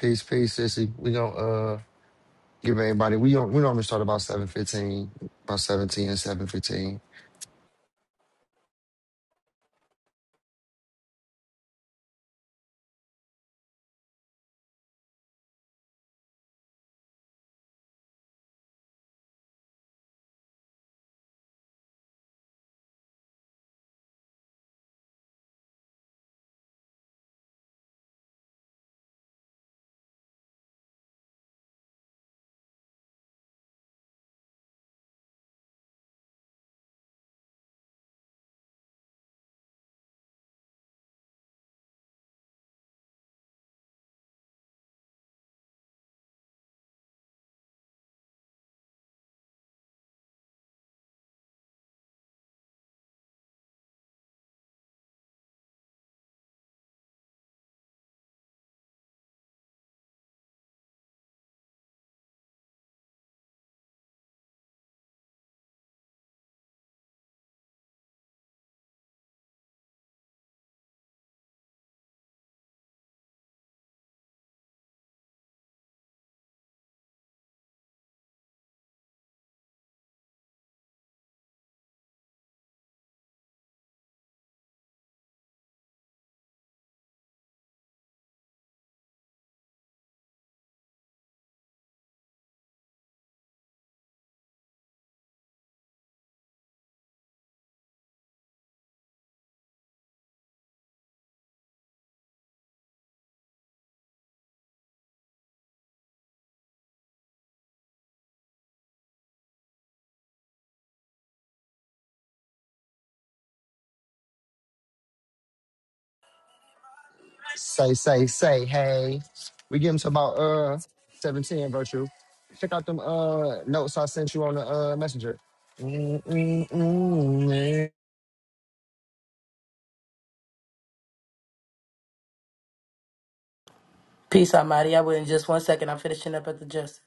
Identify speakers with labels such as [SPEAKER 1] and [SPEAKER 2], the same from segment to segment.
[SPEAKER 1] Peace, peace, sissy. We gonna uh give everybody. We don't. We normally start about seven fifteen, about seventeen and seven fifteen. Say, say, say, hey. We give them to about uh seventeen. Virtue. Check out them uh notes I sent you on the uh messenger. mm mm mm, yeah.
[SPEAKER 2] Peace Almighty. I will in just one second. I'm finishing up at the justice.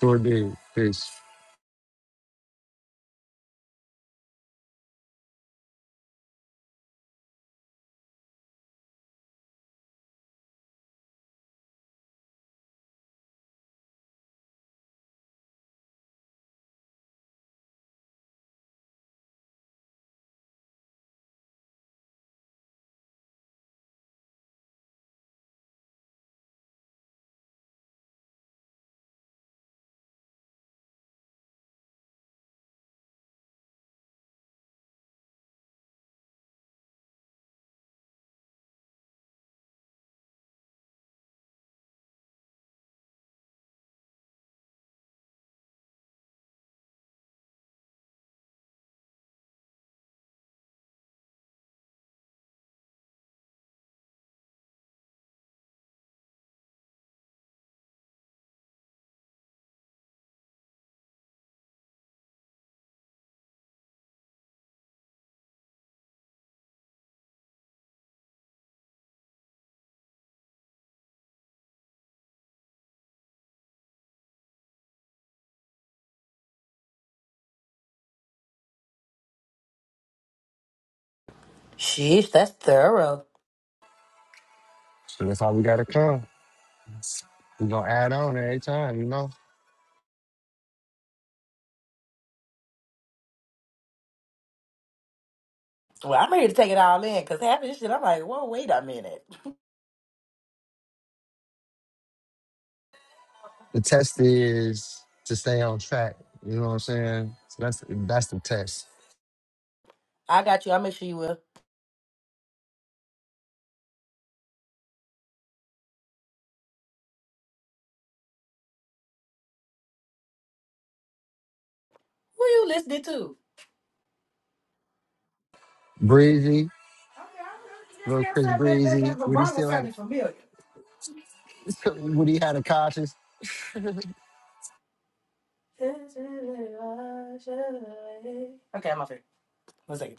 [SPEAKER 1] Sure did. Peace.
[SPEAKER 2] Sheesh, that's thorough.
[SPEAKER 1] So that's how we gotta come. We gonna add on every time. You know.
[SPEAKER 2] Well, I'm ready to take it all in because half of this shit, I'm like, whoa, wait a minute.
[SPEAKER 1] The test is to stay on track. You know what I'm saying? So that's that's the test.
[SPEAKER 2] I got you. I'll make sure you will. Who are you listening to?
[SPEAKER 1] Breezy. Little Chris
[SPEAKER 2] That, that, that
[SPEAKER 1] Breezy. Would he
[SPEAKER 2] vibrato
[SPEAKER 1] still had
[SPEAKER 2] sounded familiar.
[SPEAKER 1] a, would he had a conscience?
[SPEAKER 2] Okay, I'm off here. One second.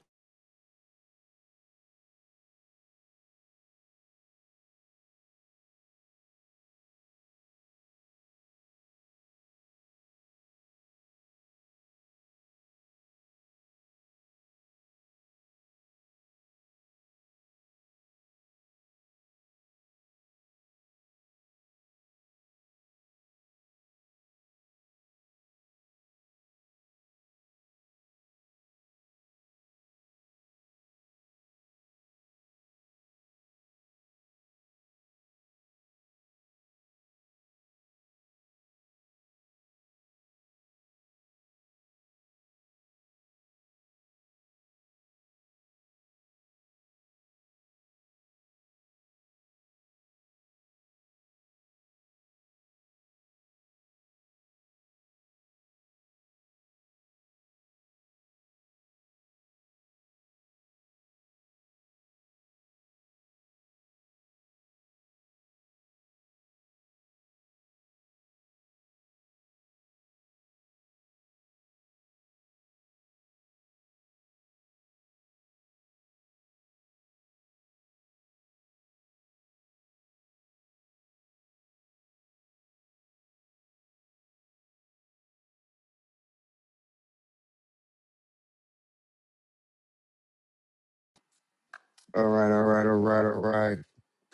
[SPEAKER 1] All right, all right, all right, all right.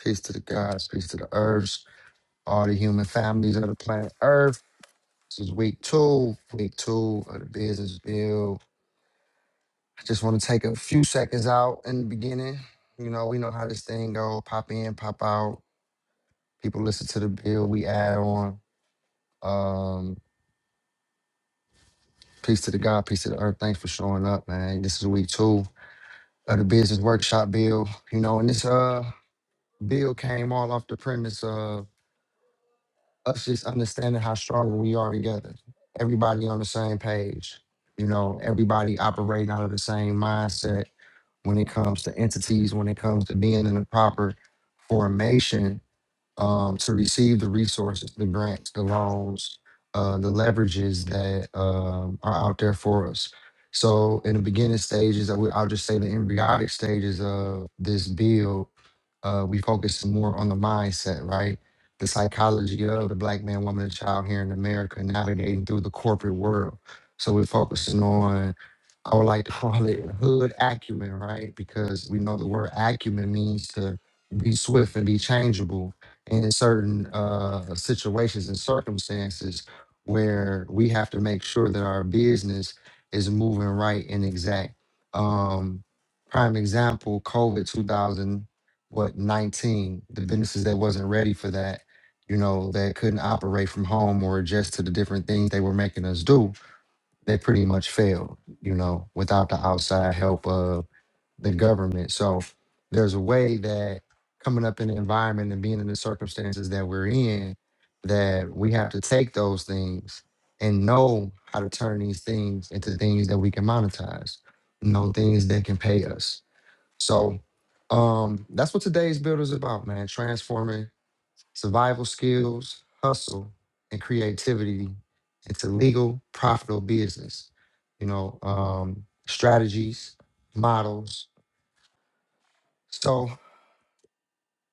[SPEAKER 1] Peace to the gods, peace to the earths, all the human families of the planet Earth. This is week two, week two of the business bill. I just want to take a few seconds out in the beginning. You know, we know how this thing go, pop in, pop out. People listen to the bill, we add on. Um, peace to the God, peace to the earth. Thanks for showing up, man. This is week two. of the business workshop bill, you know, and this uh bill came all off the premise of us just understanding how strong we are together. Everybody on the same page, you know, everybody operating out of the same mindset when it comes to entities, when it comes to being in the proper formation um, to receive the resources, the grants, the loans, uh, the leverages that um, are out there for us. So, in the beginning stages, I would- I'll just say the embryonic stages of this bill, uh, we focus more on the mindset, right? The psychology of the black man, woman, and child here in America navigating through the corporate world. So we're focusing on, I would like to call it hood acumen, right? Because we know the word acumen means to be swift and be changeable in certain uh, situations and circumstances where we have to make sure that our business is moving right and exact. Um, prime example, COVID 2000 what 19 the businesses that wasn't ready for that you know that couldn't operate from home or adjust to the different things they were making us do they pretty much failed you know without the outside help of the government so there's a way that coming up in the environment and being in the circumstances that we're in that we have to take those things and know how to turn these things into things that we can monetize you know things that can pay us so um, that's what today's build is about, man. Transforming survival skills, hustle, and creativity into legal, profitable business. You know, um, strategies, models. So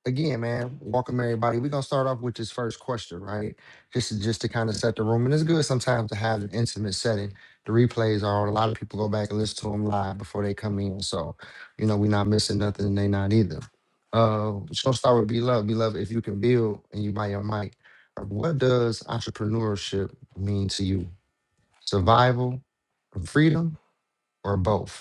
[SPEAKER 1] again, man, welcome everybody. We're gonna start off with this first question, right? This is just to kind of set the room, and it's good sometimes to have an intimate setting. The replays are on. A lot of people go back and listen to them live before they come in, so you know we're not missing nothing, and they not either. Uh, so I'll start with be love, be love. If you can build and you buy your mic, uh, what does entrepreneurship mean to you? Survival, freedom, or both?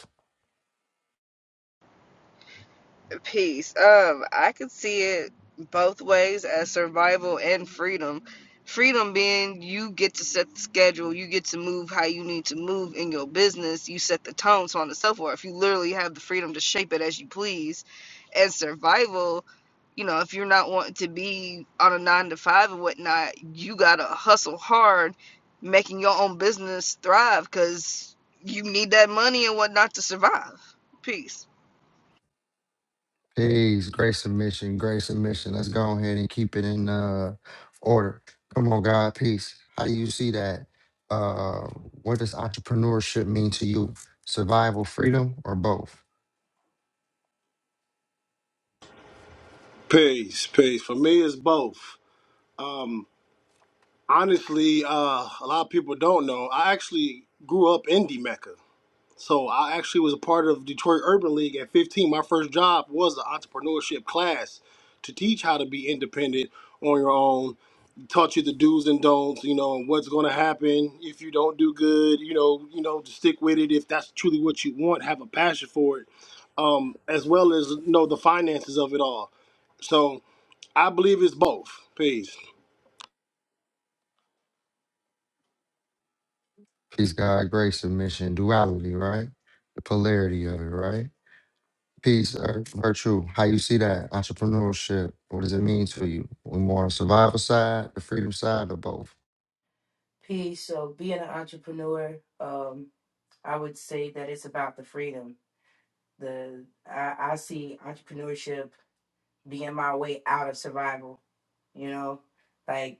[SPEAKER 3] Peace. Um, I could see it both ways as survival and freedom. Freedom being you get to set the schedule, you get to move how you need to move in your business, you set the tone, so on and so forth. You literally have the freedom to shape it as you please. And survival, you know, if you're not wanting to be on a nine to five and whatnot, you gotta hustle hard, making your own business thrive because you need that money and whatnot to survive. Peace.
[SPEAKER 1] Peace, great submission, great submission. Let's go ahead and keep it in uh order. Come on, God, peace. How do you see that? Uh what does entrepreneurship mean to you? Survival, freedom, or both?
[SPEAKER 4] Peace, peace. For me, it's both. Honestly, uh, a lot of people don't know. I actually grew up in D Mecca. So I actually was a part of Detroit Urban League at 15. My first job was an entrepreneurship class to teach how to be independent on your own. Taught you the do's and don'ts, you know, and what's going to happen if you don't do good, you know, you know, to stick with it if that's truly what you want, have a passion for it, um, as well as know the finances of it all. So I believe it's both. Peace,
[SPEAKER 1] Peace, God, great submission, duality, right? The polarity of it, right? Peace, uh, virtue. How you see that? Entrepreneurship. What does it mean to you? We more on survival side, the freedom side, or both?
[SPEAKER 2] Peace. So, being an entrepreneur, um, I would say that it's about the freedom. The I, I see entrepreneurship being my way out of survival. You know, like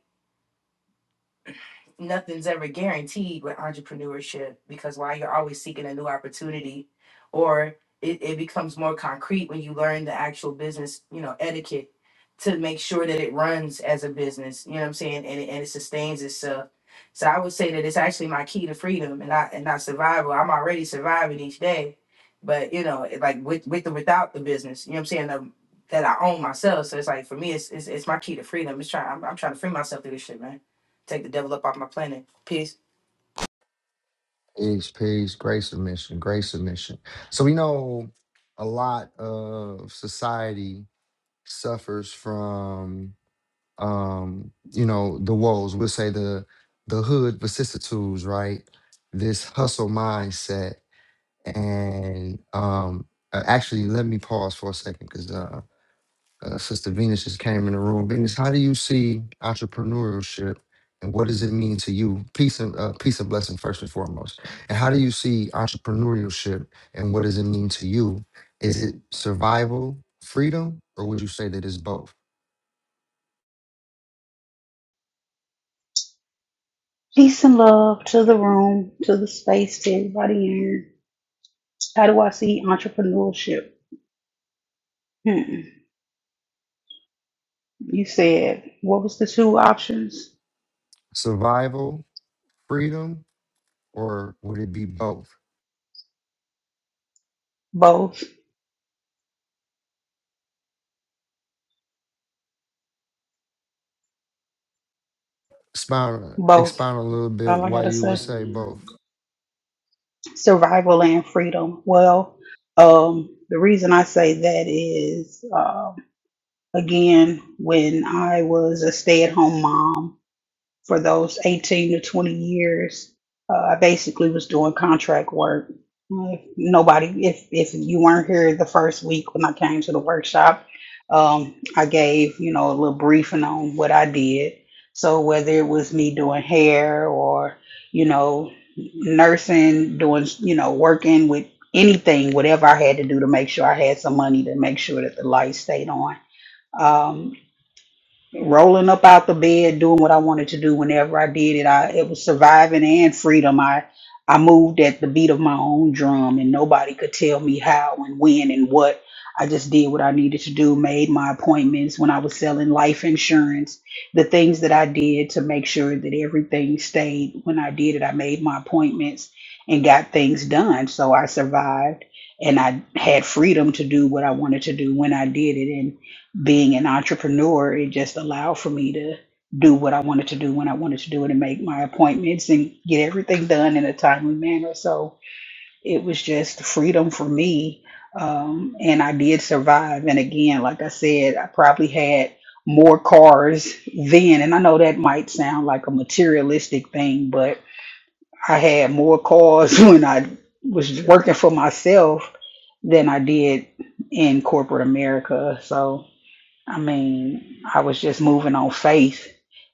[SPEAKER 2] nothing's ever guaranteed with entrepreneurship because while you're always seeking a new opportunity or it, it becomes more concrete when you learn the actual business, you know, etiquette to make sure that it runs as a business, you know what I'm saying? And it, and it sustains itself. So I would say that it's actually my key to freedom and not, and not survival. I'm already surviving each day, but you know, it- like with, with or without the business, you know what I'm saying? The, that I own myself. So it's like, for me, it's, it's, it's my key to freedom. It's trying, I'm, I'm trying to free myself through this shit, man. Take the devil up off my planet. Peace.
[SPEAKER 1] Peace, peace, great submission, great submission. So we know a lot of society suffers from um, you know, the woes. We'll say the the hood vicissitudes, right? This hustle mindset. And um uh, actually let me pause for a second because uh uh, Sister Venus just came in the room. Venus, how do you see entrepreneurship, and what does it mean to you? Peace and uh, peace and blessing first and foremost. And how do you see entrepreneurship, and what does it mean to you? Is it survival, freedom, or would you say that it's both?
[SPEAKER 5] Peace and love to the room, to the space, to everybody in. How do I see entrepreneurship? Hmm. You said what was the two options?
[SPEAKER 1] Survival, freedom, or would it be both?
[SPEAKER 5] Both,
[SPEAKER 1] Expound, uh,
[SPEAKER 5] both.
[SPEAKER 1] expound a little bit
[SPEAKER 5] All I
[SPEAKER 1] why
[SPEAKER 5] gotta
[SPEAKER 1] you would
[SPEAKER 5] say,
[SPEAKER 1] say both.
[SPEAKER 5] survival and freedom. Well, um, the reason I say that is, um, again, when I was a stay-at-home mom. for those 18 to 20 years, uh, I basically was doing contract work. Uh, Nobody, if, if you weren't here the first week when I came to the workshop, um, I gave, you know, a little briefing on what I did. So whether it was me doing hair or, you know, nursing, doing, you know, working with anything, whatever I had to do to make sure I had some money to make sure that the lights stayed on. Um, rolling up out the bed, doing what I wanted to do whenever I did it. I it was surviving and freedom. I I moved at the beat of my own drum and nobody could tell me how and when and what. I just did what I needed to do, made my appointments when I was selling life insurance, the things that I did to make sure that everything stayed when I did it. I made my appointments and got things done. So I survived and I had freedom to do what I wanted to do when I did it being an entrepreneur, it just allowed for me to do what I wanted to do when I wanted to do it and make my appointments and get everything done in a timely manner. So it was just freedom for me. Um, and I did survive. And again, like I said, I probably had more cars then. And I know that might sound like a materialistic thing, but I had more cars when I was working for myself than I did in corporate America. So I mean, I was just moving on faith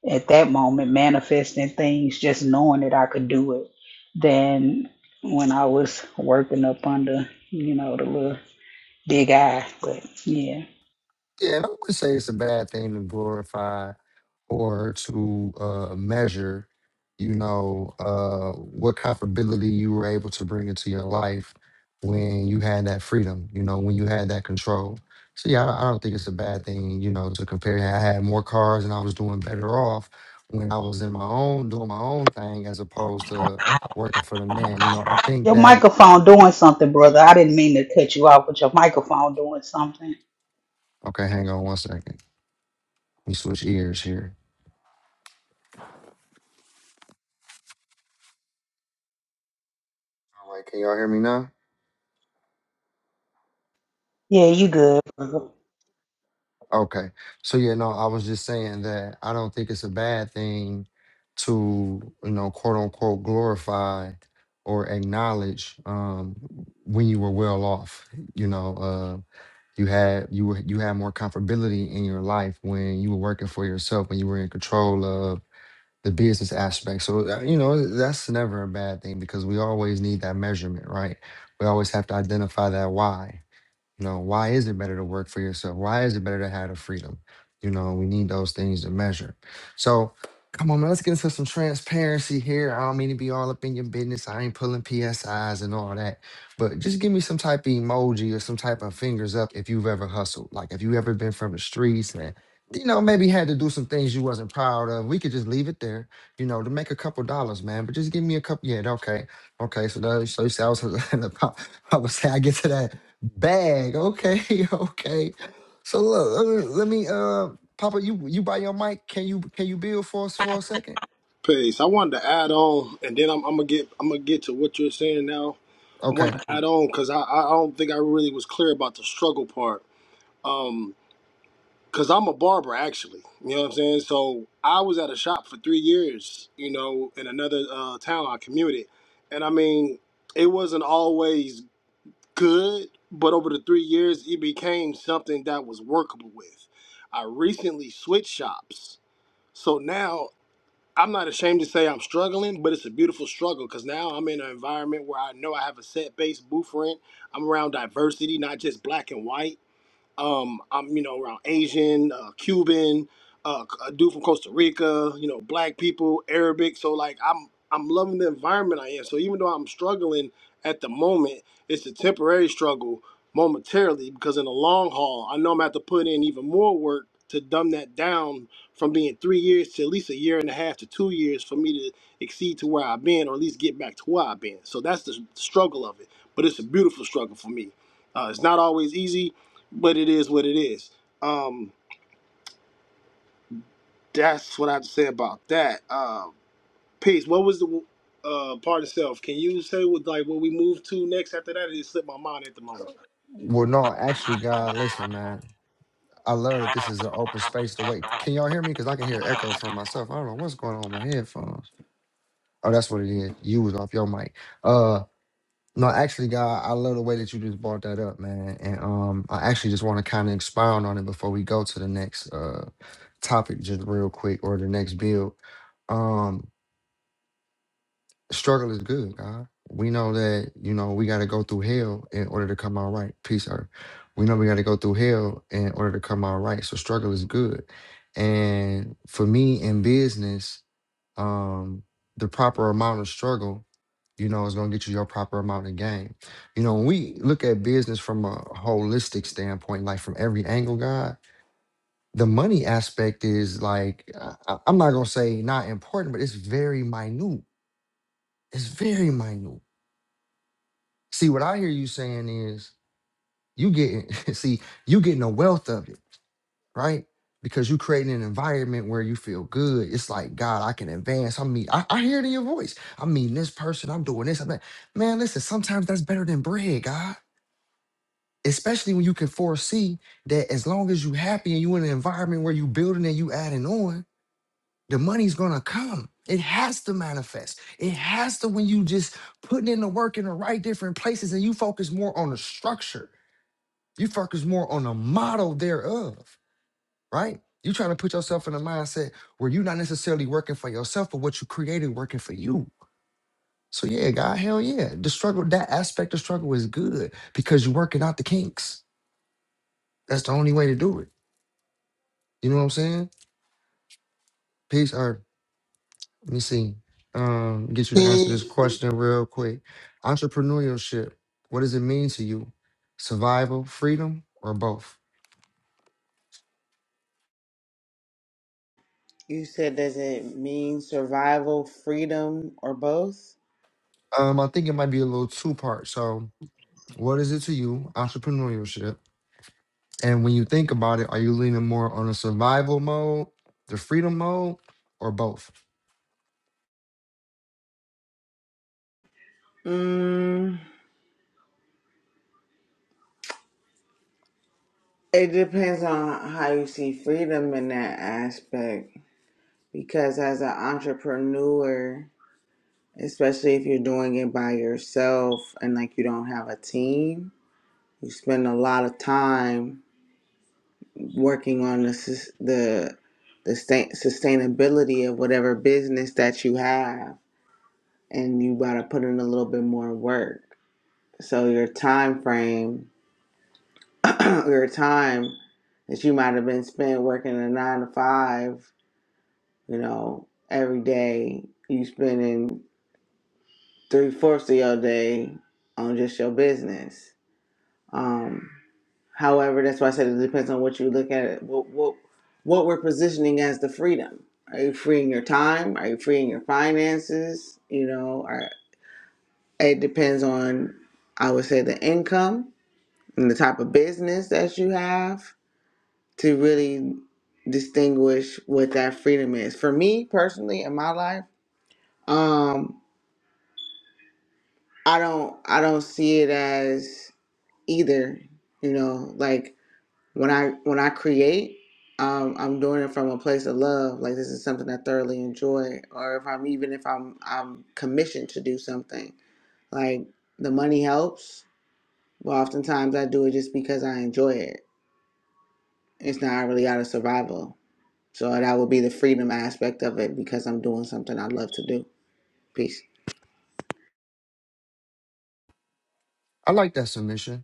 [SPEAKER 5] at that moment, manifesting things, just knowing that I could do it. Then when I was working up under, you know, the little big eye, but yeah.
[SPEAKER 1] Yeah, and I would say it's a bad thing to glorify or to uh, measure, you know, uh, what comfortability you were able to bring into your life when you had that freedom, you know, when you had that control. So yeah, I I don't think it's a bad thing, you know, to compare. I had more cars and I was doing better off when I was in my own doing my own thing as opposed to working for the man. You know, I think
[SPEAKER 5] Your
[SPEAKER 1] that.
[SPEAKER 5] microphone doing something, brother. I didn't mean to cut you off, but your microphone doing something.
[SPEAKER 1] Okay, hang on one second. Let me switch ears here. All right, can y'all hear me now?
[SPEAKER 5] Yeah, you good, brother.
[SPEAKER 1] Okay. So yeah, no, I was just saying that I don't think it's a bad thing to, you know, quote unquote glorify or acknowledge um when you were well off. You know, uh you had you were you had more comfortability in your life when you were working for yourself, when you were in control of the business aspect. So uh, you know, that's never a bad thing because we always need that measurement, right? We always have to identify that why you know, why is it better to work for yourself? Why is it better to have the freedom? You know, we need those things to measure. So come on, man, let's get into some transparency here. I don't mean to be all up in your business. I ain't pulling PSIs and all that. But just give me some type of emoji or some type of fingers up if you've ever hustled. Like if you ever been from the streets and you know, maybe had to do some things you wasn't proud of. We could just leave it there, you know, to make a couple dollars, man. But just give me a couple. Yeah, okay, okay. So, that, so you say I was, I would say I get to that. Bag. Okay, okay. So look, let me, let me, uh Papa, you you buy your mic. Can you can you build for us for a second?
[SPEAKER 4] peace. I wanted to add on, and then I'm, I'm gonna get I'm gonna get to what you're saying now I want
[SPEAKER 1] Okay.
[SPEAKER 4] to add on because I, I don't think I really was clear about the struggle part. Um, because I'm a barber actually. You know what I'm saying? So I was at a shop for three years. You know, in another uh, town I commuted, and I mean, it wasn't always good, but over the three years, it became something that was workable with. I recently switched shops, so now I'm not ashamed to say I'm struggling, but it's a beautiful struggle because now I'm in an environment where I know I have a set based blueprint. I'm around diversity, not just black and white. Um, I'm you know around Asian, uh, Cuban, uh, a dude from Costa Rica, you know, black people, Arabic. So like I'm I'm loving the environment I am. So even though I'm struggling at the moment, it's a temporary struggle momentarily because in the long haul, I know I'm gonna have to put in even more work to dumb that down from being three years to at least a year and a half to two years for me to exceed to where I've been or at least get back to where I've been. So that's the struggle of it. But it's a beautiful struggle for me. Uh, it's not always easy but it is what it is. Um, that's what I have to say about that. Uh, peace. What was the uh, part itself? Can you say what like what we move to next after that? It just slipped my mind at the moment.
[SPEAKER 1] Well, no, actually, God, listen, man. I love that this is an open space to wait. Can y'all hear me? Because I can hear echo from myself. I don't know what's going on with my headphones. Oh, that's what it is. You was off your mic. Uh no, actually, God, I love the way that you just brought that up, man. And um I actually just want to kind of expound on it before we go to the next uh topic just real quick or the next build Um, struggle is good, God. We know that, you know, we gotta go through hell in order to come out right. Peace, earth. We know we gotta go through hell in order to come out right. So struggle is good. And for me in business, um, the proper amount of struggle you know, is going to get you your proper amount of gain. You know, when we look at business from a holistic standpoint, like from every angle, God, the money aspect is like, I, I- I'm not going to say not important, but it's very minute. It's very minute. See, what I hear you saying is you getting see, you getting a wealth of it, right? Because you creating an environment where you feel good. It's like, God, I can advance. I mean, I, I hear it in your voice. I mean, this person, I'm doing this. I'm that. Man, listen, sometimes that's better than bread, God. Especially when you can foresee that as long as you happy and you in an environment where you building and you adding on, the money's gonna come. It has to manifest. It has to when you just putting in the work in the right different places and you focus more on the structure. You focus more on the model thereof, right? you trying to put yourself in a mindset where you're not necessarily working for yourself, but what you created working for you. So yeah, God, hell yeah. The struggle, that aspect of struggle is good because you're working out the kinks. That's the only way to do it. You know what I'm saying? Peace. or Let me see. Um, get you to answer
[SPEAKER 6] Mm.
[SPEAKER 1] this question real quick. Entrepreneurship, what does it mean to you? Survival, freedom, or both?
[SPEAKER 6] You said, does it mean survival, freedom, or both?
[SPEAKER 1] Um, I think it might be a little two part. So, what is it to you, entrepreneurship? And when you think about it, are you leaning more on a survival mode, the freedom mode, or both?
[SPEAKER 6] Mm, it depends on how you see freedom in that aspect. Because as an entrepreneur, especially if you're doing it by yourself and like you don't have a team, you spend a lot of time working on the sus- the the sta- sustainability of whatever business that you have, and you gotta put in a little bit more work. So your time frame, your time that you might have been spent working a nine to five, you know, every day, you spending three fourths of your day on just your business. Um, however, that's why I said it depends on what you look at. What what what we're positioning as the freedom. Are you freeing your time? Are you freeing your finances? You know, or it depends on, I would say, the income and the type of business that you have to really distinguish what that freedom is. For me personally in my life, um I don't I don't see it as either, you know, like when I when I create, um I'm doing it from a place of love, like this is something I thoroughly enjoy or if I'm even if I'm I'm commissioned to do something, like the money helps, but oftentimes I do it just because I enjoy it. It's not really out of survival So that would be the freedom aspect of it because I'm doing something I love to do. Peace.
[SPEAKER 1] I like that submission.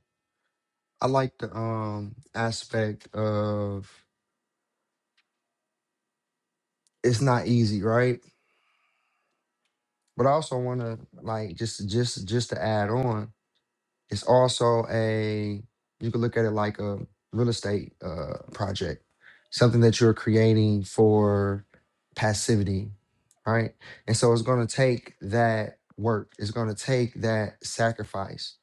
[SPEAKER 1] I like the um aspect of it's not easy, right? But I also want to like just just just to add on It's also a you could look at it like a real estate uh, project, something that you're creating for passivity, right? And so it's going to take that work. It's going to take that sacrifice.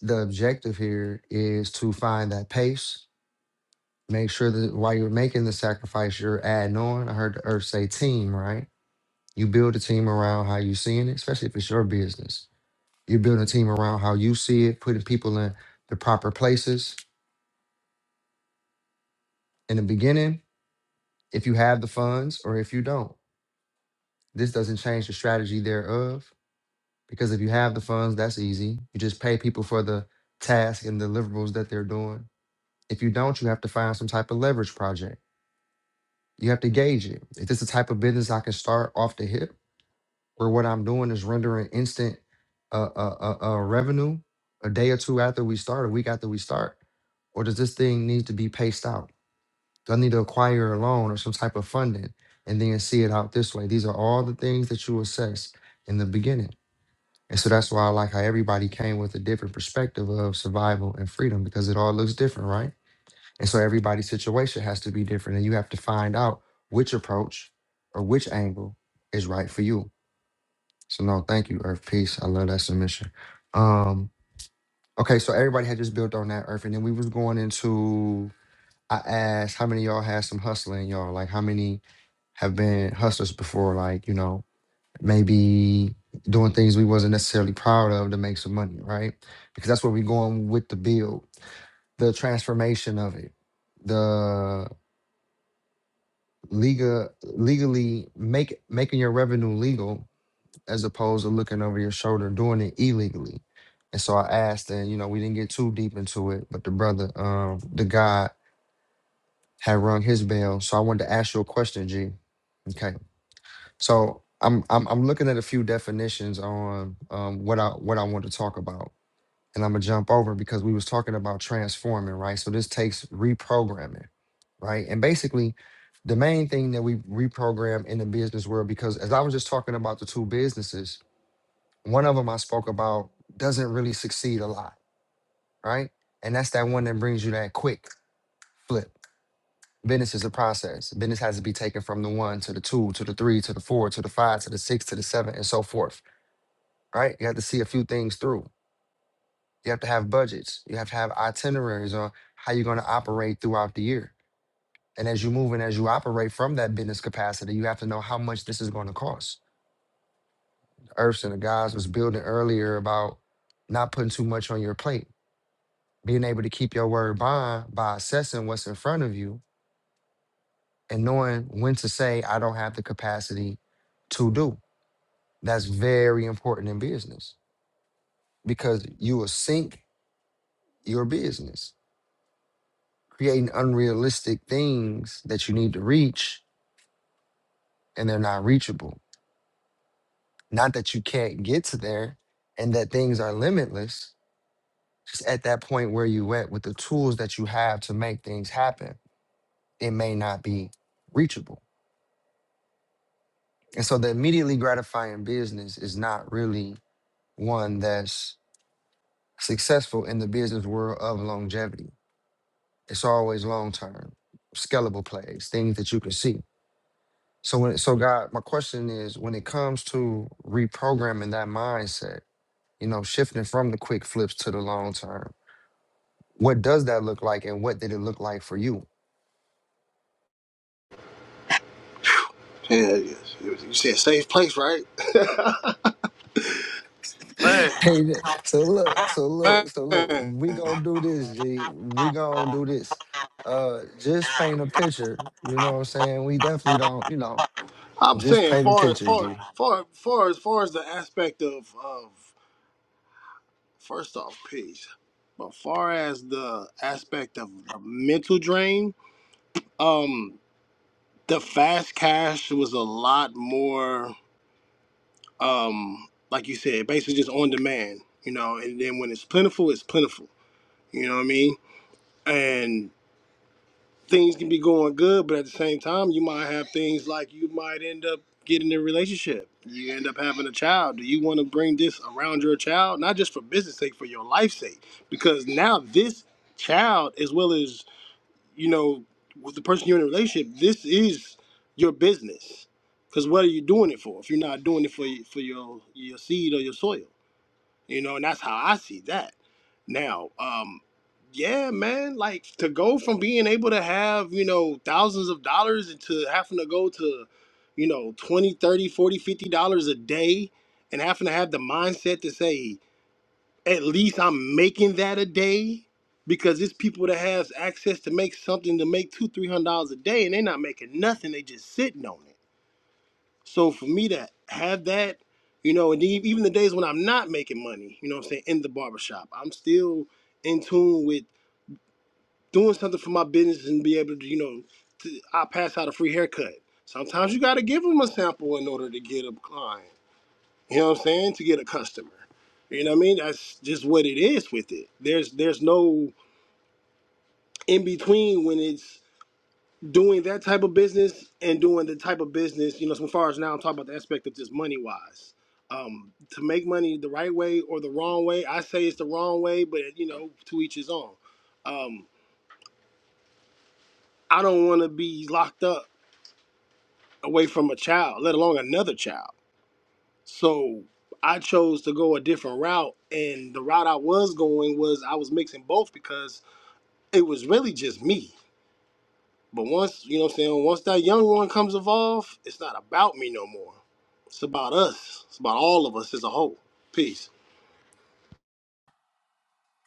[SPEAKER 1] The objective here is to find that pace. Make sure that while you're making the sacrifice, you're adding on. I heard the earth say team, right? You build a team around how you're seeing it, especially if it's your business you're building a team around how you see it, putting people in the proper places in the beginning, if you have the funds or if you don't. This doesn't change the strategy thereof because if you have the funds, that's easy. You just pay people for the task and deliverables that they're doing. If you don't, you have to find some type of leverage project. You have to gauge it. Is this the type of business I can start off the hip where what I'm doing is rendering instant uh, uh, uh, uh, revenue a day or two after we start, a week after we start? Or does this thing need to be paced out? Do I need to acquire a loan or some type of funding and then see it out this way? These are all the things that you assess in the beginning. And so that's why I like how everybody came with a different perspective of survival and freedom because it all looks different, right? And so everybody's situation has to be different. And you have to find out which approach or which angle is right for you. So no, thank you, Earth Peace. I love that submission. Um, okay, so everybody had just built on that Earth, and then we was going into I asked how many of y'all had some hustling in y'all? Like how many have been hustlers before? Like, you know, maybe doing things we wasn't necessarily proud of to make some money, right? Because that's where we're going with the build, the transformation of it, the legal legally make making your revenue legal as opposed to looking over your shoulder doing it illegally. And so I asked, and you know, we didn't get too deep into it, but the brother, um, the guy had rung his bell. So I wanted to ask you a question, G. Okay. So I'm I'm I'm looking at a few definitions on um what I what I want to talk about. And I'm gonna jump over because we was talking about transforming, right? So this takes reprogramming, right? And basically the main thing that we reprogram in the business world, because as I was just talking about the two businesses, one of them I spoke about doesn't really succeed a lot, right? And that's that one that brings you that quick flip Business is a process. Business has to be taken from the one to the two to the three to the four to the five to the six to the seven and so forth, right? You have to see a few things through. You have to have budgets. You have to have itineraries on how you're going to operate throughout the year. And as you move and as you operate from that business capacity, you have to know how much this is going to cost. Earths and the guys was building earlier about not putting too much on your plate, being able to keep your word bond by assessing what's in front of you and knowing when to say, I don't have the capacity to do. That's very important in business because you will sink your business creating unrealistic things that you need to reach and they're not reachable. Not that you can't get to there and that things are limitless, just at that point where you at with the tools that you have to make things happen, it may not be reachable. And so the immediately gratifying business is not really one that's successful in the business world of longevity It's always long term, scalable plays, things that you can see. So when so God, my question is when it comes to reprogramming that mindset, you know, shifting from the quick flips to the long term, what does that look like and what did it look like for you?
[SPEAKER 4] Yeah, yes. You you said safe place, right? Man,
[SPEAKER 1] hey, th- so look, so look, so look,
[SPEAKER 4] man.
[SPEAKER 1] we gonna do this, G. We gonna do this. Uh just paint a picture. You know what I'm saying? We definitely don't, you know,
[SPEAKER 4] I'm
[SPEAKER 1] just
[SPEAKER 4] saying
[SPEAKER 1] paint a
[SPEAKER 4] far as
[SPEAKER 1] picture,
[SPEAKER 4] far
[SPEAKER 1] G.
[SPEAKER 4] far far as far as the aspect of of first off peace, but far as the aspect of the mental drain, um, the fast cash was a lot more. um, like you said, basically just on demand, you know, and then when it's plentiful, it's plentiful. You know what I mean? And things can be going good, but at the same time, you might have things like you might end up getting in a relationship. You end up having a child. Do you want to bring this around your child? Not just for business sake, for your life's sake. Because now this child, as well as, you know, with the person you're in a relationship, this is your business. Because what are you doing it for if you're not doing it for, for your, your seed or your soil? you know, and that's how I see that. Now, um, yeah, man, like to go from being able to have, you know, thousands of dollars into having to go to, you know, 20, 30, 40, 50 dollars a day and having to have the mindset to say, at least I'm making that a day because it's people that has access to make something to make two, three hundred dollars a day and they're not making nothing, they just sitting on it. So for me to have that, you know, and e- even the days when I'm not making money, you know what I'm saying, in the barbershop, I'm still in tune with doing something for my business and be able to, you know, to, I pass out a free haircut. Sometimes you got to give them a sample in order to get a client, you know what I'm saying, to get a customer. You know what I mean? That's just what it is with it. There's there's no in between when it's doing that type of business and doing the type of business, you know, so as far as now I'm talking about the aspect of just money wise. Um, to make money the right way or the wrong way, I say it's the wrong way, but you know, to each his own. Um, I don't want to be locked up away from a child, let alone another child. So I chose to go a different route, and the route I was going was I was mixing both because it was really just me. But once, you know what I'm saying, once that young one comes evolved, it's not about me no more. It's about us. It's about all of us as a whole. Peace.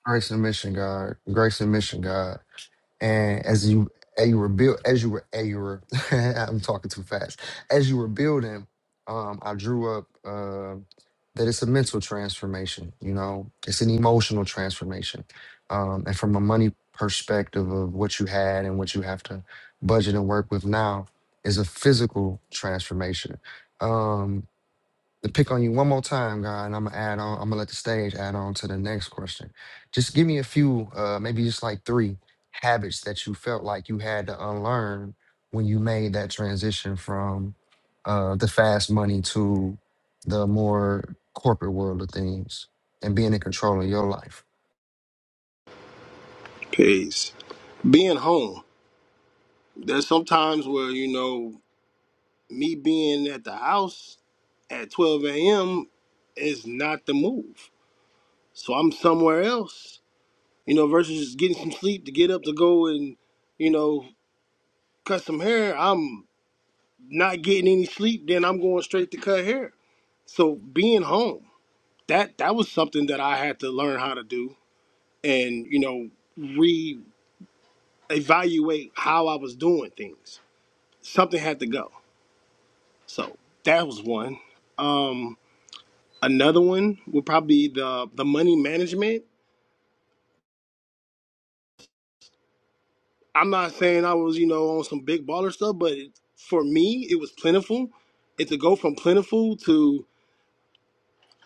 [SPEAKER 1] Grace and mission, God. Grace and mission, God. And as you as you were build as you were as you were I'm talking too fast. As you were building, um, I drew up uh, that it's a mental transformation, you know, it's an emotional transformation. Um, and from a money perspective of what you had and what you have to budget and work with now is a physical transformation. Um, to pick on you one more time, guy, and I'm gonna add on. I'm gonna let the stage add on to the next question. Just give me a few, uh, maybe just like three habits that you felt like you had to unlearn when you made that transition from uh, the fast money to the more corporate world of things and being in control of your life.
[SPEAKER 4] Peace. Being home. There's sometimes where, you know, me being at the house at 12 a.m. is not the move. So I'm somewhere else, you know, versus just getting some sleep to get up to go and, you know, cut some hair. I'm not getting any sleep, then I'm going straight to cut hair. So being home. that that was something that I had to learn how to do and you know reevaluate how I was doing things. Something had to go. So that was one. Um, another one would probably be the the money management. I'm not saying I was you know on some big baller stuff, but it, for me it was plentiful. And to go from plentiful to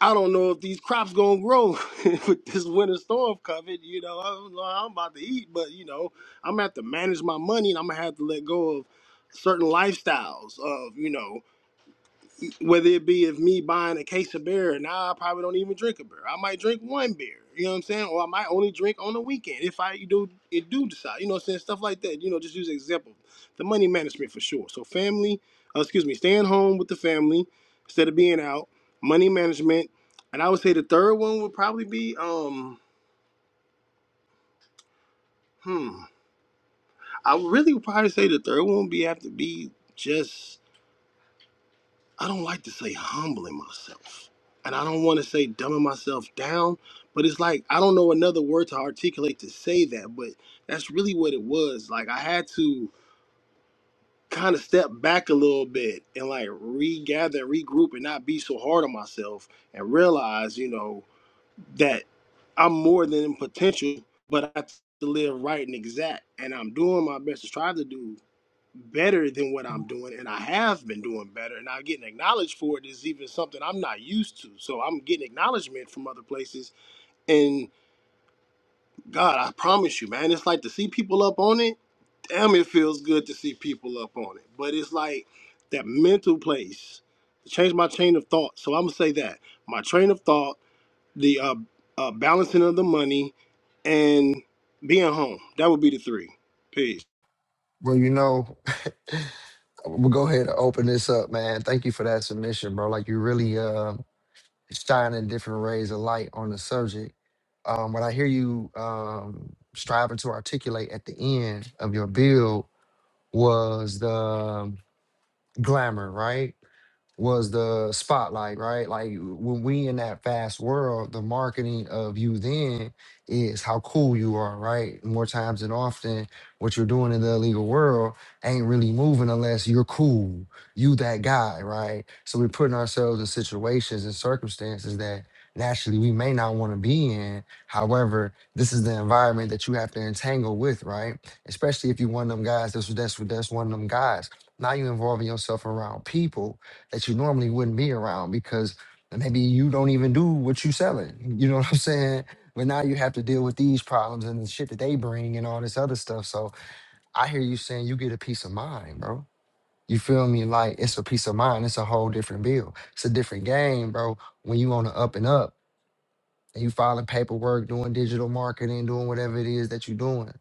[SPEAKER 4] I don't know if these crops gonna grow with this winter storm coming. You know, I don't know how I'm about to eat, but you know, I'm gonna have to manage my money, and I'm gonna have to let go of certain lifestyles. Of you know, whether it be if me buying a case of beer, now I probably don't even drink a beer. I might drink one beer, you know what I'm saying? Or I might only drink on the weekend if I do it do decide, you know what I'm saying? Stuff like that. You know, just use an example. The money management for sure. So family, uh, excuse me, staying home with the family instead of being out, money management. And I would say the third one would probably be um hmm. I would really would probably say the third one would be have to be just I don't like to say humbling myself. And I don't want to say dumbing myself down, but it's like I don't know another word to articulate to say that, but that's really what it was. Like I had to kind of step back a little bit and like regather and regroup and not be so hard on myself and realize, you know, that I'm more than potential, but I have to live right and exact. And I'm doing my best to try to do better than what I'm doing, and I have been doing better, and I'm getting acknowledged for it is even something I'm not used to. So I'm getting acknowledgement from other places, and God, I promise you, man, it's like to see people up on it. Damn, it feels good to see people up on it. But it's like that mental place to change my chain of thought. So I'm gonna say that my train of thought, the uh, uh, balancing of the money, and being home. That would be the three. Peace.
[SPEAKER 1] Well, you know, we'll go ahead and open this up, man. Thank you for that submission, bro. Like you really, uh. shining different rays of light on the subject. Um, what I hear you um, striving to articulate at the end of your build was the glamour, right? was the spotlight, right? Like when we in that fast world, the marketing of you then is how cool you are, right? More times than often, what you're doing in the illegal world ain't really moving unless you're cool. You that guy, right? So we're putting ourselves in situations and circumstances that naturally we may not want to be in. However, this is the environment that you have to entangle with, right? Especially if you're one of them guys, that's that's that's one of them guys. Now you're involving yourself around people that you normally wouldn't be around because maybe you don't even do what you selling. You know what I'm saying? But now you have to deal with these problems and the shit that they bring and all this other stuff. So I hear you saying you get a peace of mind, bro. You feel me? Like it's a peace of mind. It's a whole different bill. It's a different game, bro. When you on the up and up and you filing paperwork, doing digital marketing, doing whatever it is that you're doing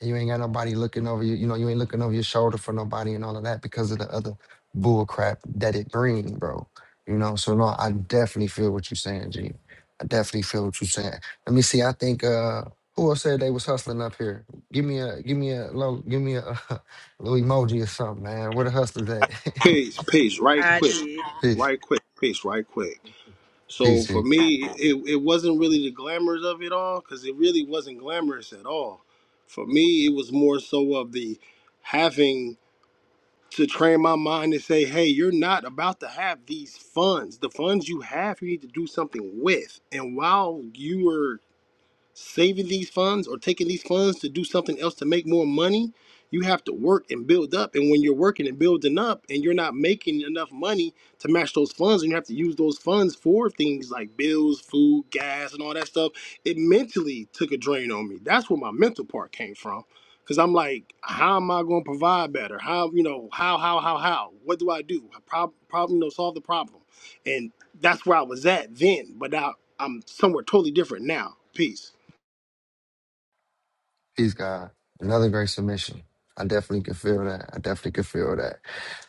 [SPEAKER 1] and you ain't got nobody looking over you. You know, you ain't looking over your shoulder for nobody and all of that because of the other bull crap that it brings, bro. You know, so no, I definitely feel what you're saying, G. I definitely feel what you're saying. Let me see. I think uh who else said they was hustling up here? Give me a give me a low give me a, little emoji or something, man. Where the hustlers at?
[SPEAKER 4] Pace, pace, right
[SPEAKER 2] I
[SPEAKER 4] quick,
[SPEAKER 2] did.
[SPEAKER 1] peace,
[SPEAKER 4] right quick, pace, right quick. So
[SPEAKER 1] peace,
[SPEAKER 4] for
[SPEAKER 1] G.
[SPEAKER 4] me, it, it wasn't really the glamours of it all because it really wasn't glamorous at all. For me, it was more so of the having to train my mind to say, hey, you're not about to have these funds. The funds you have, you need to do something with. And while you were saving these funds or taking these funds to do something else to make more money, you have to work and build up. And when you're working and building up and you're not making enough money to match those funds, and you have to use those funds for things like bills, food, gas, and all that stuff, it mentally took a drain on me. That's where my mental part came from. Cause I'm like, how am I gonna provide better? How you know, how, how, how, how? What do I do? Problem, problem, you know, solve the problem. And that's where I was at then, but now I'm somewhere totally different now. Peace.
[SPEAKER 1] Peace, God. Another great submission. I definitely can feel that. I definitely can feel that.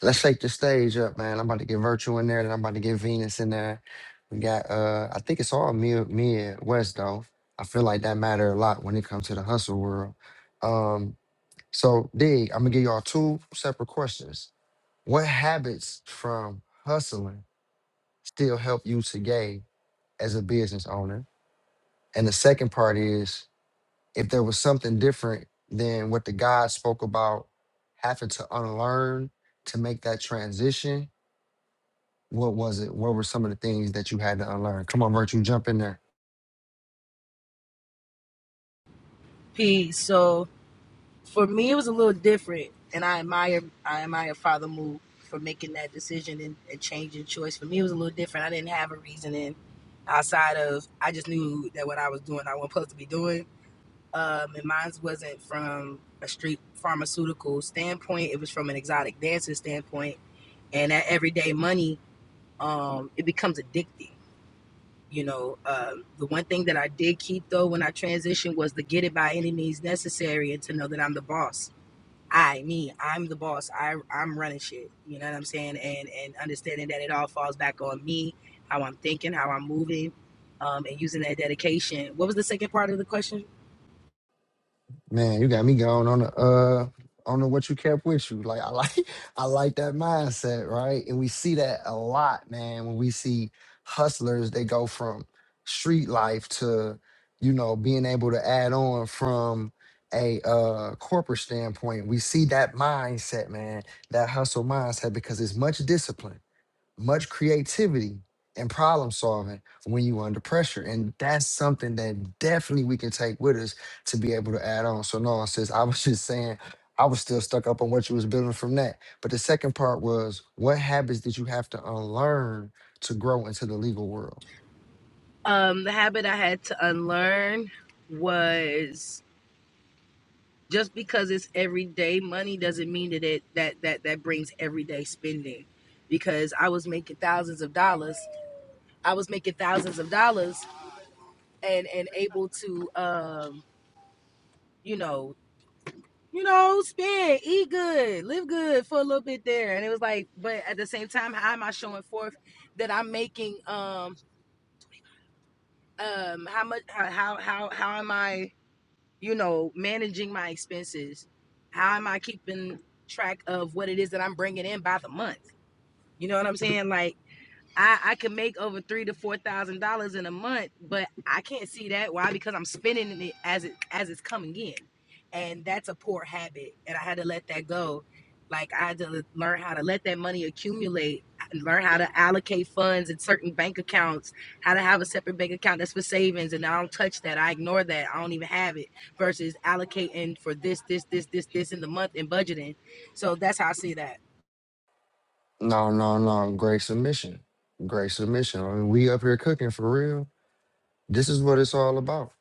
[SPEAKER 1] Let's shake the stage up, man. I'm about to get Virtue in there, then I'm about to get Venus in there. We got, uh, I think it's all mid, mid West though. I feel like that matter a lot when it comes to the hustle world. Um, so dig, I'm gonna give y'all two separate questions. What habits from hustling still help you today as a business owner? And the second part is if there was something different than what the God spoke about having to unlearn to make that transition, what was it? What were some of the things that you had to unlearn? Come on, Virtue, jump in there.
[SPEAKER 2] Peace. So for me, it was a little different, and I admire I admire Father Move for making that decision and, and changing choice. For me, it was a little different. I didn't have a reasoning outside of I just knew that what I was doing, I was not supposed to be doing. Um, and mine wasn't from a street pharmaceutical standpoint. It was from an exotic dancer standpoint. And that everyday money, um, it becomes addictive. You know, um, the one thing that I did keep though when I transitioned was to get it by any means necessary and to know that I'm the boss. I, me, I'm the boss. I, I'm running shit. You know what I'm saying? And and understanding that it all falls back on me, how I'm thinking, how I'm moving, um, and using that dedication. What was the second part of the question?
[SPEAKER 1] Man, you got me going on the uh on the what you kept with you. Like I like I like that mindset, right? And we see that a lot, man, when we see hustlers, they go from street life to, you know, being able to add on from a uh corporate standpoint. We see that mindset, man, that hustle mindset because it's much discipline much creativity and problem solving when you're under pressure. And that's something that definitely we can take with us to be able to add on. So no, sis, I was just saying I was still stuck up on what you was building from that. But the second part was what habits did you have to unlearn to grow into the legal world?
[SPEAKER 2] Um, the habit I had to unlearn was just because it's everyday money doesn't mean that it that that that brings everyday spending because i was making thousands of dollars i was making thousands of dollars and and able to um you know you know spend eat good live good for a little bit there and it was like but at the same time how am i showing forth that i'm making um um how much how how how am i you know, managing my expenses. How am I keeping track of what it is that I'm bringing in by the month? You know what I'm saying? Like, I, I can make over three to four thousand dollars in a month, but I can't see that. Why? Because I'm spending it as it as it's coming in, and that's a poor habit. And I had to let that go. Like I had to learn how to let that money accumulate, learn how to allocate funds in certain bank accounts, how to have a separate bank account that's for savings, and I don't touch that. I ignore that. I don't even have it. Versus allocating for this, this, this, this, this in the month and budgeting. So that's how I see that.
[SPEAKER 1] No, no, no. Great submission. Great submission. I mean, we up here cooking for real. This is what it's all about.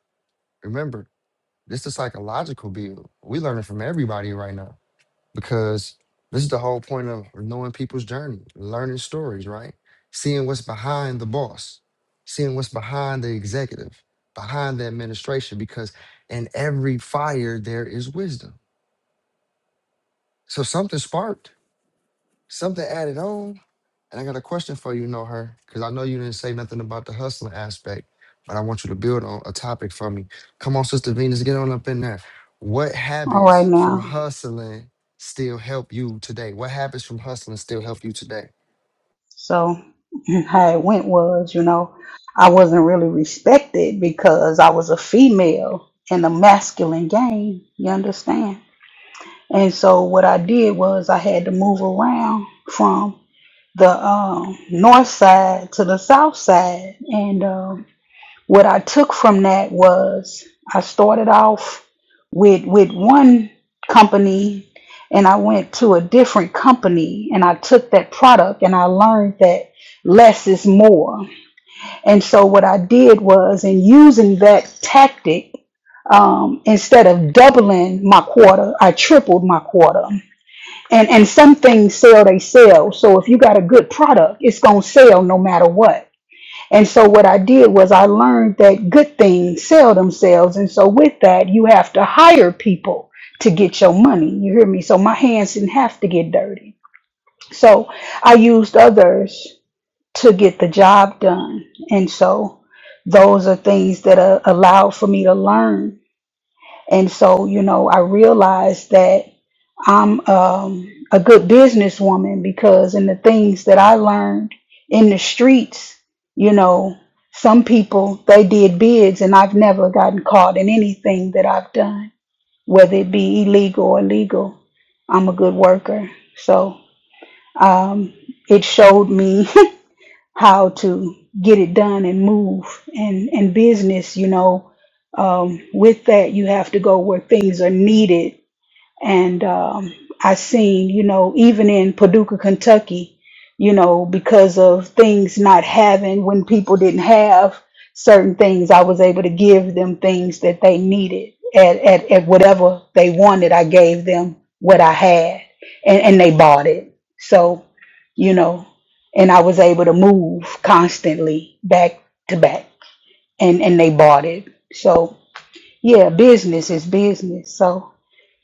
[SPEAKER 1] Remember, this is a psychological build. We learning from everybody right now because this is the whole point of knowing people's journey, learning stories, right? Seeing what's behind the boss, seeing what's behind the executive, behind the administration, because in every fire there is wisdom. So something sparked, something added on, and I got a question for you, know her, because I know you didn't say nothing about the hustling aspect, but I want you to build on a topic for me. Come on, Sister Venus, get on up in there. What
[SPEAKER 5] All right
[SPEAKER 1] habits from
[SPEAKER 5] now.
[SPEAKER 1] hustling still help you today? What habits from hustling still help you today?
[SPEAKER 5] So how it went was, you know, I wasn't really respected because I was a female in a masculine game, you understand? And so what I did was I had to move around from the um, north side to the south side. And uh, what I took from that was I started off with with one company and I went to a different company and I took that product and I learned that less is more. And so what I did was in using that tactic, um, instead of doubling my quarter, I tripled my quarter. And and some things sell they sell. So if you got a good product, it's gonna sell no matter what. And so what I did was I learned that good things sell themselves. And so with that, you have to hire people to get your money. You hear me? So my hands didn't have to get dirty. So I used others to get the job done. And so those are things that uh, allowed for me to learn. And so, you know, I realized that I'm um, a good businesswoman because in the things that I learned in the streets, you know, some people they did bids, and I've never gotten caught in anything that I've done, whether it be illegal or legal. I'm a good worker, so um, it showed me how to get it done and move and and business. You know, um, with that you have to go where things are needed and um, I seen, you know, even in Paducah, Kentucky, you know, because of things not having when people didn't have certain things, I was able to give them things that they needed at at, at whatever they wanted. I gave them what I had, and and they bought it. So, you know, and I was able to move constantly back to back, and and they bought it. So yeah, business is business. So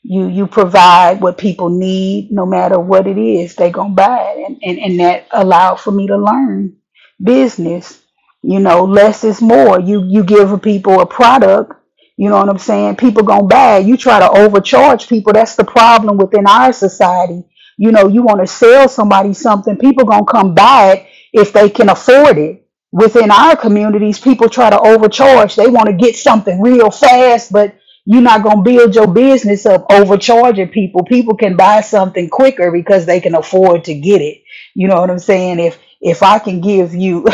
[SPEAKER 5] you you provide what people need no matter what it is they gonna buy it and, and and that allowed for me to learn business you know less is more you you give people a product you know what i'm saying people gonna buy it. you try to overcharge people that's the problem within our society you know you want to sell somebody something people gonna come buy it if they can afford it within our communities people try to overcharge they want to get something real fast but you're not going to build your business up overcharging people. People can buy something quicker because they can afford to get it. You know what I'm saying? If if I can give you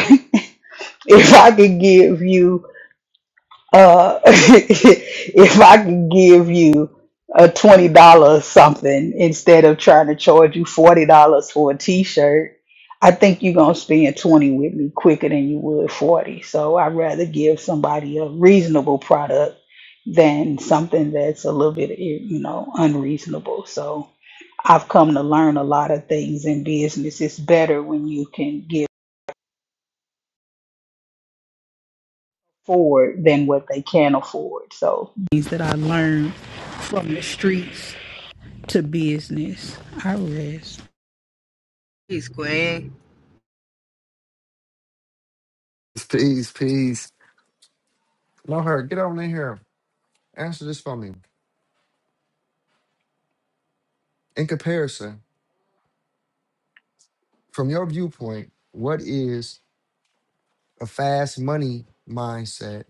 [SPEAKER 5] if I can give you uh, if I can give you a $20 something instead of trying to charge you $40 for a t-shirt, I think you're going to spend 20 with me quicker than you would 40. So I'd rather give somebody a reasonable product than something that's a little bit, you know, unreasonable. So I've come to learn a lot of things in business. It's better when you can give afford than what they can afford. So things that I learned from the streets to business. I rest.
[SPEAKER 2] Peace, Queen.
[SPEAKER 1] Peace, peace. Know her, get on in here. Answer this for me. In comparison, from your viewpoint, what is a fast money mindset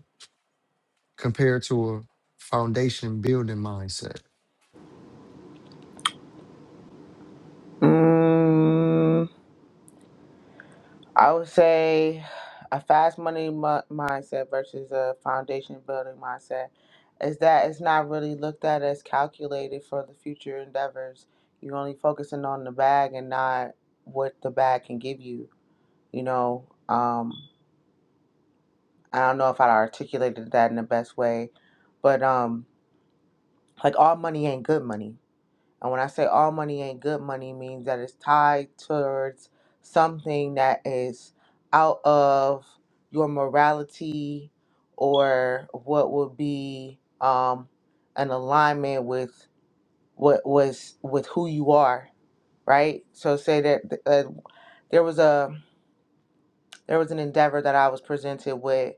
[SPEAKER 1] compared to a foundation building mindset?
[SPEAKER 6] Mm, I would say a fast money mu- mindset versus a foundation building mindset is that it's not really looked at as calculated for the future endeavors. You're only focusing on the bag and not what the bag can give you. You know, um, I don't know if I articulated that in the best way, but um, like all money ain't good money And when I say all money ain't good money, means that it's tied towards something that is out of your morality or what would be um, an alignment with what was with who you are, right? So say that uh, there was a there was an endeavor that I was presented with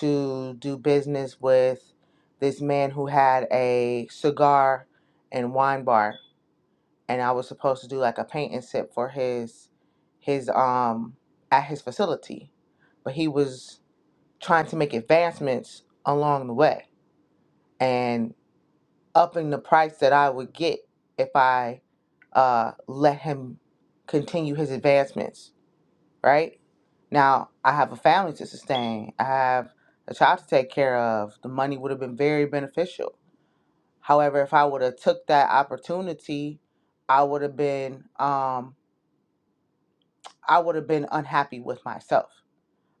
[SPEAKER 6] to do business with this man who had a cigar and wine bar and I was supposed to do like a paint and sip for his his um at his facility. But he was trying to make advancements along the way and upping the price that I would get if I uh let him continue his advancements, right? Now I have a family to sustain. I have a child to take care of. The money would have been very beneficial. However, if I would have took that opportunity, I would have been um I would have been unhappy with myself.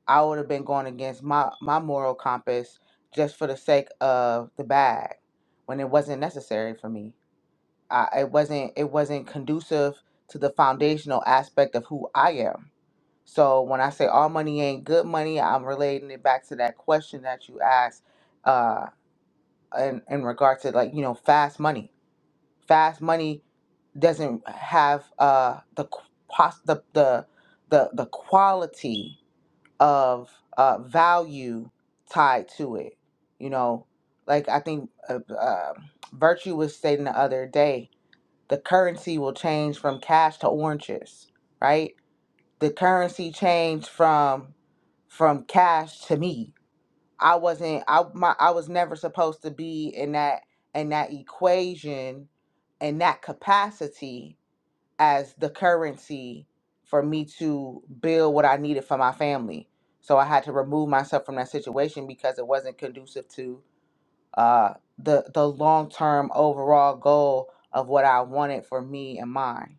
[SPEAKER 6] I would have been going against my, my moral compass just for the sake of the bag when it wasn't necessary for me. I, it wasn't it wasn't conducive to the foundational aspect of who I am. So when I say all money ain't good money, I'm relating it back to that question that you asked uh, in, in regard to like, you know, fast money. Fast money doesn't have uh, the, qu- pos- the, the, the, the quality of uh, value tied to it. You know, like I think uh, uh, Virtue was stating the other day, the currency will change from cash to oranges, right? The currency changed from from cash to me. I wasn't. I my I was never supposed to be in that in that equation in that capacity as the currency for me to build what I needed for my family. So I had to remove myself from that situation because it wasn't conducive to uh, the the long term overall goal of what I wanted for me and mine.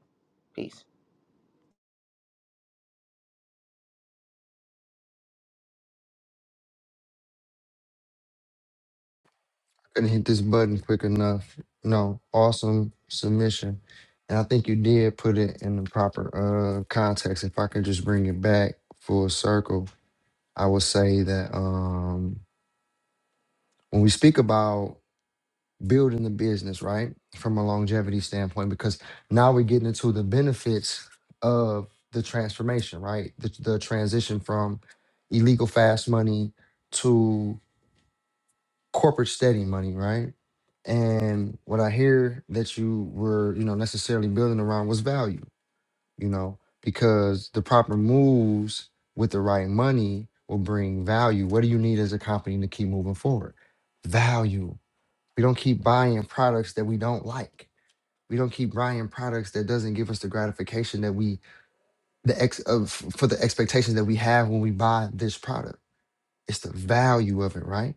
[SPEAKER 6] Peace.
[SPEAKER 1] couldn't hit this button quick enough. No, awesome submission. And I think you did put it in the proper uh context. If I could just bring it back full circle, I would say that um when we speak about building the business, right? From a longevity standpoint, because now we're getting into the benefits of the transformation, right? The, the transition from illegal fast money to corporate steady money, right? And what I hear that you were, you know, necessarily building around was value, you know, because the proper moves with the right money will bring value. What do you need as a company to keep moving forward? Value. We don't keep buying products that we don't like. We don't keep buying products that doesn't give us the gratification that we the ex of for the expectations that we have when we buy this product it's the value of it, right?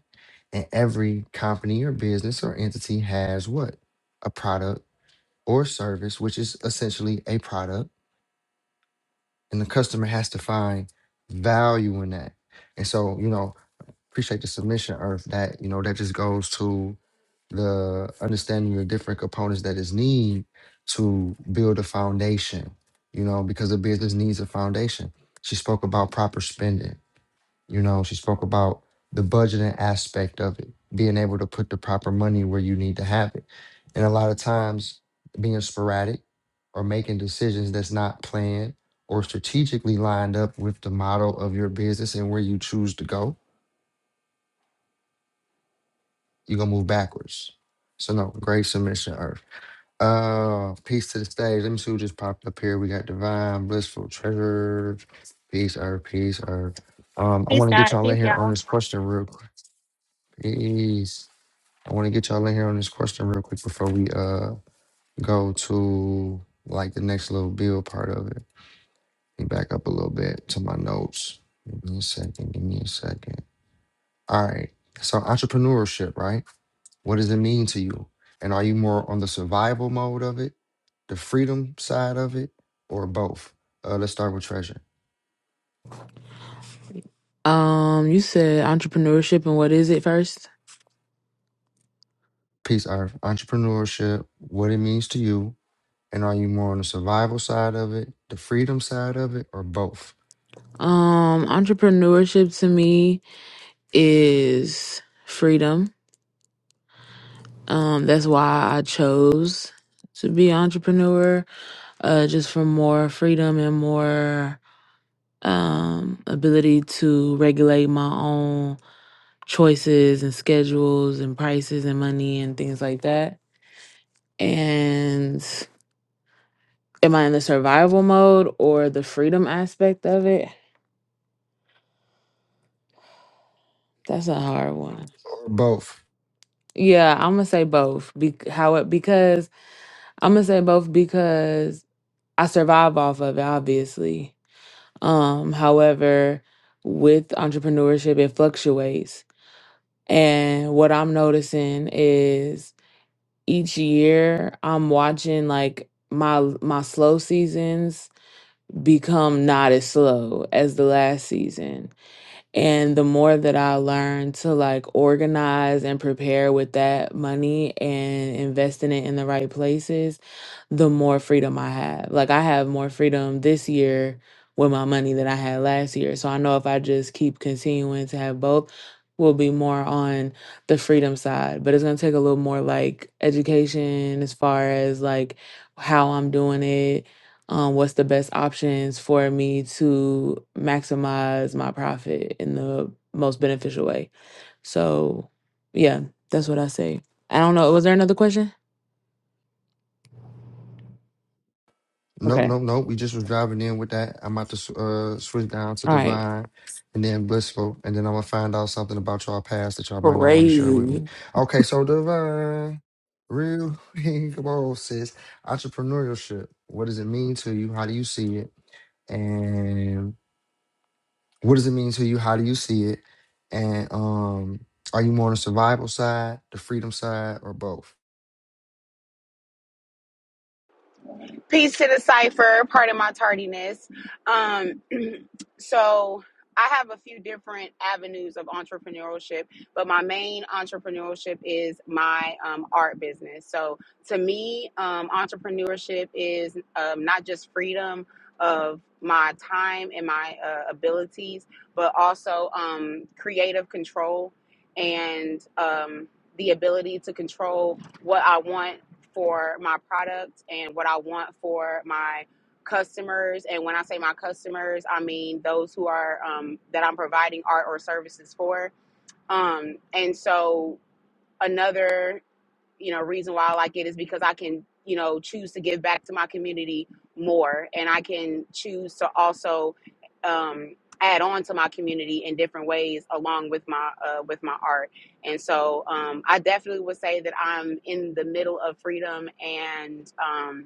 [SPEAKER 1] And every company or business or entity has what? A product or service, which is essentially a product. And the customer has to find value in that. And so, you know, appreciate the submission, Earth, that, you know, that just goes to the understanding of different components that is need to build a foundation, you know, because a business needs a foundation. She spoke about proper spending you know, she spoke about the budgeting aspect of it, being able to put the proper money where you need to have it. And a lot of times, being sporadic or making decisions that's not planned or strategically lined up with the model of your business and where you choose to go, you're going to move backwards. So, no, great submission, Earth. Uh, peace to the stage. Let me see who just popped up here. We got Divine, Blissful, Treasure. Peace, Earth, peace, Earth. Um, I
[SPEAKER 7] Peace,
[SPEAKER 1] want to get
[SPEAKER 7] God.
[SPEAKER 1] y'all in
[SPEAKER 7] Peace,
[SPEAKER 1] here on
[SPEAKER 7] y'all.
[SPEAKER 1] this question real quick. peace. I want to get y'all in here on this question real quick before we uh go to like the next little build part of it. Let me back up a little bit to my notes. Give me a second. Give me a second. All right. So entrepreneurship, right? What does it mean to you? And are you more on the survival mode of it, the freedom side of it, or both? Uh, let's start with treasure.
[SPEAKER 8] Um, you said entrepreneurship and what is it first?
[SPEAKER 1] Peace, Earth. Entrepreneurship, what it means to you, and are you more on the survival side of it, the freedom side of it, or both?
[SPEAKER 8] Um, entrepreneurship to me is freedom. Um, that's why I chose to be an entrepreneur, uh, just for more freedom and more um ability to regulate my own choices and schedules and prices and money and things like that. And am I in the survival mode or the freedom aspect of it? That's a hard one.
[SPEAKER 1] Or both.
[SPEAKER 8] Yeah, I'm gonna say both. Be how it because I'm gonna say both because I survive off of it, obviously. Um, however, with entrepreneurship, it fluctuates, and what I'm noticing is each year I'm watching like my my slow seasons become not as slow as the last season And the more that I learn to like organize and prepare with that money and investing it in the right places, the more freedom I have. Like I have more freedom this year with my money than I had last year. So I know if I just keep continuing to have both, we'll be more on the freedom side. But it's gonna take a little more like education as far as like how I'm doing it um, what's the best options for me to maximize my profit in the most beneficial way. So, yeah, that's what I say. I don't know. Was there another question?
[SPEAKER 1] Nope,
[SPEAKER 8] Okay.
[SPEAKER 1] nope, nope. We just was driving in with that. I'm about to sw- uh, switch down to
[SPEAKER 8] All right.
[SPEAKER 1] Divine and then Blissful, and then I'm gonna find out something about y'all past that y'all might not want to share with me.
[SPEAKER 8] Crazy.
[SPEAKER 1] Okay, so Divine, real, come on, sis. Entrepreneurship. What does it mean to you? How do you see it? And what does it mean to you? How do you see it? And um, are you more on the survival side, the freedom side, or both?
[SPEAKER 9] Peace to the cipher. Pardon my tardiness. Um, so I have a few different avenues of entrepreneurship, but my main entrepreneurship is my um, art business. So to me, um, entrepreneurship is um, not just freedom of my time and my uh, abilities, but also um, creative control and um, the ability to control what I want for my product and what I want for my customers. And when I say my customers, I mean those who are um, that I'm providing art or services for. Um, and so another you know reason why I like it is because I can you know choose to give back to my community more, and I can choose to also um, add on to my community in different ways along with my uh, with my art. And so um, I definitely would say that I'm in the middle of freedom and. Um,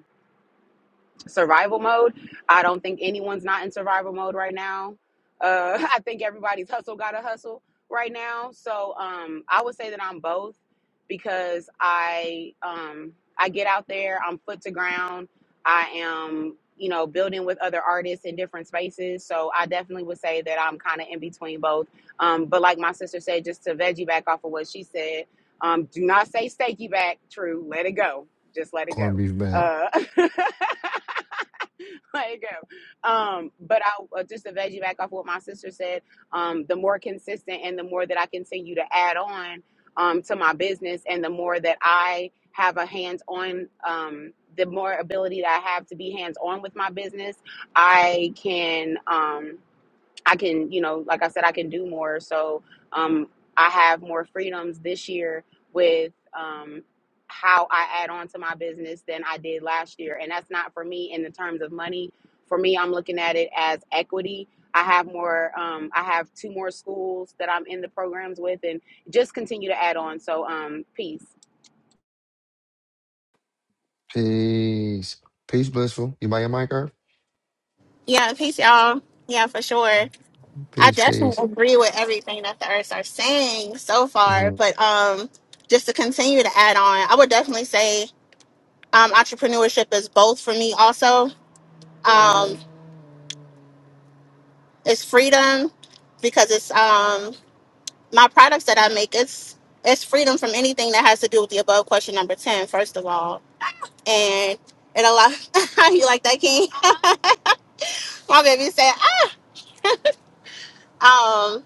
[SPEAKER 9] survival mode. I don't think anyone's not in survival mode right now. Uh, I think everybody's hustle got a hustle right now. So um, I would say that I'm both because I um, I get out there, I'm foot to ground, I am you know building with other artists in different spaces. So I definitely would say that I'm kind of in between both. Um, but like my sister said, just to veggie back off of what she said, um, do not say steaky back. True, let it go. Just let it
[SPEAKER 1] Corned
[SPEAKER 9] go.
[SPEAKER 1] beef bag.
[SPEAKER 9] Uh, like, girl. Um, but I uh, just to veggie back off what my sister said. Um, the more consistent and the more that I continue to add on um, to my business, and the more that I have a hands on, um, the more ability that I have to be hands on with my business, I can. Um, I can, you know, like I said, I can do more. So um, I have more freedoms this year with um, how I add on to my business than I did last year. And that's not for me in the terms of money. For me, I'm looking at it as equity. I have more, um, I have two more schools that I'm in the programs with and just continue to add on. So um, peace.
[SPEAKER 1] Peace, peace, Blissful. You buy your mic, Earth?
[SPEAKER 7] Yeah, peace, y'all. Yeah, for sure. I
[SPEAKER 1] Peace, peace.
[SPEAKER 7] definitely agree with everything that the Earths are saying so far.
[SPEAKER 1] Mhm.
[SPEAKER 7] But um, just to continue to add on, I would definitely say um, entrepreneurship is both for me. Also, um, it's freedom because it's um, my products that I make. It's it's freedom from anything that has to do with the above question number ten. First of all, and it allows you like that, King. my baby said. ah.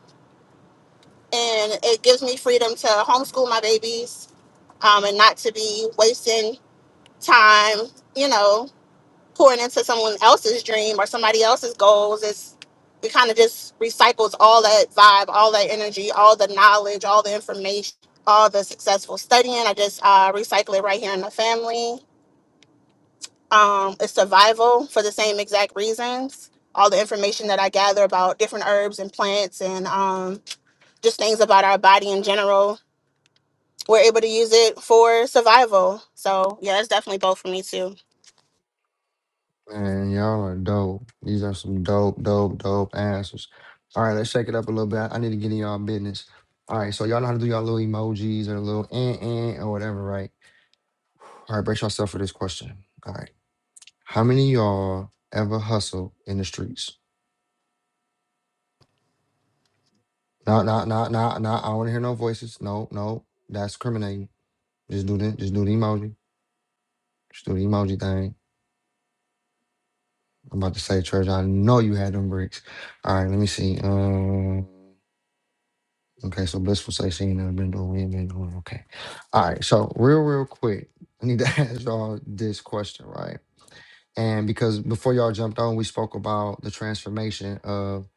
[SPEAKER 7] and it gives me freedom to homeschool my babies um, and not to be wasting time, you know, pouring into someone else's dream or somebody else's goals. It's it kind of just recycles all that vibe, all that energy, all the knowledge, all the information, all the successful studying. I just uh, recycle it right here in the family. Um, it's survival for the same exact reasons. All the information that I gather about different herbs and plants and um, just things about our body in general we're able to use it for survival. So yeah, it's definitely both for me too.
[SPEAKER 1] Man, y'all are dope. These are some dope, dope, dope answers. All right, let's shake it up a little bit. I need to get in y'all business. All right, so y'all know how to do y'all little emojis or little eh, eh, or whatever, right? All right, brace yourself for this question. All right, how many of y'all ever hustle in the streets? No, no, no, no, no. I don't want to hear no voices. No, no, that's criminating. Just do the, just do the emoji. Just do the emoji thing. I'm about to say, church. I know you had them bricks. All right, let me see. Um. Okay, so blissful sightseeing never been doing. We ain't been doing. Okay, all right. So real, real quick, I need to ask y'all this question, right? And because before y'all jumped on, we spoke about the transformation of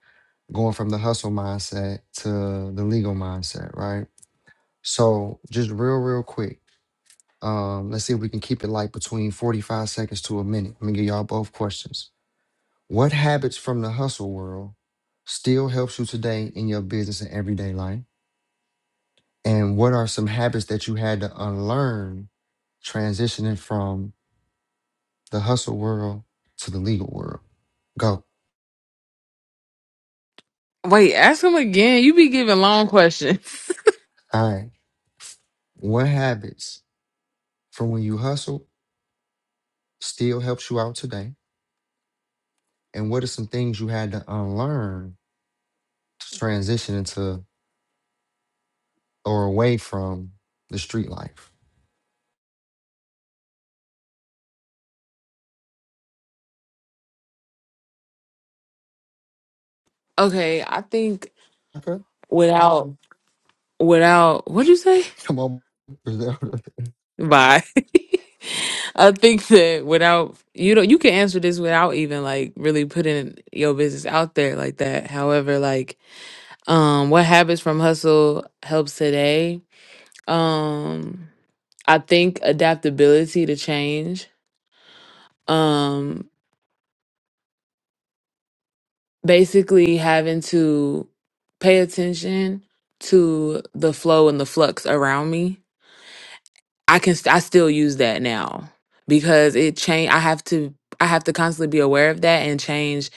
[SPEAKER 1] going from the hustle mindset to the legal mindset, right? So just real, real quick. Um, let's see if we can keep it like between 45 seconds to a minute. Let me give y'all both questions. What habits from the hustle world still helps you today in your business and everyday life? And what are some habits that you had to unlearn transitioning from the hustle world to the legal world? Go.
[SPEAKER 8] Wait, ask him again. You be giving long questions.
[SPEAKER 1] All right. What habits from when you hustled still helps you out today? And what are some things you had to unlearn to transition into or away from the street life?
[SPEAKER 8] okay, I think
[SPEAKER 1] Okay.
[SPEAKER 8] without without what'd you say?
[SPEAKER 1] Come on. Griselda. and
[SPEAKER 8] Bye. I think that without you don't you can answer this without even like really putting your business out there like that. However, like Um, what habits from hustle helps today? Um, I think adaptability to change. Um, basically having to pay attention to the flow and the flux around me I can st- I still use that now because it change I have to I have to constantly be aware of that and change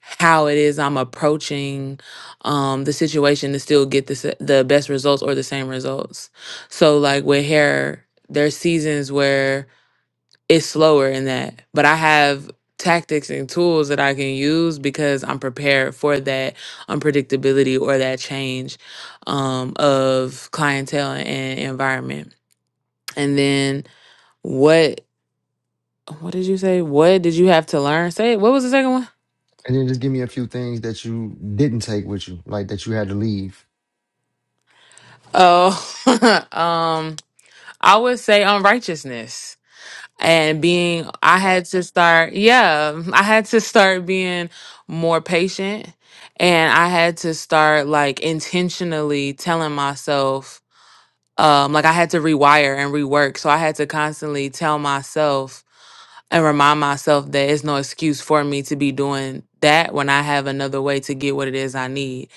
[SPEAKER 8] how it is I'm approaching um the situation to still get the s- the best results or the same results. So like with hair there's seasons where it's slower in that, but I have tactics and tools that I can use because I'm prepared for that unpredictability or that change um of clientele and environment. And then what what did you say? What did you have to learn? Say it. What was the second one?
[SPEAKER 1] then just give me a few things that you didn't take with you, like that you had to leave.
[SPEAKER 8] Oh, um, I would say unrighteousness and being. I had to start. Yeah, I had to start being more patient, and I had to start like intentionally telling myself. Um, like I had to rewire and rework. So I had to constantly tell myself and remind myself that it's no excuse for me to be doing that when I have another way to get what it is I need.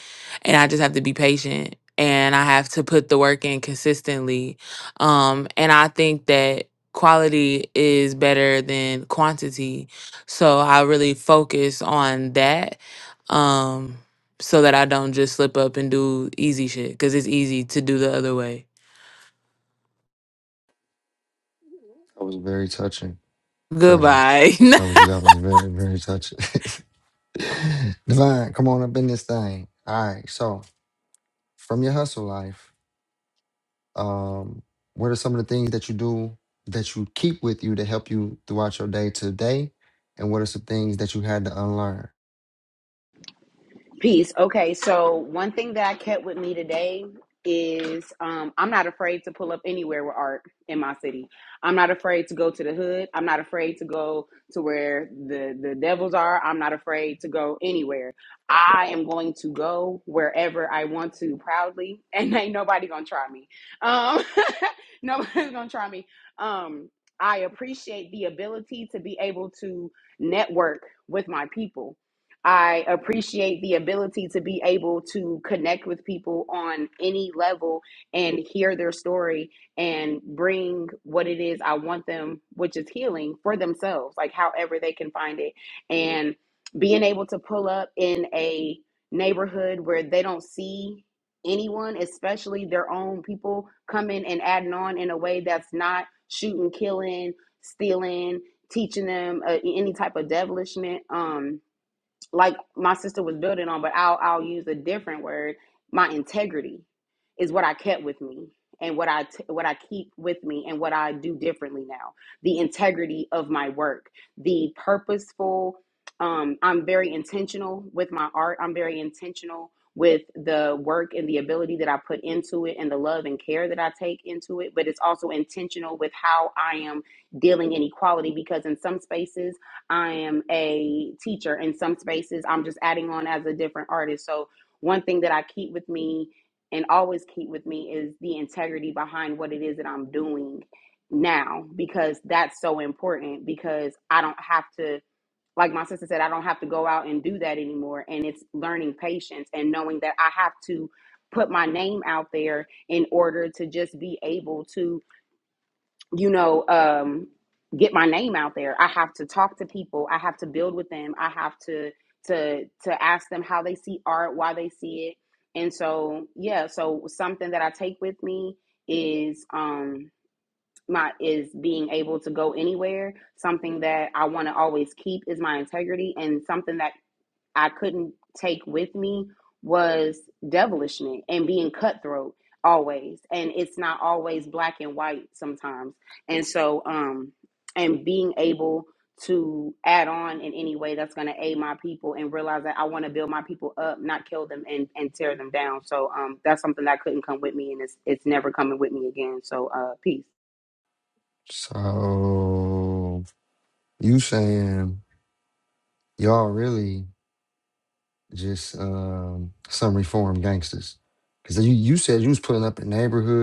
[SPEAKER 8] And I just have to be patient and I have to put the work in consistently. Um, and I think that quality is better than quantity. So I really focus on that. Um, so that I don't just slip up and do easy shit because it's easy to do the other way.
[SPEAKER 1] That was very touching. Treasure.
[SPEAKER 8] Goodbye.
[SPEAKER 1] That was that was very very touching. Divine, come on up in this thing. All right. So from your hustle life, um, what are some of the things that you do that you keep with you to help you throughout your day to day, and what are some things that you had to unlearn?
[SPEAKER 9] Peace. Okay, so one thing that I kept with me today is um, I'm not afraid to pull up anywhere with art in my city. I'm not afraid to go to the hood. I'm not afraid to go to where the the devils are. I'm not afraid to go anywhere. I am going to go wherever I want to proudly, and ain't nobody gonna try me. Um, nobody's gonna try me. Um, I appreciate the ability to be able to network with my people I appreciate the ability to be able to connect with people on any level and hear their story and bring what it is I want them, which is healing for themselves, like however they can find it. And being able to pull up in a neighborhood where they don't see anyone, especially their own people, coming and adding on in a way that's not shooting, killing, stealing, teaching them uh, any type of devilishment. Um, like my sister was building on, but I'll I'll use a different word. My integrity is what I kept with me and what I t- what I keep with me and what I do differently now. The integrity of my work, the purposeful. Um, I'm very intentional with my art. I'm very intentional with the work and the ability that I put into it and the love and care that I take into it. But it's also intentional with how I am dealing in equality because in some spaces I am a teacher in some spaces. I'm just adding on as a different artist. So, one thing that I keep with me and always keep with me is the integrity behind what it is that I'm doing now because that's so important because I don't have to like my sister said I don't have to go out and do that anymore and it's learning patience and knowing that I have to put my name out there in order to just be able to you know, um, get my name out there. I have to talk to people. I have to build with them. I have to to to ask them how they see art, why they see it. And so, yeah, so something that I take with me is um my is being able to go anywhere. Something that I want to always keep is my integrity and something that I couldn't take with me was devilishment and being cutthroat always. And it's not always black and white sometimes. And so, um, and being able to add on in any way that's going to aid my people and realize that I want to build my people up, not kill them and, and tear them down. So, um, that's something that couldn't come with me and it's, it's never coming with me again. So, uh, peace.
[SPEAKER 1] So you saying y'all really? just um, some reform gangsters. Because you, you said you was putting up in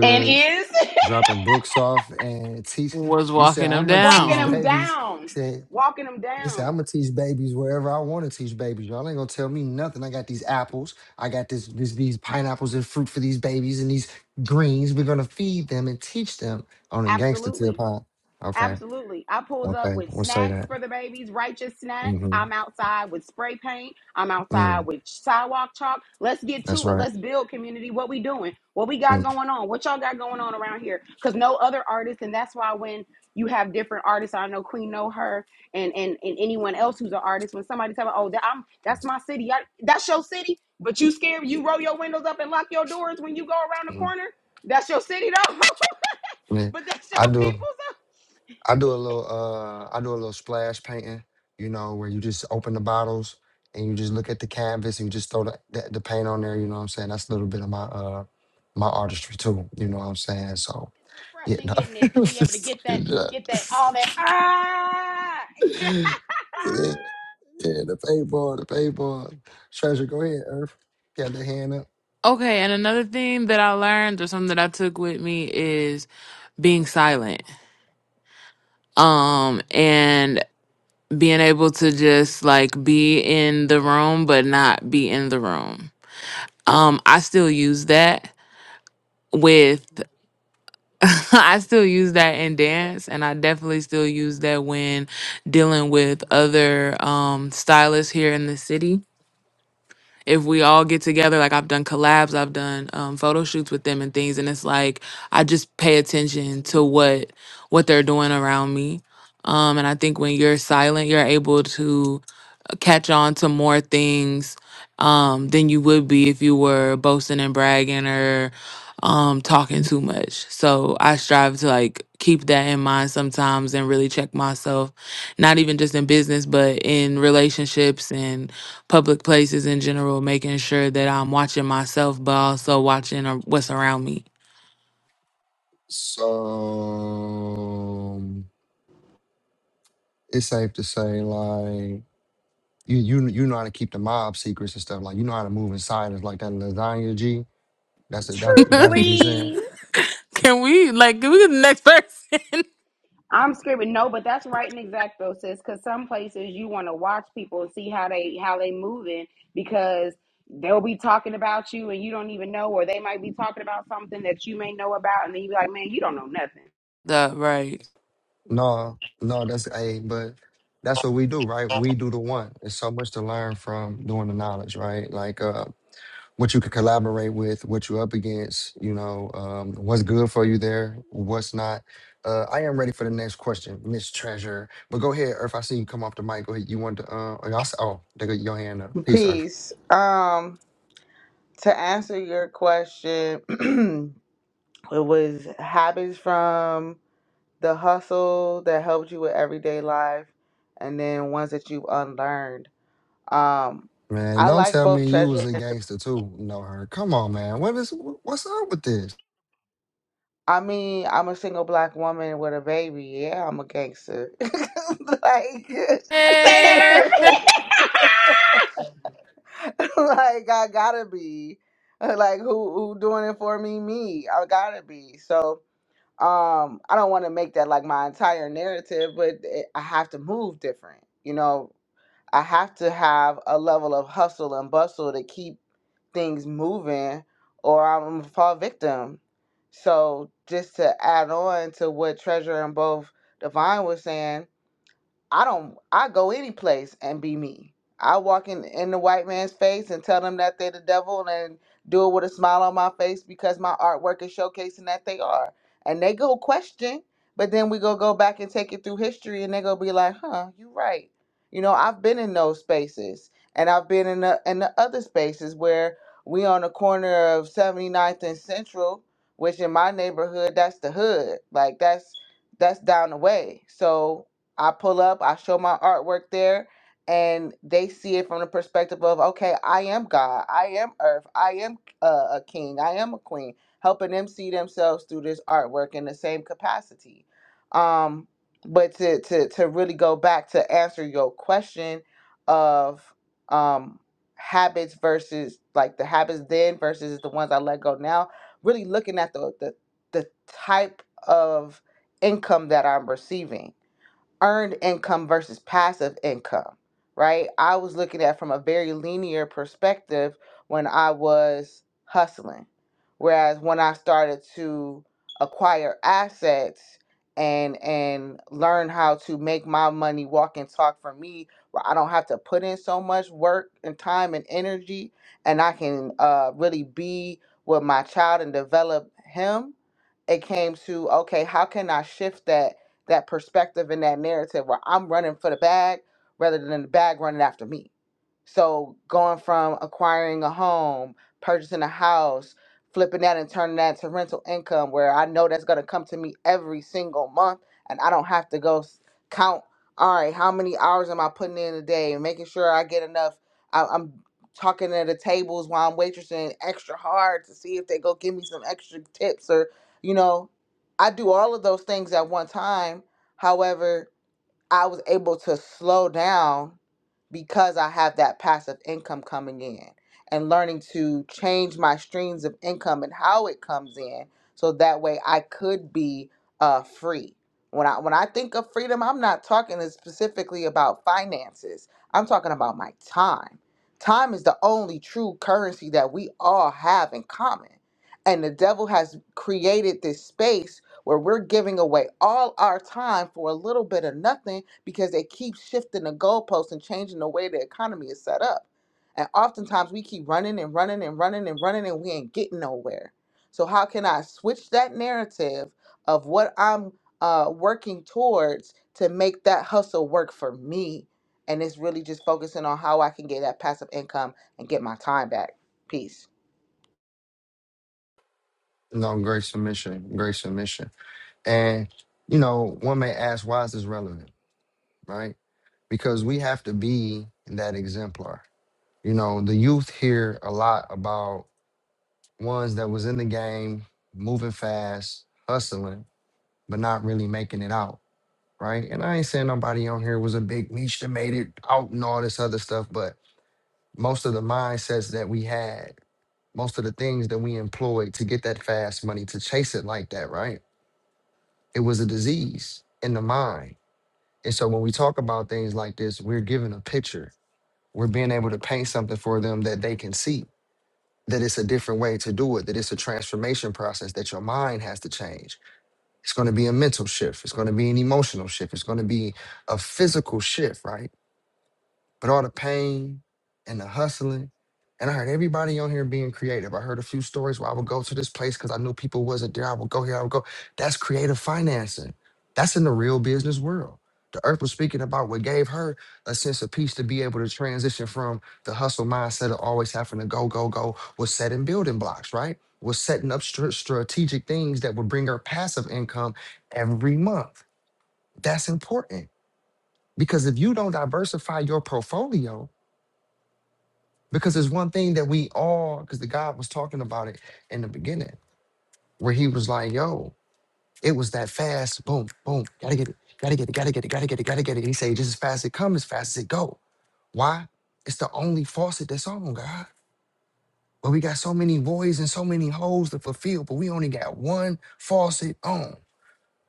[SPEAKER 9] And is
[SPEAKER 1] dropping books off, and teach.
[SPEAKER 8] Was
[SPEAKER 1] You said
[SPEAKER 8] walking them
[SPEAKER 1] I'm gonna
[SPEAKER 9] walking
[SPEAKER 1] teach
[SPEAKER 9] them
[SPEAKER 8] down.
[SPEAKER 1] babies.
[SPEAKER 9] down,
[SPEAKER 1] Said
[SPEAKER 9] walking them
[SPEAKER 1] he said I'm
[SPEAKER 9] down.
[SPEAKER 1] gonna teach babies wherever I want to teach babies. Y'all ain't gonna tell me nothing. I got these apples. I got this, this these pineapples and fruit for these babies and these greens. We're gonna feed them and teach them on a gangster tip,
[SPEAKER 9] Absolutely.
[SPEAKER 1] huh? Okay,
[SPEAKER 9] Absolutely. I pulls up
[SPEAKER 1] okay,
[SPEAKER 9] with
[SPEAKER 1] we'll say
[SPEAKER 9] snacks
[SPEAKER 1] that.
[SPEAKER 9] for the babies, righteous snacks.
[SPEAKER 1] hmm
[SPEAKER 9] I'm outside with spray paint. I'm outside
[SPEAKER 1] Mm,
[SPEAKER 9] with sidewalk chalk. Let's get
[SPEAKER 1] that's
[SPEAKER 9] to it.
[SPEAKER 1] right.
[SPEAKER 9] Let's build community. What we doing? What we got
[SPEAKER 1] Mm,
[SPEAKER 9] going on? What y'all got going on around here? Because no other artist, and that's why when you have different artists, I know Queen know her and and, and anyone else who's an artist, when somebody tell me, oh, that, I'm, that's my city. I, that's your city, but you scared. You roll your windows up and lock your doors when you go around the
[SPEAKER 1] mm.
[SPEAKER 9] corner. That's your city though,
[SPEAKER 1] Yeah,
[SPEAKER 9] but that's
[SPEAKER 1] I
[SPEAKER 9] your
[SPEAKER 1] do.
[SPEAKER 9] people's.
[SPEAKER 1] I do a little uh I do a little splash painting, you know, where you just open the bottles and you just look at the canvas and you just throw the, the, the paint on there, you know what I'm saying? That's a little bit of my uh my artistry too, you know what I'm saying? So
[SPEAKER 9] It's
[SPEAKER 1] yeah, no,
[SPEAKER 9] refreshing, isn't it,
[SPEAKER 1] I
[SPEAKER 9] to
[SPEAKER 1] was
[SPEAKER 9] be able to
[SPEAKER 1] just
[SPEAKER 9] get that,
[SPEAKER 1] talking
[SPEAKER 9] get that, all
[SPEAKER 1] shit.
[SPEAKER 9] that. Ah,
[SPEAKER 1] Yeah, yeah, the paintball, the paintball. Treasure, go ahead, Earth. Got the hand up.
[SPEAKER 8] Okay, and another thing that I learned or something that I took with me is being silent. Um and being able to just like be in the room but not be in the room. Um I still use that with I still use that in dance and I definitely still use that when dealing with other um stylists here in the city if we all get together, like I've done collabs, I've done um, photo shoots with them and things, and it's like I just pay attention to what what they're doing around me. Um, and I think when you're silent, you're able to uh, catch on to more things um, than you would be if you were boasting and bragging or um, talking too much. So I strive to like keep that in mind sometimes and really check myself, not even just in business, but in relationships and public places in general, making sure that I'm watching myself, but also watching uh, what's around me.
[SPEAKER 1] So it's safe to say like You you you know how to keep the mob secrets and stuff. Like you know how to move in silence, like that lasagna G. That's it. That's
[SPEAKER 9] true,
[SPEAKER 1] that's what you saying.
[SPEAKER 9] please.
[SPEAKER 8] can we like can we get the next person?
[SPEAKER 9] I'm screaming no, but that's right and exact though, sis. Because some places you want to watch people and see how they how they moving because they'll be talking about you and you don't even know, or they might be talking about something that you may know about, and then you be like, man, you don't know nothing.
[SPEAKER 8] the right.
[SPEAKER 1] No, no, that's a. but that's what we do, right? We do the one. It's so much to learn from doing the knowledge, right? Like uh, what you could collaborate with, what you're up against. You know, um, what's good for you there, what's not. Uh, I am ready for the next question, Miss Treasure. But go ahead, Earth. I see you come off the mic. Go ahead. You want to? Uh, oh, y'all s- oh, they got your hand up. Peace, Earth.
[SPEAKER 6] Peace. Um, to answer your question, it was habits from the hustle that helped you with everyday life, and then ones that you've unlearned. Um,
[SPEAKER 1] Man,
[SPEAKER 6] I
[SPEAKER 1] don't
[SPEAKER 6] like
[SPEAKER 1] tell
[SPEAKER 6] both
[SPEAKER 1] me you
[SPEAKER 6] treasure.
[SPEAKER 1] was a
[SPEAKER 6] and
[SPEAKER 1] gangster too. No, her. Come on, man. What is what's up with this?
[SPEAKER 6] I mean, I'm a single black woman with a baby. Yeah, I'm a gangster. like,
[SPEAKER 9] Say that,
[SPEAKER 8] Eh.
[SPEAKER 6] like I gotta be. Like, who who doing it for me? Me. I gotta be. So, um, I don't want to make that like my entire narrative, but it, I have to move different. You know, I have to have a level of hustle and bustle to keep things moving or I'm gonna fall victim. So just to add on to what Treasure and both Divine was saying, I don't I go any place and be me. I walk in in the white man's face and tell them that they the devil and do it with a smile on my face because my artwork is showcasing that they are. And they go question, but then we go go back and take it through history and they go be like, "Huh, you right." You know, I've been in those spaces and I've been in the in the other spaces where we on the corner of Seventy Ninth and Central, which in my neighborhood that's the hood. Like that's that's down the way. So I pull up, I show my artwork there, and they see it from the perspective of, okay, I am God, I am Earth, I am uh, a king, I am a queen, helping them see themselves through this artwork in the same capacity. Um, but to to to really go back to answer your question of um habits versus like the habits then versus the ones I let go now, really looking at the the the type of income that I'm receiving earned income versus passive income, right? I was looking at from a very linear perspective when I was hustling. Whereas when I started to acquire assets and and learn how to make my money walk and talk for me, where I don't have to put in so much work and time and energy and I can uh really be with my child and develop him, it came to okay, how can I shift that that perspective and that narrative where I'm running for the bag rather than the bag running after me so going from acquiring a home, purchasing a house, flipping that and turning that to rental income where I know that's going to come to me every single month and I don't have to go s- count all right, how many hours am I putting in a day and making sure I get enough I, I'm talking at the tables while I'm waitressing extra hard to see if they go give me some extra tips or you know, I do all of those things at one time. However, I was able to slow down because I have that passive income coming in and learning to change my streams of income and how it comes in so that way I could be uh, free. When I when I think of freedom, I'm not talking specifically about finances. I'm talking about my time. Time is the only true currency that we all have in common. And the devil has created this space where we're giving away all our time for a little bit of nothing because they keep shifting the goalposts and changing the way the economy is set up. And oftentimes we keep running and running and running and running and we ain't getting nowhere. So how can I switch that narrative of what I'm uh, working towards to make that hustle work for me? And it's really just focusing on how I can get that passive income and get my time back. Peace.
[SPEAKER 1] No, great submission, great submission. And you know, one may ask, why is this relevant, right? Because we have to be that exemplar. You know, the youth hear a lot about ones that was in the game, moving fast, hustling, but not really making it out, right? And I ain't saying nobody on here was a big leech that made it out and all this other stuff, but Most of the mindsets that we had, most of the things that we employed to get that fast money, to chase it like that, right? It was a disease in the mind. And so when we talk about things like this, we're given a picture. We're being able to paint something for them that they can see, that it's a different way to do it, that it's a transformation process, that your mind has to change. It's going to be a mental shift. It's going to be an emotional shift. It's going to be a physical shift, right? But all the pain and the hustling, and I heard everybody on here being creative. I heard a few stories where I would go to this place because I knew people wasn't there. I would go here, I would go. That's creative financing. That's in the real business world. The earth was speaking about what gave her a sense of peace to be able to transition from the hustle mindset of always having to go, go, go, was setting building blocks, right? Was setting up str- strategic things that would bring her passive income every month. That's important because if you don't diversify your portfolio, because there's one thing that we all, because the God was talking about it in the beginning, where he was like, yo, it was that fast, boom, boom, gotta get it, gotta get it, gotta get it, gotta get it, gotta get it. He said, just as fast as it comes, as fast as it go. Why? It's the only faucet that's on, God. But we got so many voids and so many holes to fulfill, but we only got one faucet on.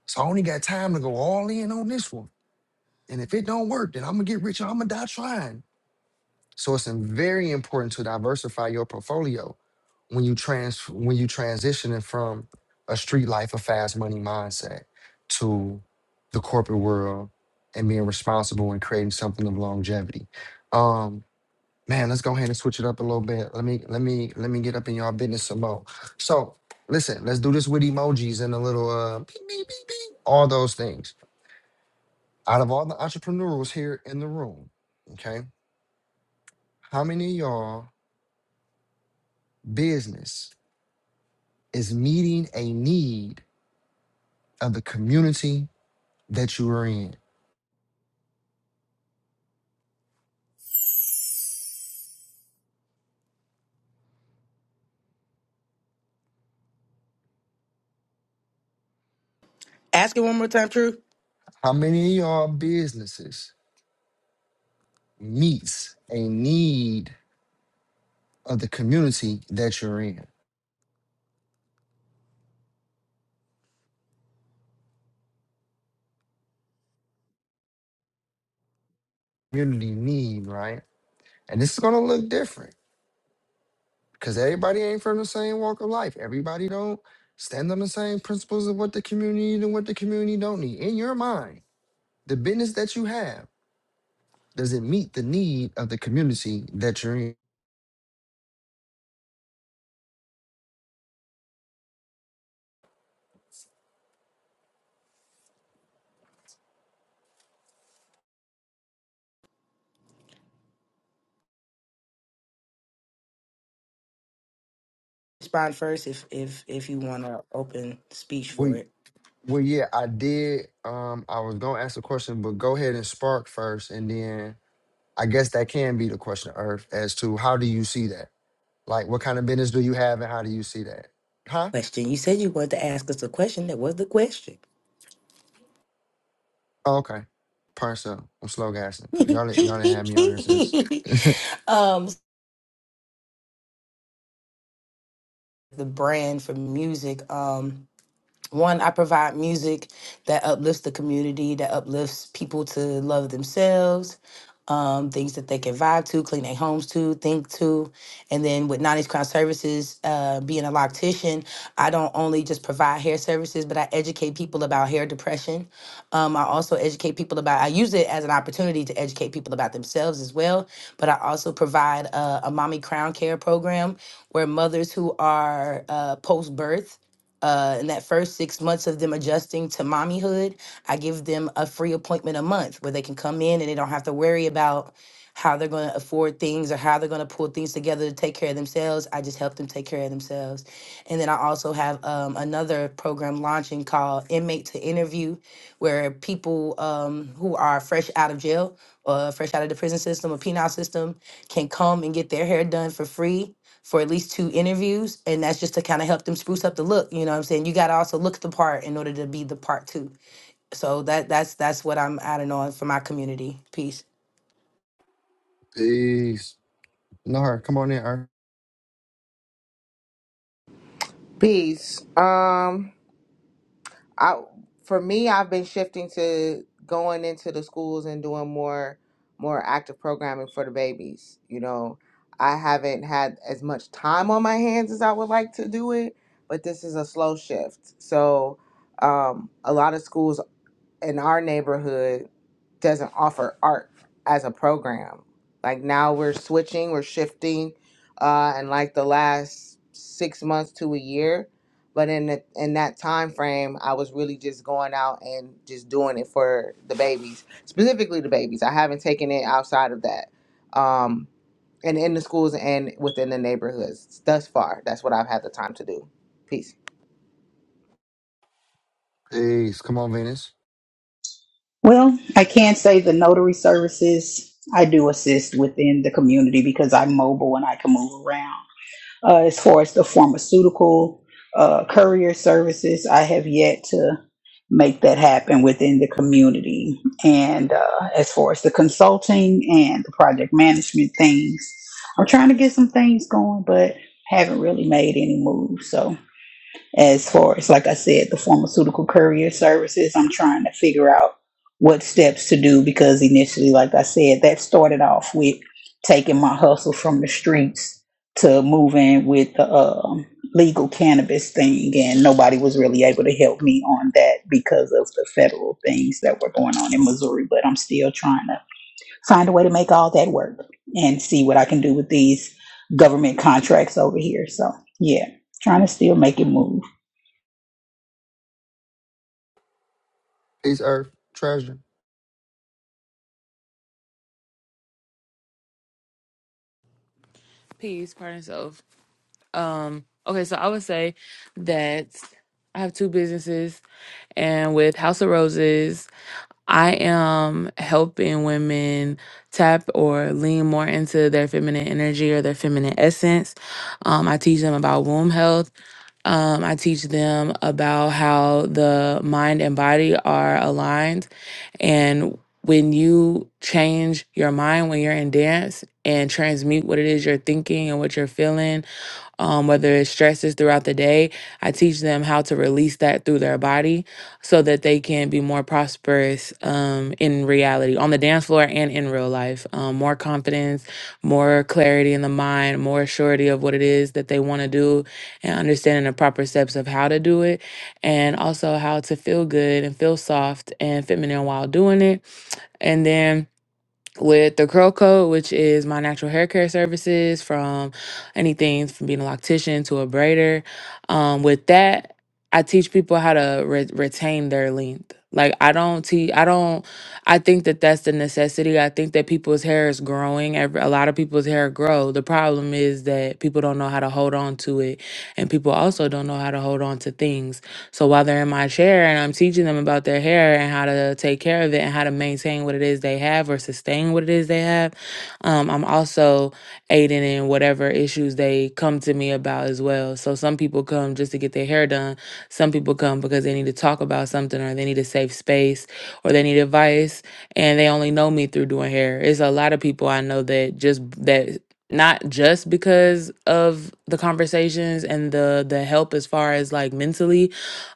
[SPEAKER 1] So I only got time to go all in on this one. And if it don't work, then I'm gonna get rich and I'm gonna die trying. So it's im- very important to diversify your portfolio when you trans when you transitioning from a street life, a fast money mindset to the corporate world and being responsible and creating something of longevity. Um, man, let's go ahead and switch it up a little bit. Let me let me let me get up in y'all business some more. So listen, let's do this with emojis and a little uh beep, beep, beep, beep, all those things. Out of all the entrepreneurs here in the room, okay, how many of y'all business is meeting a need of the community that you are in.
[SPEAKER 2] Ask it one more time, True.
[SPEAKER 1] How many of y'all businesses meets a need of the community that you're in? Community need, right? And this is gonna look different because everybody ain't from the same walk of life. Everybody don't stand on the same principles of what the community need and what the community don't need. In your mind, the business that you have, does it meet the need of the community that you're in?
[SPEAKER 2] respond first if if if you want to open speech
[SPEAKER 1] We
[SPEAKER 2] for it.
[SPEAKER 1] Well, yeah, I did. Um, I was gonna ask a question, but go ahead and spark first, and then I guess that can be the question, Earth, as to how do you see that? Like, what kind of business do you have, and how do you see that? Huh?
[SPEAKER 2] Question. You said you wanted to ask us a question. That was the question.
[SPEAKER 1] Oh, okay. Parcel. I'm slow gassing. Y'all, done- y'all didn't have me on here since.
[SPEAKER 2] um, the brand for music. Um, One, I provide music that uplifts the community, that uplifts people to love themselves, um, things that they can vibe to, clean their homes to, think to. And then with 90s Crown Services, uh, being a loctician, I don't only just provide hair services, but I educate people about hair depression. Um, I also educate people about, I use it as an opportunity to educate people about themselves as well. But I also provide a, a mommy crown care program where mothers who are uh, post birth uh, in that first six months of them adjusting to mommyhood, I give them a free appointment a month where they can come in and they don't have to worry about how they're going to afford things or how they're going to pull things together to take care of themselves. I just help them take care of themselves. And then I also have um, another program launching called Inmate to Interview, where people um, who are fresh out of jail or fresh out of the prison system or penal system can come and get their hair done for free for at least two interviews. And that's just to kind of help them spruce up the look. You know what I'm saying? You got to also look the part in order to be the part too. So that that's that's what I'm adding on for my community piece.
[SPEAKER 1] Peace. No, her. Come on in, Earth.
[SPEAKER 6] Peace. Um, I for me, I've been shifting to going into the schools and doing more more active programming for the babies. You know, I haven't had as much time on my hands as I would like to do it, but this is a slow shift. So, um, a lot of schools in our neighborhood doesn't offer art as a program. Like now we're switching, we're shifting, uh, in like the last six months to a year. But in the, in that time frame, I was really just going out and just doing it for the babies, specifically the babies. I haven't taken it outside of that, um, and in the schools and within the neighborhoods thus far. That's what I've had the time to do. Peace.
[SPEAKER 1] Peace. Come on, Venus.
[SPEAKER 5] Well, I can't say the notary services I do assist within the community because I'm mobile and I can move around. Uh, as far as the pharmaceutical uh, courier services, I have yet to make that happen within the community. And uh, as far as the consulting and the project management things, I'm trying to get some things going, but haven't really made any moves. So as far as like i said the pharmaceutical courier services i'm trying to figure out what steps to do because initially like i said that started off with taking my hustle from the streets to moving with the um, legal cannabis thing and nobody was really able to help me on that because of the federal things that were going on in missouri but i'm still trying to find a way to make all that work and see what i can do with these government contracts over here so yeah trying to still make it move
[SPEAKER 1] Peace, Earth. Treasure.
[SPEAKER 8] Peace, pardon self. Um. Okay, so I would say that I have two businesses, and with House of Roses, I am helping women tap or lean more into their feminine energy or their feminine essence. Um, I teach them about womb health Um, I teach them about how the mind and body are aligned. And when you change your mind when you're in dance and transmute what it is you're thinking and what you're feeling um, whether it's stresses throughout the day, I teach them how to release that through their body so that they can be more prosperous um, in reality, on the dance floor and in real life. Um, more confidence, more clarity in the mind, more surety of what it is that they want to do, and understanding the proper steps of how to do it, and also how to feel good and feel soft and feminine while doing it. And then with the curl coat which is my natural hair care services from anything from being a loctician to a braider um, with that i teach people how to re- retain their length like i don't teach i don't i think that that's the necessity i think that people's hair is growing Every, a lot of people's hair grow the problem is that people don't know how to hold on to it and people also don't know how to hold on to things so while they're in my chair and I'm teaching them about their hair and how to take care of it and how to maintain what it is they have or sustain what it is they have, um, I'm also aiding in whatever issues they come to me about as well. So some people come just to get their hair done. Some people come because they need to talk about something or they need a safe space or they need advice and they only know me through doing hair. It's a lot of people I know that just that not just because of the conversations and the the help as far as like mentally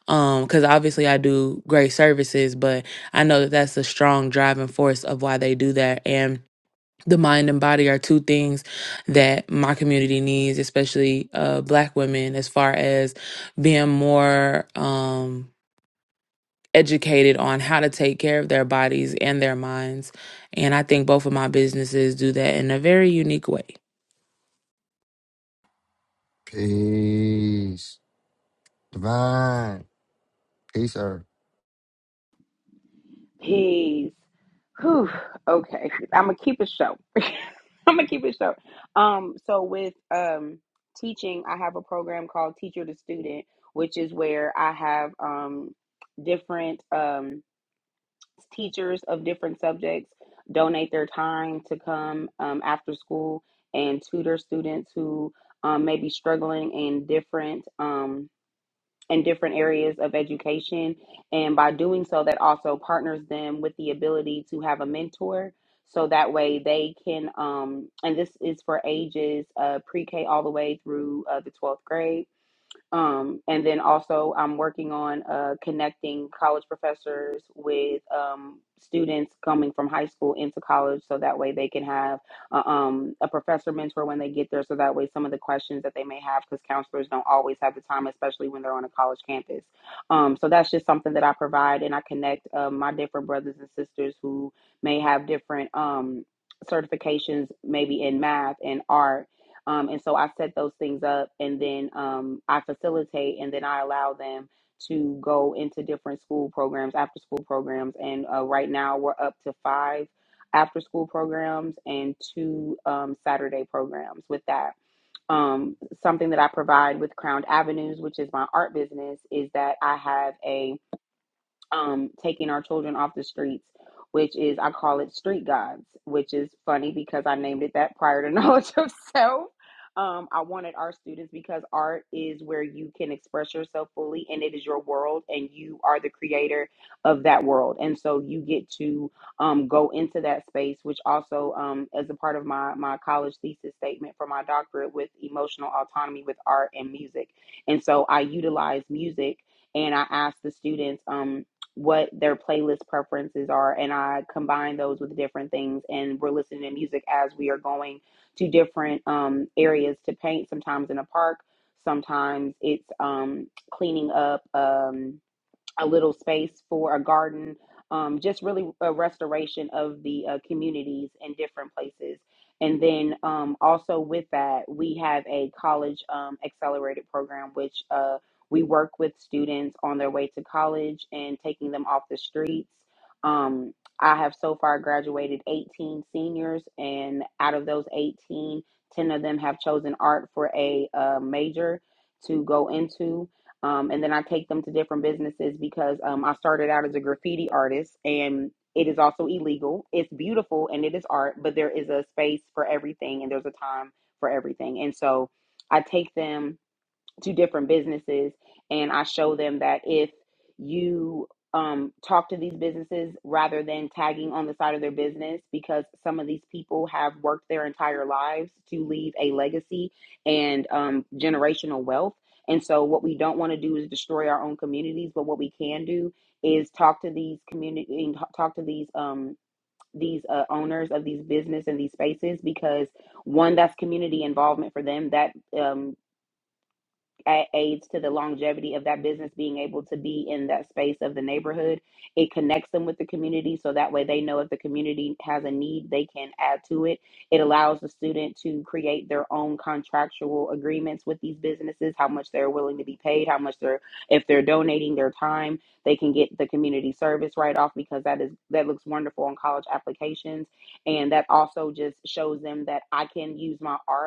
[SPEAKER 8] um because obviously i do great services but i know that that's the strong driving force of why they do that and the mind and body are two things that my community needs especially uh black women as far as being more um educated on how to take care of their bodies and their minds and i think both of my businesses do that in a very unique way
[SPEAKER 1] Peace. Divine. Peace, Earth.
[SPEAKER 9] Peace. Whew. Okay. I'm gonna keep it short. I'm gonna keep it short. Um, so with um teaching, I have a program called Teacher to Student, which is where I have um different um teachers of different subjects donate their time to come um, after school and tutor students who um, may be struggling in different um in different areas of education. And by doing so, that also partners them with the ability to have a mentor. So that way they can, um, and this is for ages uh, pre K all the way through uh, the 12th grade um, and then also, I'm working on uh, connecting college professors with um, students coming from high school into college, so that way they can have uh, um, a professor mentor when they get there. So that way, some of the questions that they may have, because counselors don't always have the time, especially when they're on a college campus. Um, so that's just something that I provide, and I connect uh, my different brothers and sisters who may have different. Um, certifications maybe in math and art um, and so I set those things up and then um, I facilitate and then I allow them to go into different school programs, after school programs. And uh, right now we're up to five after school programs and two um, Saturday programs with that. Um, something that I provide with Crowned Avenues, which is my art business, is that I have a um, taking our children off the streets, which is, I call it Street Gods, which is funny because I named it that prior to knowledge of self. Um, I wanted our students because art is where you can express yourself fully and it is your world and you are the creator of that world. And so you get to um, go into that space, which also, um, as a part of my, my college thesis statement for my doctorate with emotional autonomy with art and music. And so I utilize music and I ask the students. Um, what their playlist preferences are and I combine those with different things and we're listening to music as we are going to different um areas to paint sometimes in a park sometimes it's um cleaning up um a little space for a garden, um, just really a restoration of the uh, communities in different places. And then um, also with that, we have a college um, accelerated program, which uh, we work with students on their way to college and taking them off the streets. Um, I have so far graduated 18 seniors, and out of those 18, 10 of them have chosen art for a uh, major to go into. Um, and then I take them to different businesses because um, I started out as a graffiti artist and it is also illegal. It's beautiful and it is art, but there is a space for everything and there's a time for everything. And so I take them to different businesses and I show them that if you um, talk to these businesses rather than tagging on the side of their business because some of these people have worked their entire lives to leave a legacy and um, generational wealth. And so, what we don't want to do is destroy our own communities, but what we can do is talk to these community, talk to these um, these uh, owners of these business and these spaces because one, that's community involvement for them. That um, a- aids to the longevity of that business being able to be in that space of the neighborhood. It connects them with the community so that way they know if the community has a need, they can add to it. It allows the student to create their own contractual agreements with these businesses, how much they're willing to be paid, how much they're if they're donating their time, they can get the community service right off because that is that looks wonderful on college applications and that also just shows them that I can use my art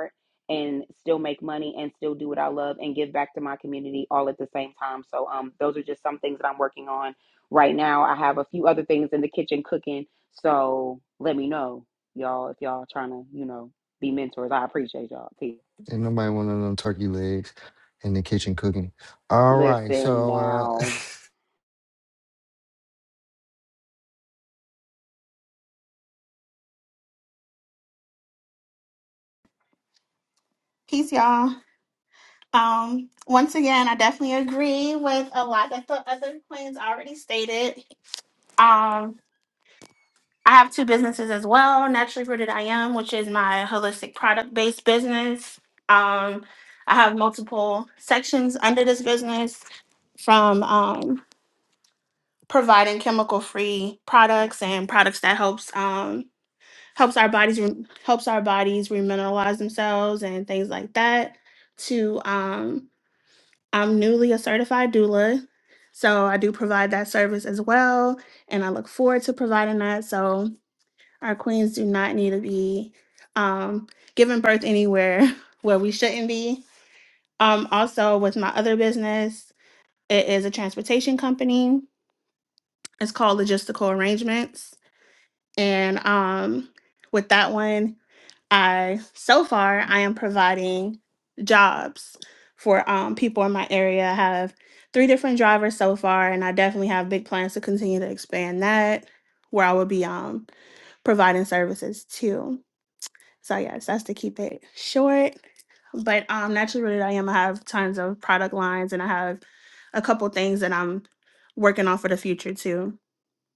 [SPEAKER 9] and still make money and still do what I love and give back to my community all at the same time. So um those are just some things that I'm working on right now. I have a few other things in the kitchen cooking. So let me know, y'all, if y'all trying to, you know, be mentors. I appreciate y'all. Peace.
[SPEAKER 1] And nobody want none of them turkey legs in the kitchen cooking. All right,
[SPEAKER 9] Listen
[SPEAKER 1] so uh
[SPEAKER 9] now.
[SPEAKER 7] Peace, y'all. Um, once again, I definitely agree with a lot that the other queens already stated. Um, I have two businesses as well. Naturally rooted, I am, which is my holistic product based business. Um, I have multiple sections under this business, from um, providing chemical free products and products that helps. um, helps our bodies re- helps our bodies remineralize themselves and things like that. To um, I'm newly a certified doula, so I do provide that service as well, and I look forward to providing that. So our queens do not need to be um, giving birth anywhere where we shouldn't be. Um, also, with my other business, it is a transportation company. It's called Logistical Arrangements, and um, with that one. I so far I am providing jobs for um, people in my area. I have three different drivers so far, and I definitely have big plans to continue to expand that, where I will be um, providing services too. So yes, that's to keep it short. But um, naturally rooted, I am. I have tons of product lines, and I have a couple things that I'm working on for the future too,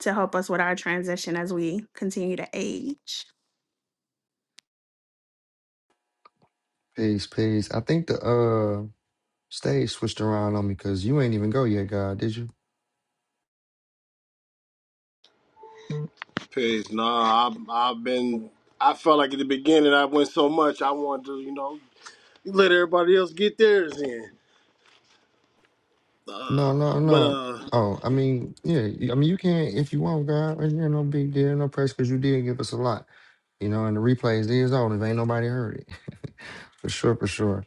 [SPEAKER 7] to help us with our transition as we continue to age.
[SPEAKER 1] peace, peace. I think the uh stage switched around on me because you ain't even go yet, God, did you?
[SPEAKER 4] Peace. Nah, I, I've been. I felt like at the beginning I went so much. I wanted to, you know, let everybody else get theirs in.
[SPEAKER 1] No, no,
[SPEAKER 4] But
[SPEAKER 1] no.
[SPEAKER 4] uh,
[SPEAKER 1] Oh, I mean, yeah, y- I mean you can if you want, God, and you no big deal, no press because you did give us a lot. You know, and the replays is on if ain't nobody heard it. for sure, for sure.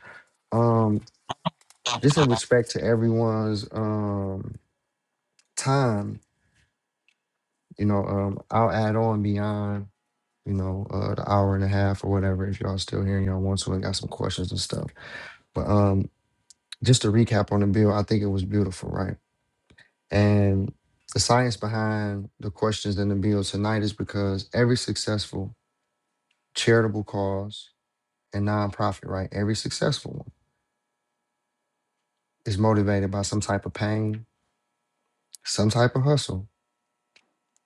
[SPEAKER 1] Um, just in respect to everyone's um time, you know, um, I'll add on beyond you know, uh, the hour and a half or whatever. If y'all still here and y'all want to, and got some questions and stuff. But um, just to recap on the bill, I think it was beautiful, right? And the science behind the questions in the bill tonight is because every successful charitable cause and nonprofit, right? Every successful one is motivated by some type of pain, some type of hustle,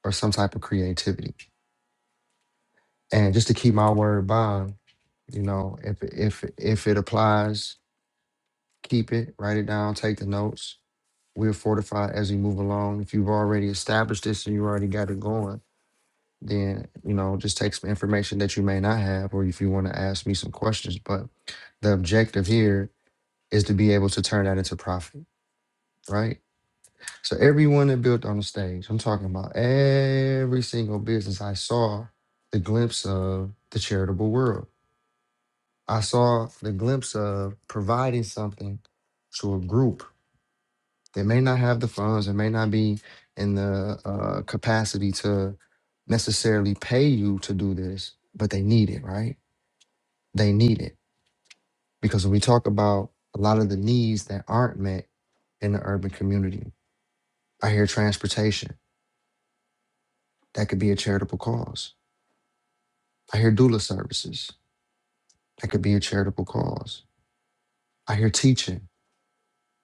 [SPEAKER 1] or some type of creativity. And just to keep my word bond, you know, if if if it applies, keep it, write it down, take the notes We'll fortify as we move along. If you've already established this and you already got it going, then you know just take some information that you may not have, or if you want to ask me some questions. But the objective here is to be able to turn that into profit, right? So everyone that built on the stage, I'm talking about every single business I saw the glimpse of the charitable world. I saw the glimpse of providing something to a group They may not have the funds, they may not be in the uh, capacity to necessarily pay you to do this, but they need it, right? They need it. Because when we talk about a lot of the needs that aren't met in the urban community, I hear transportation. That could be a charitable cause. I hear doula services. That could be a charitable cause. I hear teaching,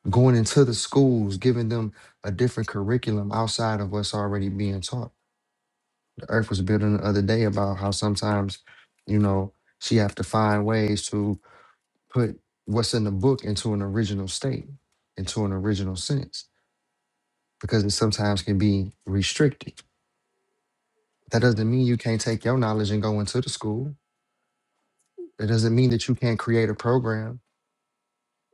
[SPEAKER 1] going into the schools, giving them a different curriculum outside of what's already being taught Earth was building the other day about how sometimes, you know, she have to find ways to put what's in the book into an original state, into an original sense, because it sometimes can be restricted. That doesn't mean you can't take your knowledge and go into the school. It doesn't mean that you can't create a program.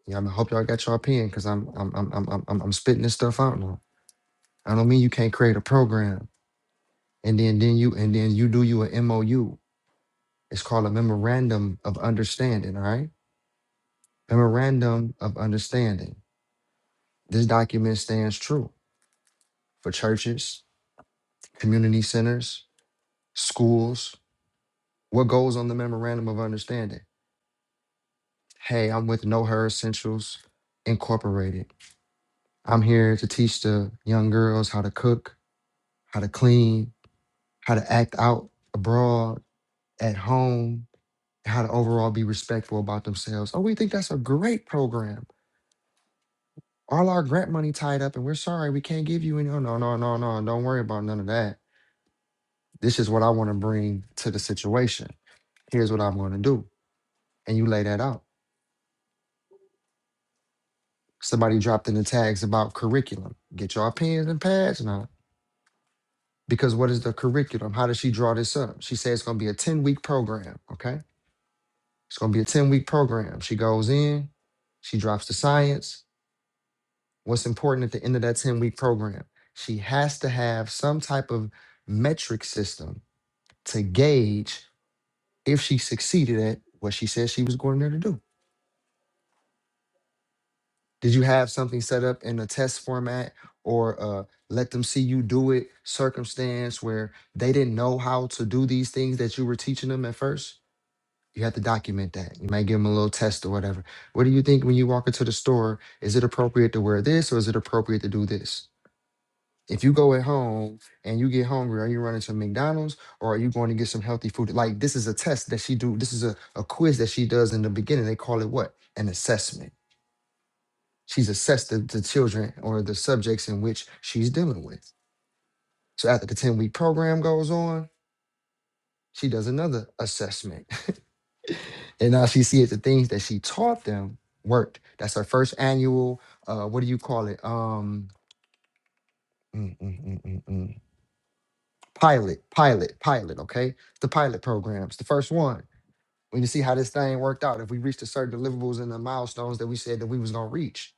[SPEAKER 1] Yeah, I mean, hope y'all got your pen because I'm I'm I'm I'm I'm I'm I'm spitting this stuff out now. I don't mean you can't create a program and then then you and then you do you an MOU. It's called a memorandum of understanding, all right? Memorandum of Understanding. This document stands true for churches, community centers, schools. What goes on the Memorandum of Understanding? Hey, I'm with No Her Essentials Incorporated. I'm here to teach the young girls how to cook, how to clean, how to act out abroad, at home, how to overall be respectful about themselves. Oh, we think that's a great program. All our grant money tied up, and we're sorry we can't give you any. Oh, no, no, no, no. Don't worry about none of that This is what I want to bring to the situation. Here's what I'm going to do. And you lay that out. Somebody dropped in the tags about curriculum. Get your pens and pads now. Because what is the curriculum? How does she draw this up? She says it's going to be a 10 week program. Okay. It's going to be a 10 week program. She goes in, she drops the science. What's important at the end of that 10 week program? She has to have some type of metric system to gauge if she succeeded at what she said she was going there to do. Did you have something set up in a test format or uh, let them see you do it circumstance where they didn't know how to do these things that you were teaching them at first? You have to document that. You might give them a little test or whatever. What do you think when you walk into the store? Is it appropriate to wear this or is it appropriate to do this? If you go at home and you get hungry, are you running to McDonald's or are you going to get some healthy food? Like this is a test that she do. This is a, a quiz that she does in the beginning. They call it what? An assessment She's assessed the, the children or the subjects in which she's dealing with. So after the 10 week program goes on, she does another assessment. And now she sees the things that she taught them worked. That's her first annual, uh, what do you call it? Um, mm, mm, mm, mm, mm. Pilot, pilot, pilot, okay? The pilot programs, the first one. We need to see how this thing worked out. If we reached the certain deliverables and the milestones that we said that we was gonna reach.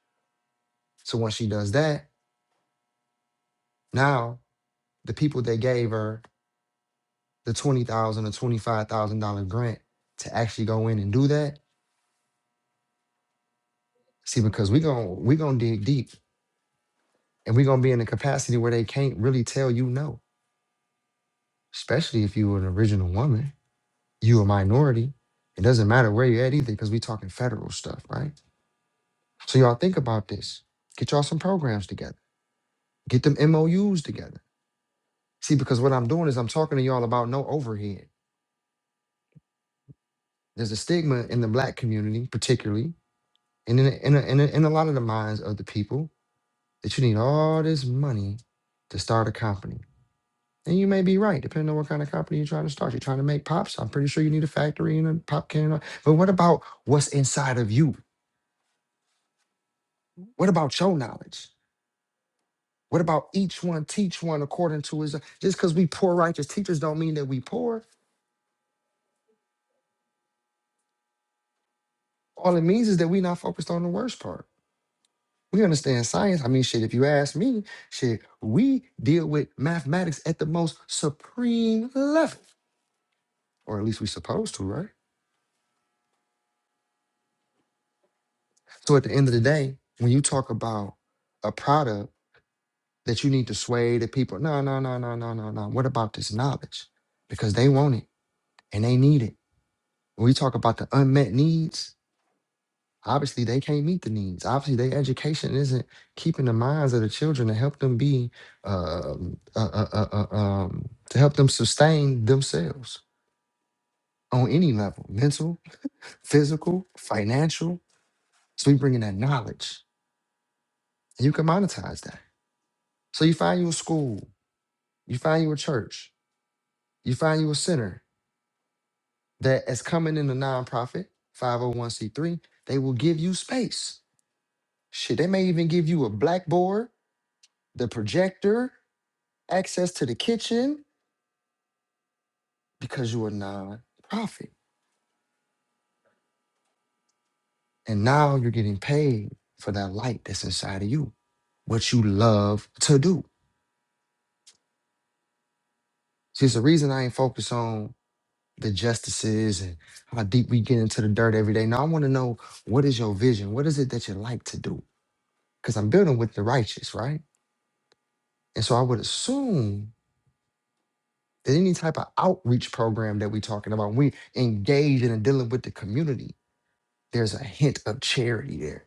[SPEAKER 1] So once she does that, now the people that gave her the twenty thousand or twenty five thousand dollar grant to actually go in and do that. See, because we gonna we gonna dig deep, and we are gonna be in a capacity where they can't really tell you no. Especially if you are an original woman, you a minority. It doesn't matter where you're at either, because we talking federal stuff, right? So y'all think about this. Get y'all some programs together. Get them MOUs together. See, because what I'm doing is I'm talking to y'all about no overhead. There's a stigma in the black community, particularly, and in a, in a, in a, in a lot of the minds of the people that you need all this money to start a company. And you may be right, depending on what kind of company you're trying to start. You're trying to make pops. I'm pretty sure you need a factory and a pop can. and all- But what about what's inside of you? What about your knowledge? What about each one teach one according to his? Just because we poor righteous teachers don't mean that we poor. All it means is that we're not focused on the worst part. We understand science. I mean, shit, if you ask me, shit, we deal with mathematics at the most supreme level, or at least we supposed to, right? So at the end of the day, when you talk about a product that you need to sway the people, no, no, no, no, no, no, no. What about this knowledge? Because they want it and they need it. When we talk about the unmet needs, obviously they can't meet the needs. Obviously, their education isn't keeping the minds of the children to help them be, um, uh, uh, uh, uh, um, to help them sustain themselves on any level mental, physical, financial. So we bring in that knowledge and you can monetize that. So you find you a school You find you a church. You find you a center that is coming in a nonprofit, 501c3. They will give you space. Shit, they may even give you a blackboard, the projector, access to the kitchen because you're a nonprofit. And now you're getting paid for that light that's inside of you, what you love to do. See, it's the reason I ain't focused on the justices and how deep we get into the dirt every day. Now I want to know what is your vision? What is it that you like to do? because I'm building with the righteous, right? And so I would assume that any type of outreach program that we're talking about, we engage in and dealing with the community, there's a hint of charity there.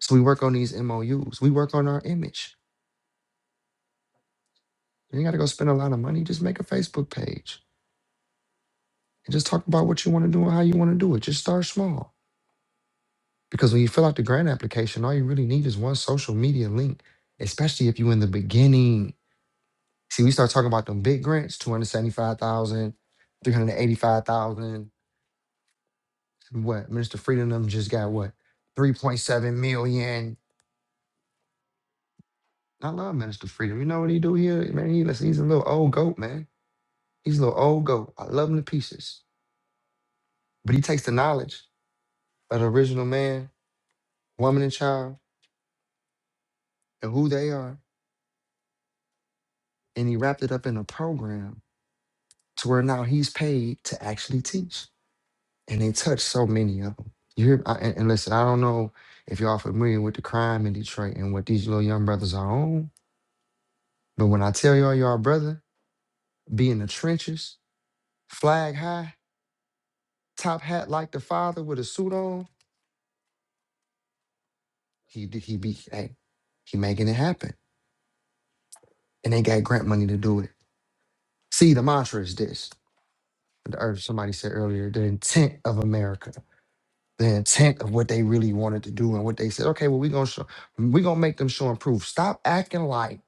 [SPEAKER 1] So we work on these MOUs, we work on our image. You ain't got to go spend a lot of money, just make a Facebook page and just talk about what you want to do and how you want to do it. Just start small. Because when you fill out the grant application, all you really need is one social media link, especially if you're in the beginning See, we start talking about them big grants, 275,000, 385,000. What? Minister Freedom them just got what? 3.7 million. I love Minister Freedom. You know what he do here? Man, he, listen, he's a little old goat, man. He's a little old goat. I love him to pieces. But he takes the knowledge of the original man, woman, and child, and who they are, and he wrapped it up in a program to where now he's paid to actually teach. and they touched so many of them. You hear? I, and, and listen, I don't know if y'all familiar with the crime in Detroit and what these little young brothers are on, but when I tell y'all, y'all brother be in the trenches, flag high, top hat like the father with a suit on, he d- he be hey, he making it happen, and they got grant money to do it. See, the mantra is this: the earth. Somebody said earlier, the intent of America. The intent of what they really wanted to do and what they said, okay, well, we're gonna show, we're gonna make them show and prove. Stop acting like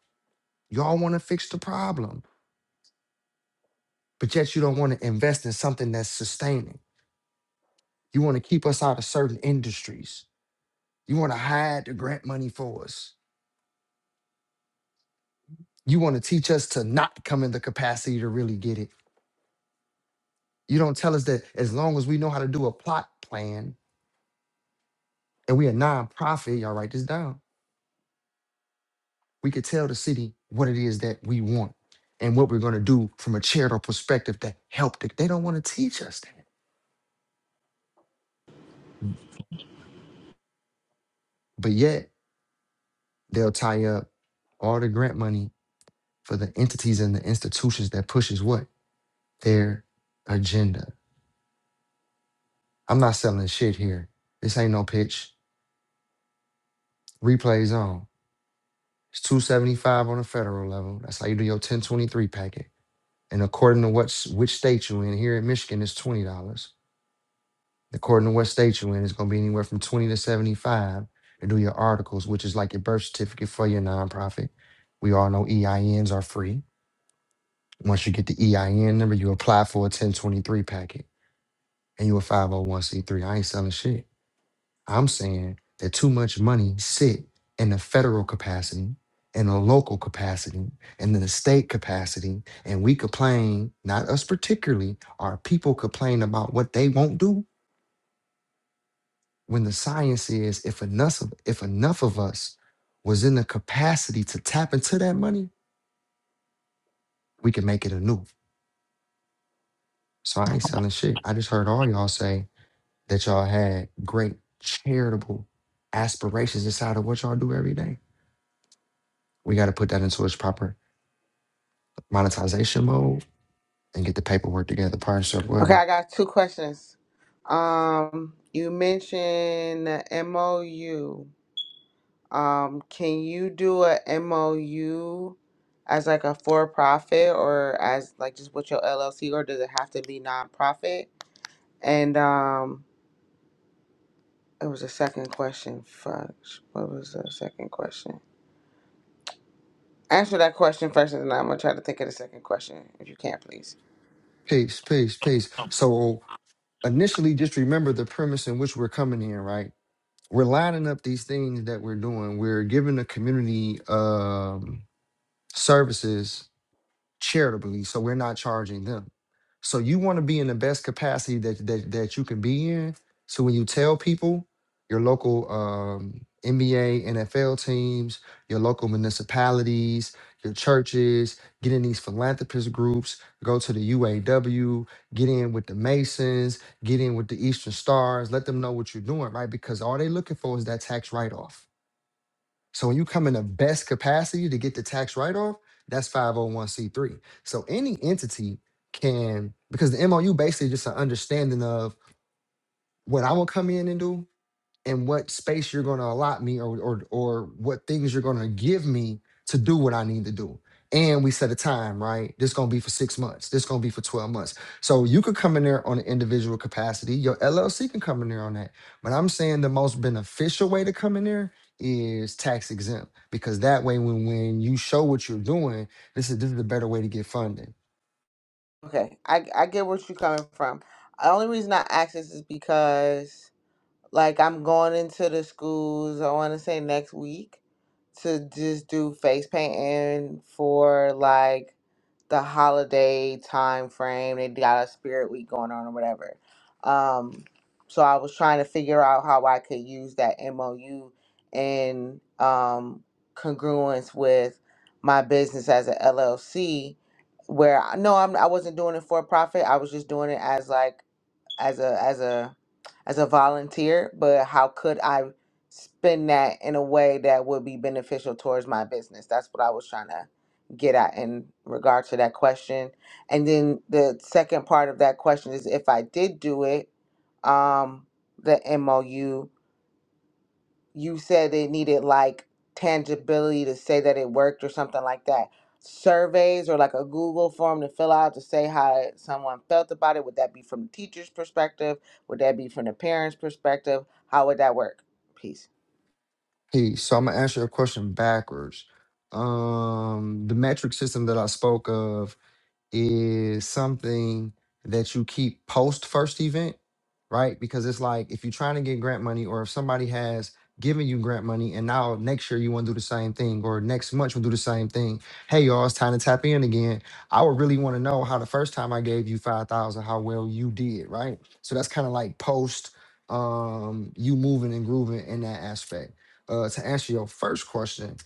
[SPEAKER 1] Y'all want to fix the problem, but yet you don't want to invest in something that's sustaining. You want to keep us out of certain industries. You want to hide the grant money for us. You want to teach us to not come in the capacity to really get it. You don't tell us that as long as we know how to do a plot plan and we a nonprofit, y'all write this down. We could tell the city what it is that we want and what we're going to do from a charitable perspective to help. The, they don't want to teach us that, but yet they'll tie up all the grant money for the entities and the institutions that pushes what their agenda. I'm not selling shit here. This ain't no pitch. Replays on. It's 275 on the federal level. That's how you do your 1023 packet. And according to what's which state you in, here in Michigan it's twenty dollars. According to what state you in, it's gonna be anywhere from twenty to seventy-five to do your articles, which is like your birth certificate for your nonprofit. We all know EINs are free. Once you get the EIN number, you apply for a 1023 packet. and you a 501c3, I ain't selling shit. I'm saying that too much money sit in the federal capacity, in the local capacity, and in the state capacity, and we complain, not us particularly, our people complain about what they won't do when the science is if enough of, if enough of us was in the capacity to tap into that money, we can make it anew. So I ain't selling shit. I just heard all y'all say that y'all had great charitable aspirations inside of what y'all do every day. We got to put that into its proper monetization mode and get the paperwork together, partnership,
[SPEAKER 6] Okay,
[SPEAKER 1] whatever.
[SPEAKER 6] I got two questions. Um, you mentioned the MOU. Um, can you do a MOU as like a for profit or as like just with your LLC or does it have to be nonprofit? And um, it was a second question. Fuck, what was the second question? Answer that question first, and then I'm gonna try to think of the second question if you can, please.
[SPEAKER 1] Peace, peace, peace. So initially, just remember the premise in which we're coming in, right? We're lining up these things that we're doing. We're giving the community um, services charitably, so we're not charging them. So you want to be in the best capacity that that that you can be in. So when you tell people your local um, NBA, NFL teams, your local municipalities, your churches, get in these philanthropist groups, go to the UAW, get in with the Masons, get in with the Eastern Stars, let them know what you're doing, right? Because all they looking for is that tax write-off so when you come in the best capacity to get the tax write-off, that's 501c3. So any entity can, because the MOU basically just an understanding of what I will come in and do and what space you're going to allot me or, or or what things you're going to give me to do what I need to do. And we set a time, right? This going to be for six months. This going to be for 12 months. So you could come in there on an individual capacity. Your LLC can come in there on that. But I'm saying the most beneficial way to come in there is tax exempt because that way when when you show what you're doing, this is this is a better way to get funding.
[SPEAKER 6] Okay, I I get where you're coming from. The only reason I asked this is because Like I'm going into the schools, I want to say next week to just do face painting for like the holiday time frame. They got a spirit week going on or whatever. Um, so I was trying to figure out how I could use that MOU in um, congruence with my business as an LLC, where I no, I'm I wasn't doing it for profit. I was just doing it as like as a as a as a volunteer, but how could I spend that in a way that would be beneficial towards my business? That's what I was trying to get at in regard to that question. And then the second part of that question is if I did do it, um, the MOU you said they needed like tangibility to say that it worked or something like that. Surveys or like a Google form to fill out to say how someone felt about it. Would that be from the teacher's perspective? Would that be from the parents' perspective? How would that work? Peace.
[SPEAKER 1] Hey, so I'm gonna answer your question backwards. Um, the metric system that I spoke of is something that you keep post first event, right? Because it's like if you're trying to get grant money or if somebody has given you grant money and now next year you want to do the same thing or next month you'll do the same thing. Hey y'all, it's time to tap in again. I would really want to know how the first time I gave you 5,000 how well you did, right? So that's kind of like post um you moving and grooving in that aspect. Uh to answer your first question,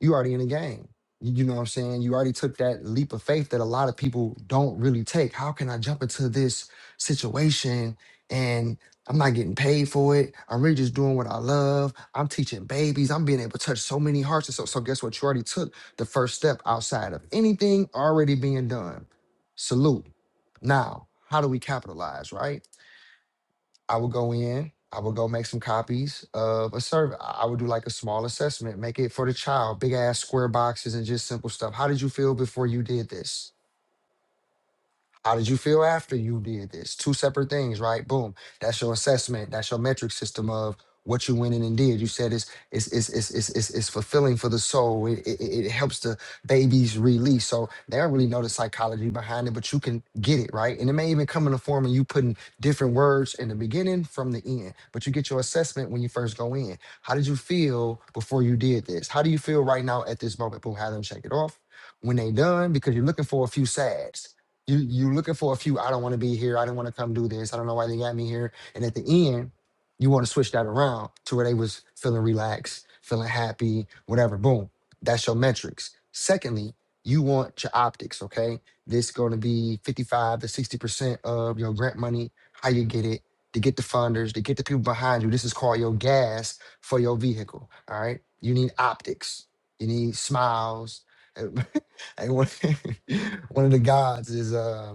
[SPEAKER 1] you already in the game. You you know what I'm saying? You already took that leap of faith that a lot of people don't really take. How can I jump into this situation and I'm not getting paid for it? I'm really just doing what I love. I'm teaching babies. I'm being able to touch so many hearts. And so, so guess what? You already took the first step outside of anything already being done. Salute. Now, how do we capitalize, right? I would go in, I would go make some copies of a survey. I I would do like a small assessment, make it for the child, big ass square boxes and just simple stuff. How did you feel before you did this? How did you feel after you did this? Two separate things, right? Boom. That's your assessment. That's your metric system of what you went in and did. You said it's it's it's it's it's, it's, it's fulfilling for the soul. It, it it it helps the babies release. So they don't really know the psychology behind it, but you can get it right. And it may even come in the form of you putting different words in the beginning from the end. But you get your assessment when you first go in. How did you feel before you did this? How do you feel right now at this moment? Boom. Have them check it off when they done because you're looking for a few sads. You you looking for a few. I don't want to be here. I don't want to come do this. I don't know why they got me here. And at the end, you want to switch that around to where they was feeling relaxed, feeling happy, whatever. Boom. That's your metrics. Secondly, you want your optics. Okay, this going to be fifty five to sixty percent of your grant money. How you get it? To get the funders, to get the people behind you. This is called your gas for your vehicle. All right. You need optics. You need smiles. Hey, one, one of the gods is uh,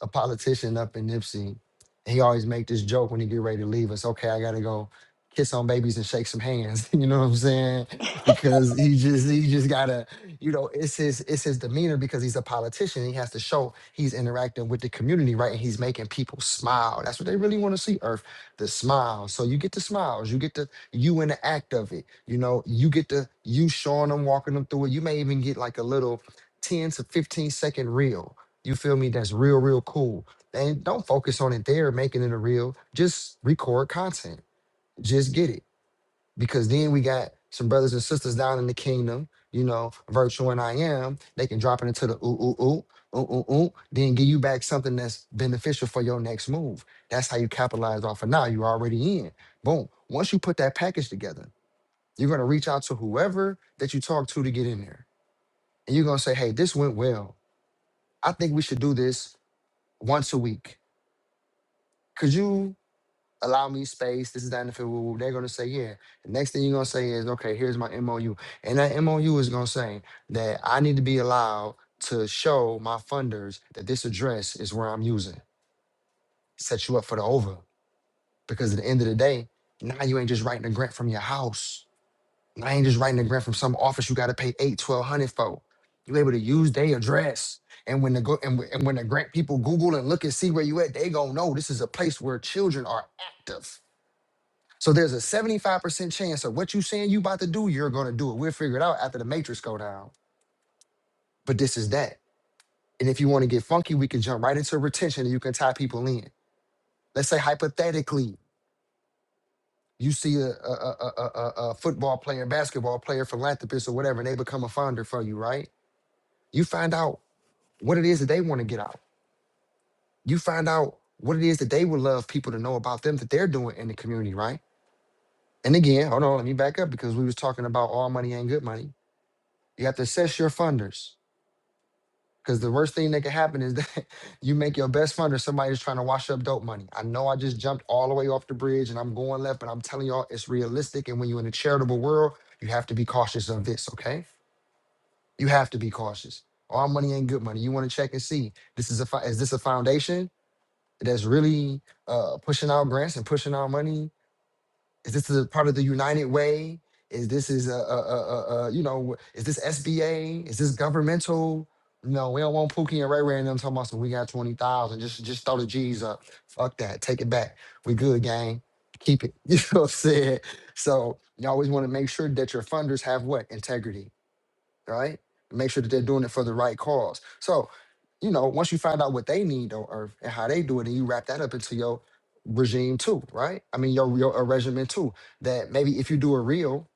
[SPEAKER 1] a politician up in Nipsey. He always make this joke when he get ready to leave us. Okay, I gotta go kiss on babies and shake some hands. you know what I'm saying? Because he just he just gotta, you know, it's his it's his demeanor because he's a politician. He has to show he's interacting with the community, right? And he's making people smile. That's what they really want to see, Earth, the smile. So you get the smiles, you get the you in the act of it. You know, you get the you showing them, walking them through it. You may even get like a little 10 to 15 second reel. You feel me? That's real, real cool. And don't focus on it there, making it a reel. Just record content. Just get it. Because then we got some brothers and sisters down in the kingdom, you know, virtual and I am. They can drop it into the ooh, ooh, ooh, ooh, ooh, ooh, then give you back something that's beneficial for your next move. That's how you capitalize off of now. You're already in. Boom. Once you put that package together, you're going to reach out to whoever that you talk to to get in there. And you're going to say, hey, this went well I think we should do this once a week. Could you allow me space? This is that and the field. They're gonna say, yeah. The next thing you're gonna say is, okay, here's my MOU. And that MOU is gonna say that I need to be allowed to show my funders that this address is where I'm using. Set you up for the over. Because at the end of the day, now you ain't just writing a grant from your house. I ain't just writing a grant from some office you got to pay eight, twelve hundred for. You able to use their address, and when the go and, wh- and when the grant people Google and look and see where you at, they gonna know this is a place where children are active. So there's a seventy five percent chance of what you saying you about to do, you're gonna do it. We'll figure it out after the matrix go down. But this is that. And if you want to get funky, we can jump right into retention, and you can tie people in. Let's say hypothetically, you see a, a, a, a, a a- a football player, basketball player, philanthropist, or whatever, and they become a founder for you, right? You find out what it is that they want to get out. You find out what it is that they would love people to know about them that they're doing in the community, right? And again, hold on, let me back up because we was talking about all money ain't good money. You have to assess your funders because the worst thing that can happen is that you make your best funder somebody that's trying to wash up dope money. I know I just jumped all the way off the bridge and I'm going left, but I'm telling y'all it's realistic. And when you're in a charitable world, you have to be cautious of this, okay? You have to be cautious. All money ain't good money. You want to check and see this is a fi- is this a foundation? that's really uh, pushing out grants and pushing out money? Is this a part of the United Way? Is this is a, a, a, a, a you know is this SBA? Is this governmental? No, we don't want Pookie and Ray Ray and them talking about some. We got twenty thousand. Just just throw the G's up. Fuck that. Take it back. We good, gang. Keep it. You know what I'm saying? So you always want to make sure that your funders have what integrity, right? Make sure that they're doing it for the right cause. So you know, once you find out what they need on earth and how they do it, and you wrap that up into your regime too, right? I mean, your your a regimen too. That maybe if you do a reel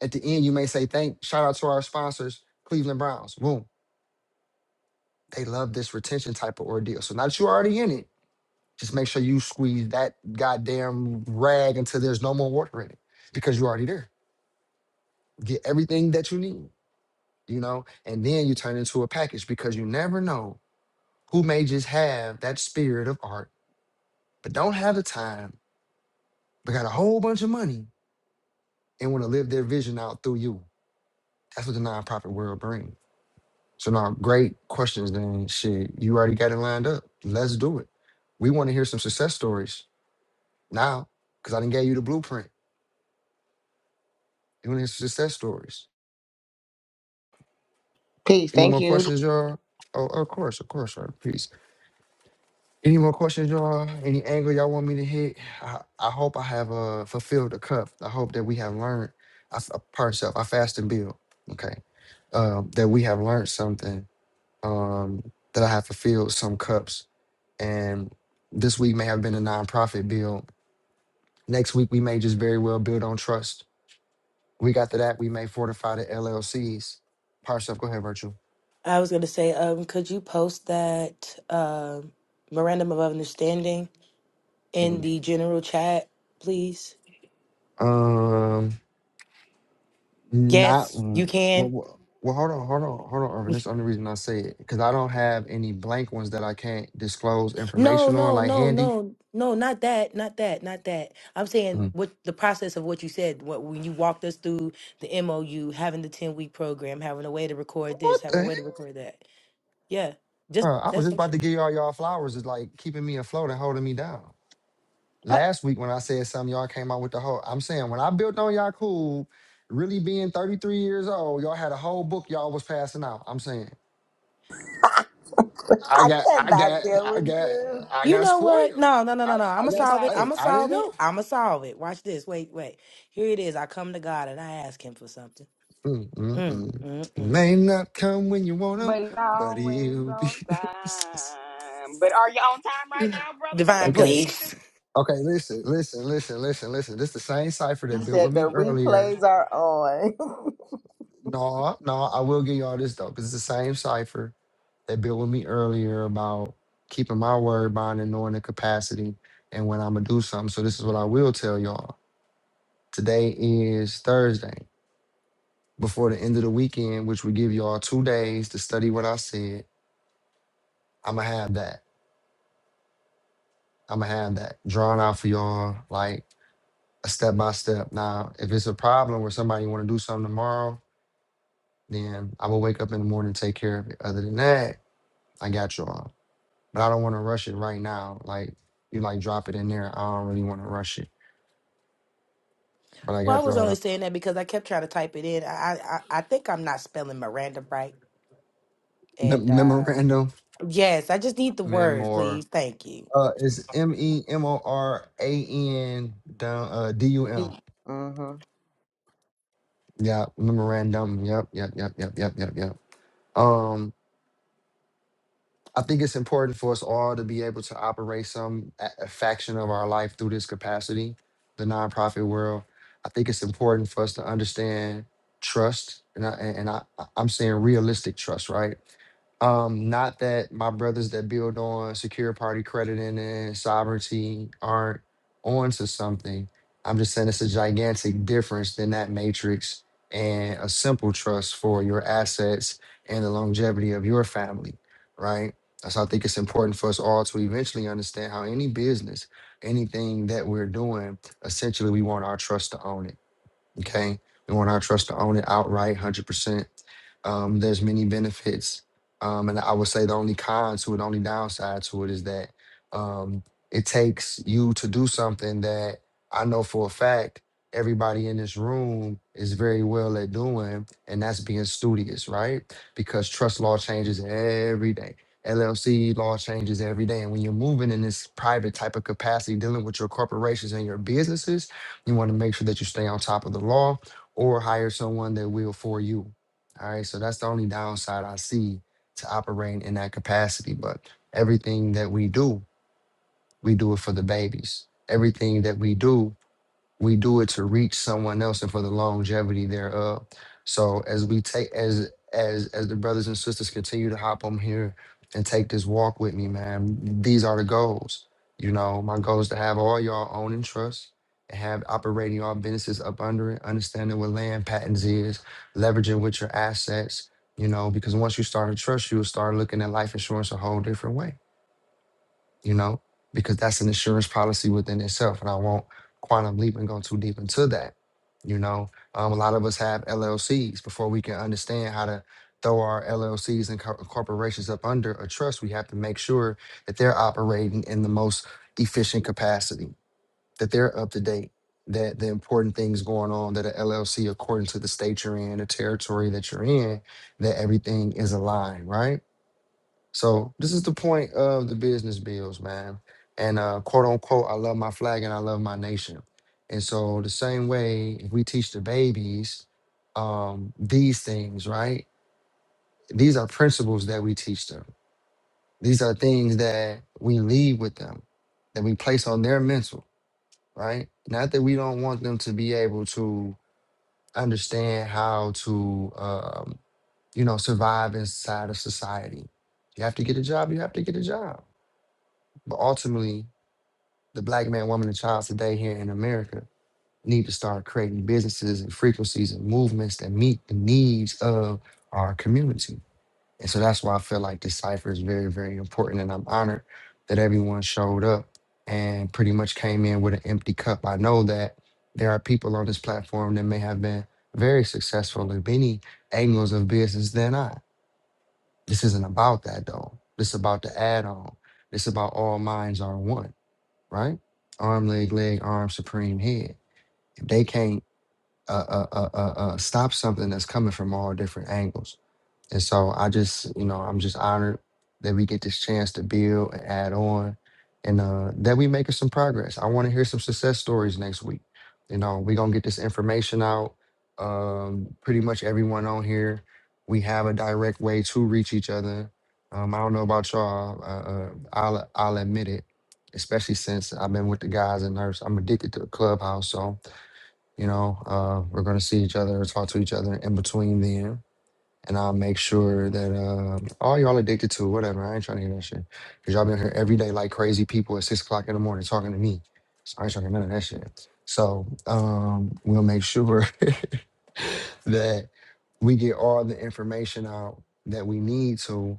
[SPEAKER 1] at the end, you may say, "Thank, shout out to our sponsors, Cleveland Browns." Boom, they love this retention type of ordeal. So now that you're already in it, just make sure you squeeze that goddamn rag until there's no more water in it, because you're already there. Get everything that you need, you know, and then you turn into a package because you never know who may just have that spirit of art but don't have the time, but got a whole bunch of money and want to live their vision out through you. That's what the nonprofit world brings. So now, great questions. Then shit, you already got it lined up. Let's do it. We want to hear some success stories now, because I didn't gave you the blueprint. You want to hear some success stories?
[SPEAKER 6] Peace.
[SPEAKER 1] Any
[SPEAKER 6] Thank
[SPEAKER 1] more
[SPEAKER 6] you.
[SPEAKER 1] questions, y'all? Oh, of course, of course, right? Any more questions, y'all? Any angle y'all want me to hit? I, I hope I have uh, fulfilled the cup. I hope that we have learned. I, f- uh, pardon self. I fast and build. Okay, um, that we have learned something. Um, that I have fulfilled some cups, and this week may have been a nonprofit build. Next week we may just very well build on trust. Week after that we may fortify the LLCs. Parself, go ahead, Virtual.
[SPEAKER 2] I was gonna say, um, could you post that um memorandum of understanding in the general chat, please?
[SPEAKER 1] Mhm. Not
[SPEAKER 2] Yes, you
[SPEAKER 1] well,
[SPEAKER 2] can.
[SPEAKER 1] well. well, Hold on, hold on, hold on, Irvin. That's the only reason I say it because I don't have any blank ones that I can't disclose
[SPEAKER 2] No,
[SPEAKER 1] information on,
[SPEAKER 2] no,
[SPEAKER 1] like
[SPEAKER 2] no,
[SPEAKER 1] handy.
[SPEAKER 2] no, no, not that, not that, not that. I'm saying
[SPEAKER 1] Mhm.
[SPEAKER 2] what the process of what you said, what when you walked us through the MOU, having the 10 week program, having a way to record this,
[SPEAKER 1] What
[SPEAKER 2] having a
[SPEAKER 1] the heck?
[SPEAKER 2] way to record that. Yeah, just
[SPEAKER 1] Bro, I was
[SPEAKER 2] that's
[SPEAKER 1] just
[SPEAKER 2] it.
[SPEAKER 1] about to give y'all y'all flowers. Is like keeping me afloat and holding me down. Last week when I said something, y'all came out with the whole. I'm saying when I built on y'all cool, really being 33 years old, y'all had a whole book y'all was passing out. I'm saying I got, I got, I got, I
[SPEAKER 2] You
[SPEAKER 1] got
[SPEAKER 2] know what?
[SPEAKER 1] spoiled.
[SPEAKER 2] No, no, no,
[SPEAKER 1] I,
[SPEAKER 2] no, no.
[SPEAKER 1] I
[SPEAKER 2] I'ma
[SPEAKER 9] Be
[SPEAKER 2] solve it.
[SPEAKER 1] got, hey,
[SPEAKER 9] clacking.
[SPEAKER 2] I'ma
[SPEAKER 1] I didn't
[SPEAKER 2] solve
[SPEAKER 1] know.
[SPEAKER 2] it. I'ma solve it. Watch this. Wait, wait. Here it is. I come to God and I ask Him for something. Mm,
[SPEAKER 1] Mm-mm-mm.
[SPEAKER 2] mm,
[SPEAKER 1] He
[SPEAKER 2] mm.
[SPEAKER 1] may not come when you want him,
[SPEAKER 9] But it's
[SPEAKER 1] but
[SPEAKER 9] always
[SPEAKER 1] he'll be.
[SPEAKER 9] on time. But are you on time right now, brother?
[SPEAKER 2] Divine,
[SPEAKER 9] Because we
[SPEAKER 1] okay.
[SPEAKER 9] need to.
[SPEAKER 2] please.
[SPEAKER 1] Okay. Listen, listen, listen, listen, listen. This is the same cipher
[SPEAKER 6] He
[SPEAKER 1] that built with
[SPEAKER 6] said
[SPEAKER 1] me
[SPEAKER 6] the
[SPEAKER 1] earlier.
[SPEAKER 6] replays are on.
[SPEAKER 1] No, no, I will give y'all this though, because it's the same cipher that built with me earlier about keeping my word bond and knowing the capacity and when I'm going to do something. So, this is what I will tell y'all. Today is Thursday. Before the end of the weekend, which will give y'all two days to study what I said, I'm going to have that. I'm gonna have that drawn out for y'all, like a step by step. Now, if it's a problem where somebody want to do something tomorrow, then I will wake up in the morning and take care of it. Other than that, I got y'all. But I don't want to rush it right now. Like you, like drop it in there. I don't really want to rush it, but I
[SPEAKER 2] Well, I
[SPEAKER 1] got
[SPEAKER 2] was
[SPEAKER 1] y'all.
[SPEAKER 2] only saying that because I kept trying to type it in. I, I, I think I'm not spelling Miranda right.
[SPEAKER 1] The
[SPEAKER 2] And
[SPEAKER 1] mem-
[SPEAKER 2] um,
[SPEAKER 1] memorandum,
[SPEAKER 2] yes, I just need the word, please.
[SPEAKER 1] memor.
[SPEAKER 2] Thank you.
[SPEAKER 1] Uh, it's M E M O R A N dum- uh, D U M.
[SPEAKER 6] mm-hmm.
[SPEAKER 1] Yeah, memorandum. Yep, yep, yep, yep, yep, yep, yep. Um, I think it's important for us all to be able to operate some a a faction of our life through this capacity, the nonprofit world. I think it's important for us to understand trust, and I, and and I I- am saying realistic trust, right? Um, not that my brothers that build on secure party credit and then sovereignty aren't onto something. I'm just saying it's a gigantic difference than that matrix and a simple trust for your assets and the longevity of your family, right? That's why I think it's important for us all to eventually understand how any business, anything that we're doing, essentially we want our trust to own it. Okay. We want our trust to own it outright, 100%. Um, there's many benefits. Um, and I would say the only con to it, only downside to it is that um, it takes you to do something that I know for a fact everybody in this room is very well at doing, and that's being studious, right? Because trust law changes every day. LLC law changes every day. And when you're moving in this private type of capacity, dealing with your corporations and your businesses, you want to make sure that you stay on top of the law or hire someone that will for you. All right. So that's the only downside I see to operating in that capacity. But everything that we do, we do it for the babies. Everything that we do we do it to reach someone else and for the longevity thereof. So as we take as as as the brothers and sisters continue to hop on here and take this walk with me, man, these are the goals. You know, my goal is to have all y'all own and trust and have operating all businesses up under it, understanding what land patents is, leveraging with your assets, you know, because once you start to trust, you'll start looking at life insurance a whole different way you know, because that's an insurance policy within itself. And I won't quantum leap and go too deep into that. You know, um, a lot of us have LLCs. Before we can understand how to throw our LLCs and co- corporations up under a trust, we have to make sure that they're operating in the most efficient capacity, that they're up to date, that the important things going on, that an LLC, according to the state you're in, the territory that you're in, that everything is aligned, right? So this is the point of the business bills, man. And uh, quote unquote, I love my flag and I love my nation. And so the same way, if we teach the babies um, these things, right? These are principles that we teach them. These are things that we leave with them, that we place on their mental, right? Not that we don't want them to be able to understand how to, um, you know, survive inside of society. You have to get a job. You have to get a job But ultimately, the black man, woman, and child today here in America need to start creating businesses and frequencies and movements that meet the needs of our community. And so that's why I feel like this cipher is very, very important. And I'm honored that everyone showed up and pretty much came in with an empty cup. I know that there are people on this platform that may have been very successful in many angles of business than I. This isn't about that though. This is about the add on. This is about all minds are one right? Arm, leg, leg, arm, supreme head. If they can't uh, uh, uh, uh, uh, stop something that's coming from all different angles, and so I just, you know, I'm just honored that we get this chance to build and add on and uh, that we making some progress. I want to hear some success stories next week. You know, we're going to get this information out. Um, pretty much everyone on here, we have a direct way to reach each other. Um, I don't know about y'all. Uh, uh, I'll, I'll admit it, especially since I've been with the guys and nurse. I'm addicted to the clubhouse. So, you know, uh, we're going to see each other, talk to each other in between then and I'll make sure that um, all y'all addicted to it, whatever. I ain't trying to hear that shit. Cause y'all been here every day like crazy people at six o'clock in the morning talking to me. So I ain't trying to hear none of that shit. So um, we'll make sure. that we get all the information out that we need to,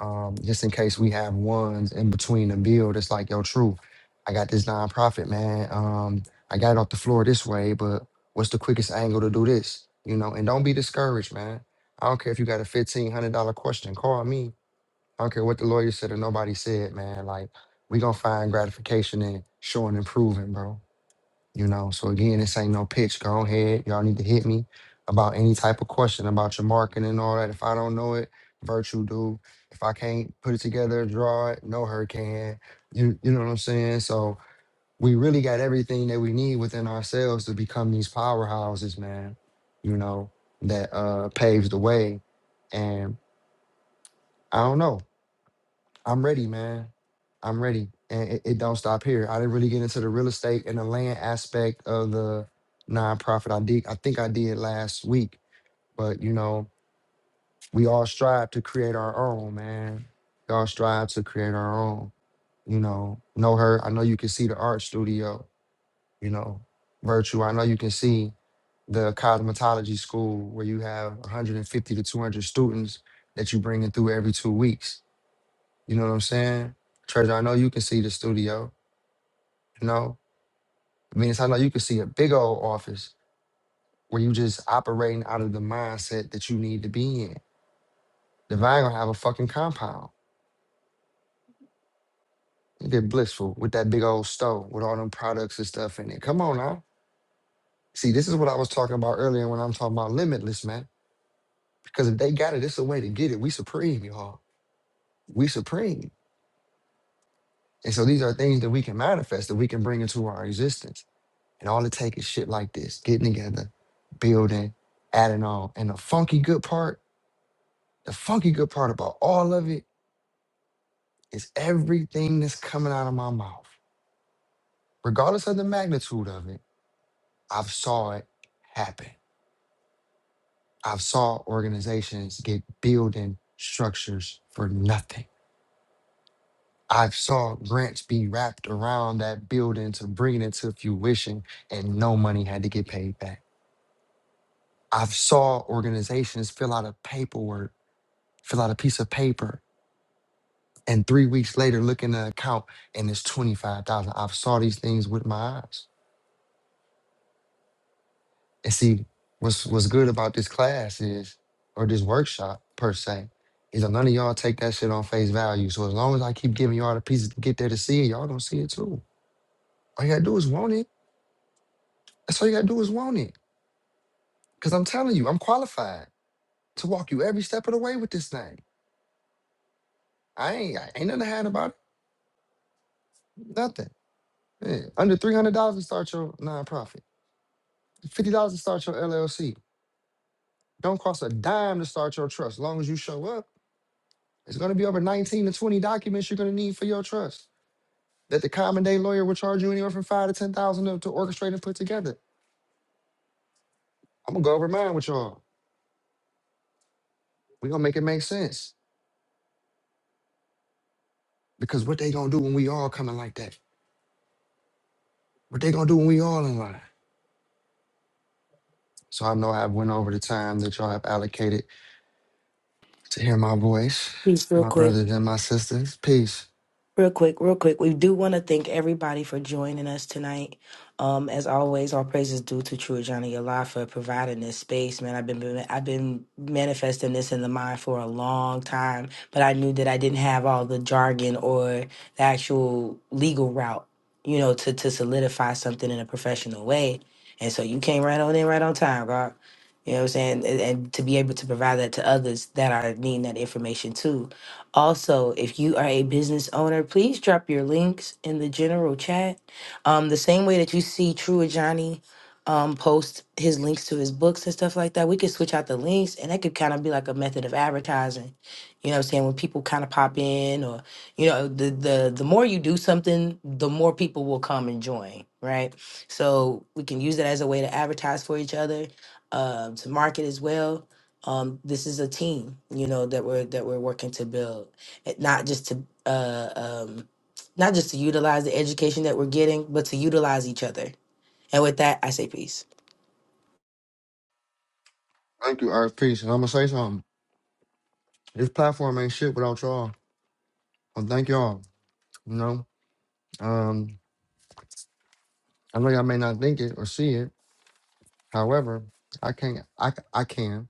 [SPEAKER 1] um, just in case we have ones in between the build. It's like, yo, true, I got this nonprofit, man. Um, I got it off the floor this way, but what's the quickest angle to do this? You know, and don't be discouraged, man. I don't care if you got a fifteen hundred dollar question. Call me. I don't care what the lawyer said or nobody said, man. Like we gonna find gratification in showing and proving, bro. You know, so again, this ain't no pitch. Go ahead. Y'all need to hit me about any type of question about your marketing and all that. If I don't know it, virtue do. If I can't put it together, draw it, no her can. You you know what I'm saying? So we really got everything that we need within ourselves to become these powerhouses, man. You know, that uh paves the way. And I don't know. I'm ready, man. I'm ready. And it, it don't stop here. I didn't really get into the real estate and the land aspect of the nonprofit. I did I think I did last week. But you know, we all strive to create our own, man. We all strive to create our own. You know, know her. I know you can see the art studio, you know, virtue. I know you can see the cosmetology school where you have 150 to 200 students that you bring in through every two weeks you know what I'm saying? Treasure, I know you can see the studio, you know? Venus, I know you can see a big old office where you just operating out of the mindset that you need to be in. Divine gonna have a fucking compound. You get blissful with that big old stove with all them products and stuff in it. Come on now. See, this is what I was talking about earlier when I'm talking about limitless, man. Because if they got it, it's a way to get it. We supreme, y'all. We supreme. And so these are things that we can manifest, that we can bring into our existence. And all it takes is shit like this, getting together, building, adding on. And the funky good part, the funky good part about all of it is everything that's coming out of my mouth. Regardless of the magnitude of it, I've saw it happen. I've saw organizations get building structures for nothing. I've saw grants be wrapped around that building to bring it to fruition and no money had to get paid back. I've saw organizations fill out a paperwork fill out a piece of paper, and three weeks later, look in the account and it's twenty five thousand. I've saw these things with my eyes. And see, what's what's good about this class is, or this workshop per se, is that none of y'all take that shit on face value. So as long as I keep giving y'all the pieces to get there to see it, y'all don't see it too. All you gotta do is want it. That's all you gotta do is want it. Cause I'm telling you, I'm qualified to walk you every step of the way with this thing. I ain't I ain't nothing to hide about it. Nothing. Yeah, Under three hundred dollars to start your nonprofit. Fifty dollars to start your LLC. Don't cost a dime to start your trust. As long as you show up, it's going to be over nineteen to twenty documents you're going to need for your trust. That the common day lawyer will charge you anywhere from five to ten thousand to to orchestrate and put together. I'm gonna go over mine with y'all. We're gonna make it make sense because what they gonna do when we all coming like that? What they gonna do when we all in line? So I know I've went over the time that y'all have allocated to hear my voice,
[SPEAKER 2] Please, real
[SPEAKER 1] my
[SPEAKER 2] quick.
[SPEAKER 1] brothers and my sisters. Peace.
[SPEAKER 2] Real quick, real quick. We do want to thank everybody for joining us tonight. Um, as always, all praise is due to True Johnny Allah for providing this space, man. I've been I've been manifesting this in the mind for a long time, but I knew that I didn't have all the jargon or the actual legal route, you know, to to solidify something in a professional way. And so you came right on in, right on time, God. You know what I'm saying? And, and to be able to provide that to others that are needing that information too. Also, if you are a business owner, please drop your links in the general chat. Um, the same way that you see True Johnny um, post his links to his books and stuff like that, we could switch out the links and that could kind of be like a method of advertising. You know what I'm saying? When people kind of pop in or, you know, the, the, the more you do something, the more people will come and join, right? So we can use that as a way to advertise for each other, uh, to market as well um, this is a team, you know, that we're that we're working to build, It- not just to uh, um, not just to utilize the education that we're getting, but to utilize each other. And with that, I say peace.
[SPEAKER 1] Thank you, Earth. Peace. And I'm gonna say something. This platform ain't shit without y'all. Well, thank y'all. You know, um, I know y'all may not think it or see it. However, I can't. I c- I can.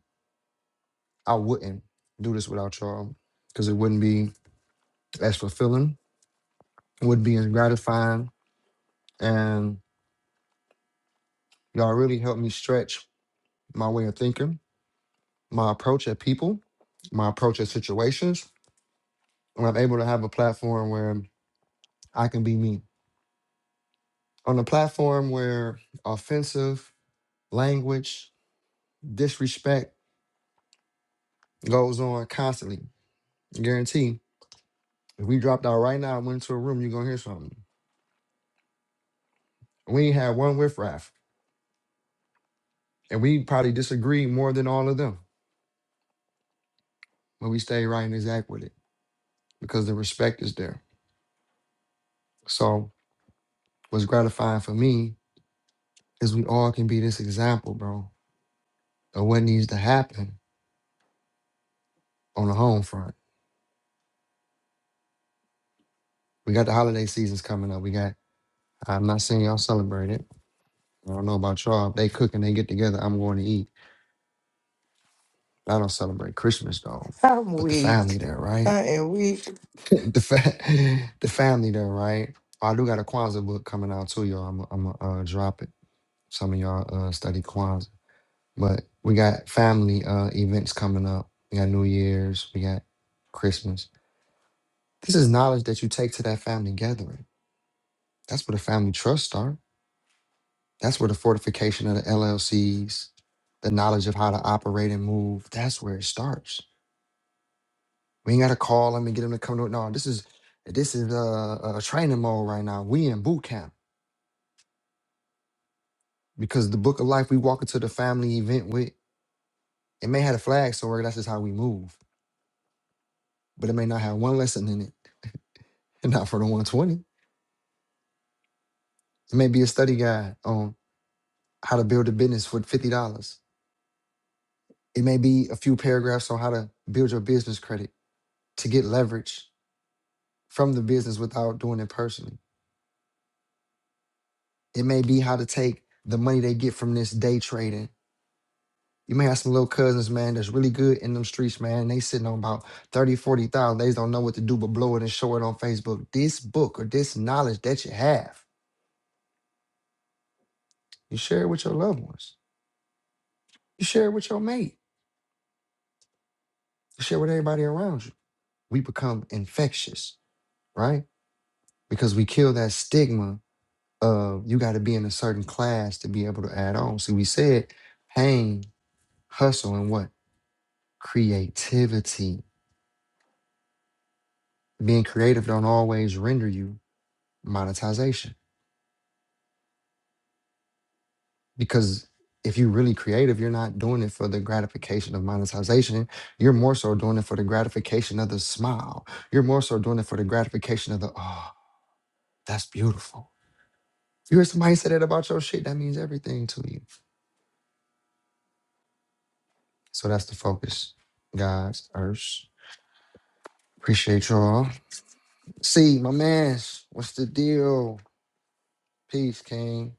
[SPEAKER 1] I wouldn't do this without y'all because it wouldn't be as fulfilling. It wouldn't be as gratifying, and y'all really helped me stretch my way of thinking, my approach at people, my approach at situations. When I'm able to have a platform where I can be me, on a platform where offensive language, disrespect goes on constantly Guarantee. If we dropped out right now and went into a room, you're gonna hear something. We ain't had one with Raph. And we probably disagree more than all of them. But we stay right and exact with it because the respect is there. So what's gratifying for me is we all can be this example, bro, of what needs to happen on the home front. We got the holiday seasons coming up. We got I'm not saying y'all celebrate it. I don't know about y'all. If they cook and they get together, I'm going to eat. I don't celebrate Christmas though.
[SPEAKER 2] I'm
[SPEAKER 1] But the family
[SPEAKER 2] weak.
[SPEAKER 1] there, right?
[SPEAKER 2] I am weak.
[SPEAKER 1] the fa- the family there, right? I do got a Kwanzaa book coming out too, y'all. I'm I'm uh drop it. Some of y'all uh study Kwanzaa, but we got family uh events coming up. We got New Year's. We got Christmas. This is knowledge that you take to that family gathering. That's where the family trust start. That's where the fortification of the LLCs, the knowledge of how to operate and move. That's where it starts. We ain't gotta call them and get them to come to it. No, this is this is uh, a training mode right now. We in boot camp because the book of life we walk into the family event with it may have a flag somewhere that's just how we move but it may not have one lesson in it and not for the 120 it may be a study guide on how to build a business for $50 it may be a few paragraphs on how to build your business credit to get leverage from the business without doing it personally it may be how to take the money they get from this day trading You may have some little cousins, man, that's really good in them streets, man. and they sitting on about 30, 40,000. They don't know what to do but blow it and show it on Facebook. This book or this knowledge that you have, you share it with your loved ones. You share it with your mate. You share it with everybody around you. We become infectious, right? Because we kill that stigma of you got to be in a certain class to be able to add on. So we said pain, hustle, and what? Creativity. Being creative don't always render you monetization because if you're really creative, you're not doing it for the gratification of monetization. You're more so doing it for the gratification of the smile. You're more so doing it for the gratification of the, oh, that's beautiful. you hear somebody say that about your shit, that means everything to you. So that's the focus, guys. Ursh. Appreciate y'all. See, my man, what's the deal? Peace, King.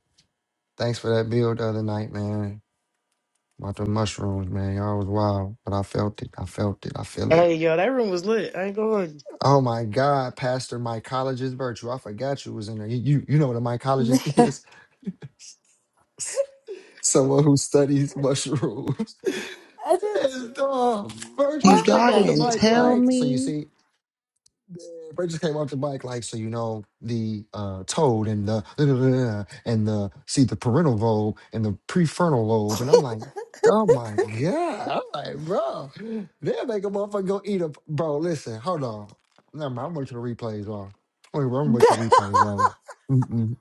[SPEAKER 1] Thanks for that build the other night, man. About the mushrooms, man. Y'all was wild, but I felt it. I felt it. I feel it.
[SPEAKER 2] Hey, yo, that room was lit. I ain't going.
[SPEAKER 1] Oh my God, Pastor, mycologist virtue. I forgot you was in there. You you, you know what a mycologist is? Someone who studies mushrooms.
[SPEAKER 2] I just
[SPEAKER 1] Man, dog, virtuous
[SPEAKER 6] you-
[SPEAKER 2] what?
[SPEAKER 1] came
[SPEAKER 6] y'all
[SPEAKER 1] off the
[SPEAKER 6] didn't
[SPEAKER 1] mic
[SPEAKER 6] tell
[SPEAKER 1] like so. You
[SPEAKER 6] me.
[SPEAKER 1] see, yeah, Bray just came off the bike like, so you know the uh, toad and the and the see the parental lobe and the prefrontal lobe, and I'm like, oh my god, I'm like, bro, they'll make a motherfucker go eat a bro. Listen, hold on, no, I'm gonna wait till the replays on. Wait, I'm gonna wait till the replays on. Mm-mm.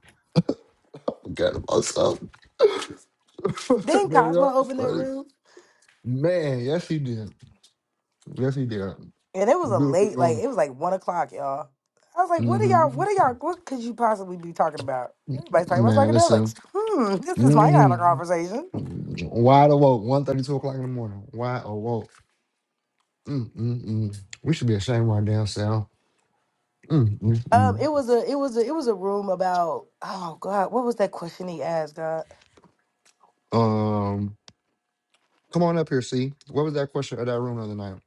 [SPEAKER 1] Forgot about something.
[SPEAKER 2] Didn't
[SPEAKER 1] Man, y'all
[SPEAKER 2] Cosmo open that
[SPEAKER 1] funny.
[SPEAKER 2] room?
[SPEAKER 1] Man, yes he did, yes he did.
[SPEAKER 2] And it was a
[SPEAKER 1] Beautiful
[SPEAKER 2] late, like
[SPEAKER 1] woman.
[SPEAKER 2] it was like one o'clock, y'all. I was like, what are y'all
[SPEAKER 1] hmm
[SPEAKER 2] what are y'all what could you possibly be talking about? Everybody's talking about
[SPEAKER 1] Man, listen.
[SPEAKER 2] psychedelics. Hmm, this is my kind of
[SPEAKER 1] hmm
[SPEAKER 2] conversation.
[SPEAKER 1] Wide awoke, one thirty two o'clock in the morning. Wide awoke. Mm, mm, mm. We should be ashamed of our damn self. Mm,
[SPEAKER 2] Um,
[SPEAKER 1] mm,
[SPEAKER 2] it was a it was a it was a room about oh God, what was that question he asked, God?
[SPEAKER 1] mm. Um, come on up here, see. What was that question of that room the other night?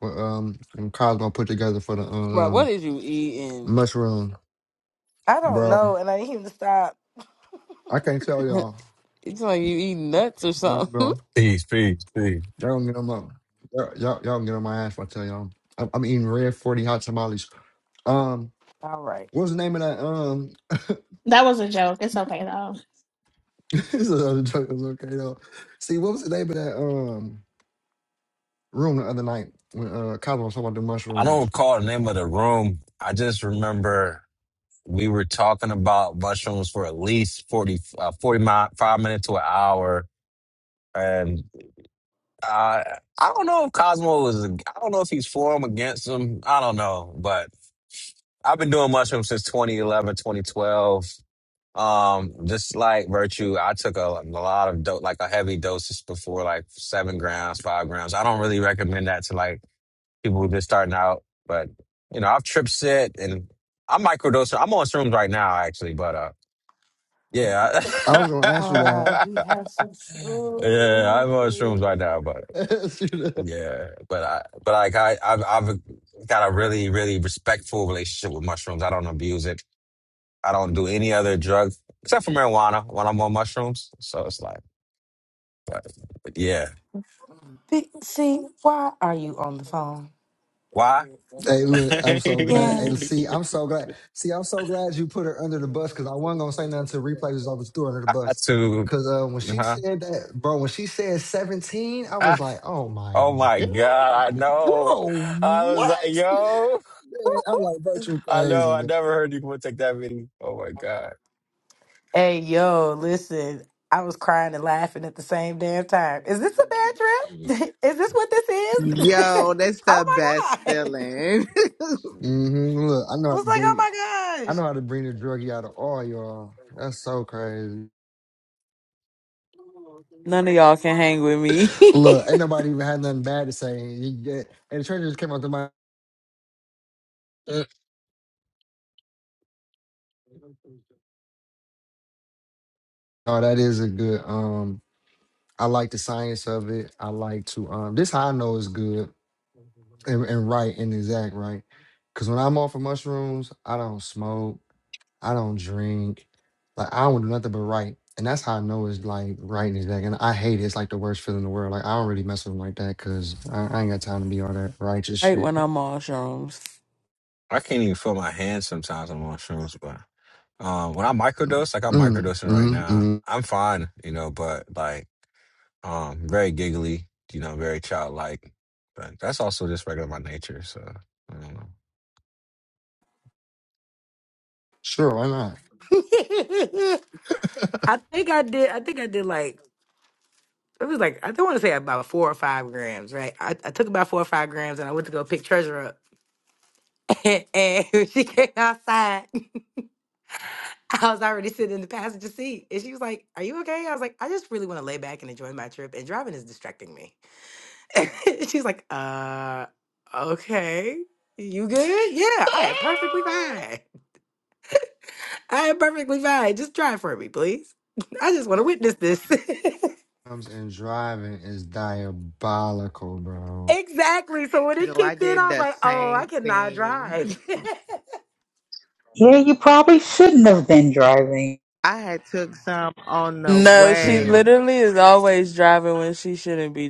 [SPEAKER 1] What um and Cosmo put together for the
[SPEAKER 8] Bro, what
[SPEAKER 1] um
[SPEAKER 8] is you eating?
[SPEAKER 1] mushroom.
[SPEAKER 2] I don't
[SPEAKER 1] Bro,
[SPEAKER 2] know, and I didn't even stop.
[SPEAKER 1] I can't tell y'all.
[SPEAKER 8] It's like you eat nuts or
[SPEAKER 1] Y'all
[SPEAKER 8] something.
[SPEAKER 1] go.
[SPEAKER 10] Peace, peace, peace.
[SPEAKER 1] Y'all gonna get them up. Y'all, y'all, y'all gonna get on my ass if I tell y'all. I'm, I'm eating red 40 hot tamales. Um,
[SPEAKER 2] All right.
[SPEAKER 1] what was the name of that? Um,
[SPEAKER 7] That was a joke. It's okay though.
[SPEAKER 1] this is another joke. It was okay though. See, what was the name of that? Um, room the other night when uh Kyler was talking about the
[SPEAKER 10] I don't
[SPEAKER 1] mushrooms.
[SPEAKER 10] recall the name of the room. I just remember we were talking about mushrooms for at least 40, uh, 45 minutes to an hour. And uh, I don't know if Cosmo was, I don't know if he's for him, against him. I don't know. But I've been doing mushrooms since 2011, 2012. Um, just like virtue, I took a, a lot of dope, like a heavy dosage before, like seven grams, five grams. I don't really recommend that to like people who just starting out. But you know, I've trip sit and I'm microdosing. I'm on shrooms right now, actually. But uh, yeah,
[SPEAKER 1] I
[SPEAKER 10] I-
[SPEAKER 1] was gonna ask you that.
[SPEAKER 2] Ah, you have some
[SPEAKER 10] yeah, I'm on shrooms
[SPEAKER 2] truth.
[SPEAKER 10] right now. But
[SPEAKER 1] Ask you that.
[SPEAKER 10] yeah, but I, but like I, I've, I've got a really, really respectful relationship with mushrooms. I don't abuse it. I don't do any other drug except for marijuana when I'm on mushrooms. So it's like, but yeah,
[SPEAKER 2] Be- See, why are you on the phone?
[SPEAKER 10] why?
[SPEAKER 1] hey, look, I'm so glad. Hey,
[SPEAKER 2] Yes.
[SPEAKER 1] see, I'm so glad. See, I'm so glad you put her under the bus because I wasn't gonna say nothing until replay was off the store under the
[SPEAKER 10] I had
[SPEAKER 1] bus.
[SPEAKER 10] to,
[SPEAKER 1] Cause uh, when she
[SPEAKER 10] huh?
[SPEAKER 1] said that, bro, when she said 17, I was like, oh my
[SPEAKER 10] Oh my God,
[SPEAKER 1] god,
[SPEAKER 10] I know.
[SPEAKER 1] bro,
[SPEAKER 10] I was like,
[SPEAKER 1] what?
[SPEAKER 10] yo,
[SPEAKER 1] Man, I'm like, bro, you
[SPEAKER 10] I know.
[SPEAKER 1] crazy,
[SPEAKER 10] I
[SPEAKER 1] man.
[SPEAKER 10] never heard you would take that video. Oh my God.
[SPEAKER 2] Hey, yo, listen, I was crying and laughing at the same damn time. Is this a bad trip? Is this what this is?
[SPEAKER 6] Yo, that's
[SPEAKER 2] oh
[SPEAKER 6] the
[SPEAKER 2] my
[SPEAKER 6] best
[SPEAKER 2] God.
[SPEAKER 6] feeling.
[SPEAKER 1] hmm Look, I know
[SPEAKER 2] I
[SPEAKER 1] how to bring, I
[SPEAKER 2] was
[SPEAKER 1] know how to bring the druggie out of all y'all. That's so crazy.
[SPEAKER 8] None of y'all can hang with me.
[SPEAKER 1] Look, ain't nobody even had nothing bad to say. You get- And the trainer just came out the mind. Oh, that is a good. Um, I like the science of it. I like to. Um, this how I know is good and, and right and exact, right? Because when I'm off of mushrooms, I don't smoke. I don't drink. Like I don't do nothing but right. And that's how I know it's like right and exact. And I hate it. It's like the worst feeling in the world. Like I don't really mess with them like that because I, I ain't got time to be all that righteous
[SPEAKER 8] hate
[SPEAKER 1] shit.
[SPEAKER 8] when I'm on shrooms.
[SPEAKER 10] I can't even feel my hands sometimes on mushrooms, but um, when I microdose, like I'm
[SPEAKER 1] Mm,
[SPEAKER 10] microdosing right
[SPEAKER 1] mm,
[SPEAKER 10] now,
[SPEAKER 1] mm.
[SPEAKER 10] I'm fine, you know, but like um, very giggly, you know, very childlike. But that's also just regular my nature, so I don't know.
[SPEAKER 1] Sure, why not?
[SPEAKER 2] like, oh my gosh. I think I did, I think I did like, it was like, I don't want to say about four or five grams, right? I, I took about four or five grams and I went to go pick Treasure up. and when she came outside, I was already sitting in the passenger seat. And she was like, Are you okay? I was like, I just really want to lay back and enjoy my trip. And driving is distracting me. She's like, uh, okay. You good? Yeah, I am perfectly fine. I am perfectly fine. Just try for me, please. I just want to witness this.
[SPEAKER 1] and driving is diabolical, bro.
[SPEAKER 2] exactly. So when it
[SPEAKER 6] Yo, I
[SPEAKER 2] kicked in,
[SPEAKER 6] did
[SPEAKER 2] I was
[SPEAKER 6] the
[SPEAKER 2] like, oh, I
[SPEAKER 6] same
[SPEAKER 2] cannot
[SPEAKER 6] thing.
[SPEAKER 2] drive.
[SPEAKER 5] Yeah, you probably shouldn't have been driving.
[SPEAKER 6] I had took some on the
[SPEAKER 8] No, she
[SPEAKER 6] way.
[SPEAKER 1] There,
[SPEAKER 8] literally is always driving when she shouldn't be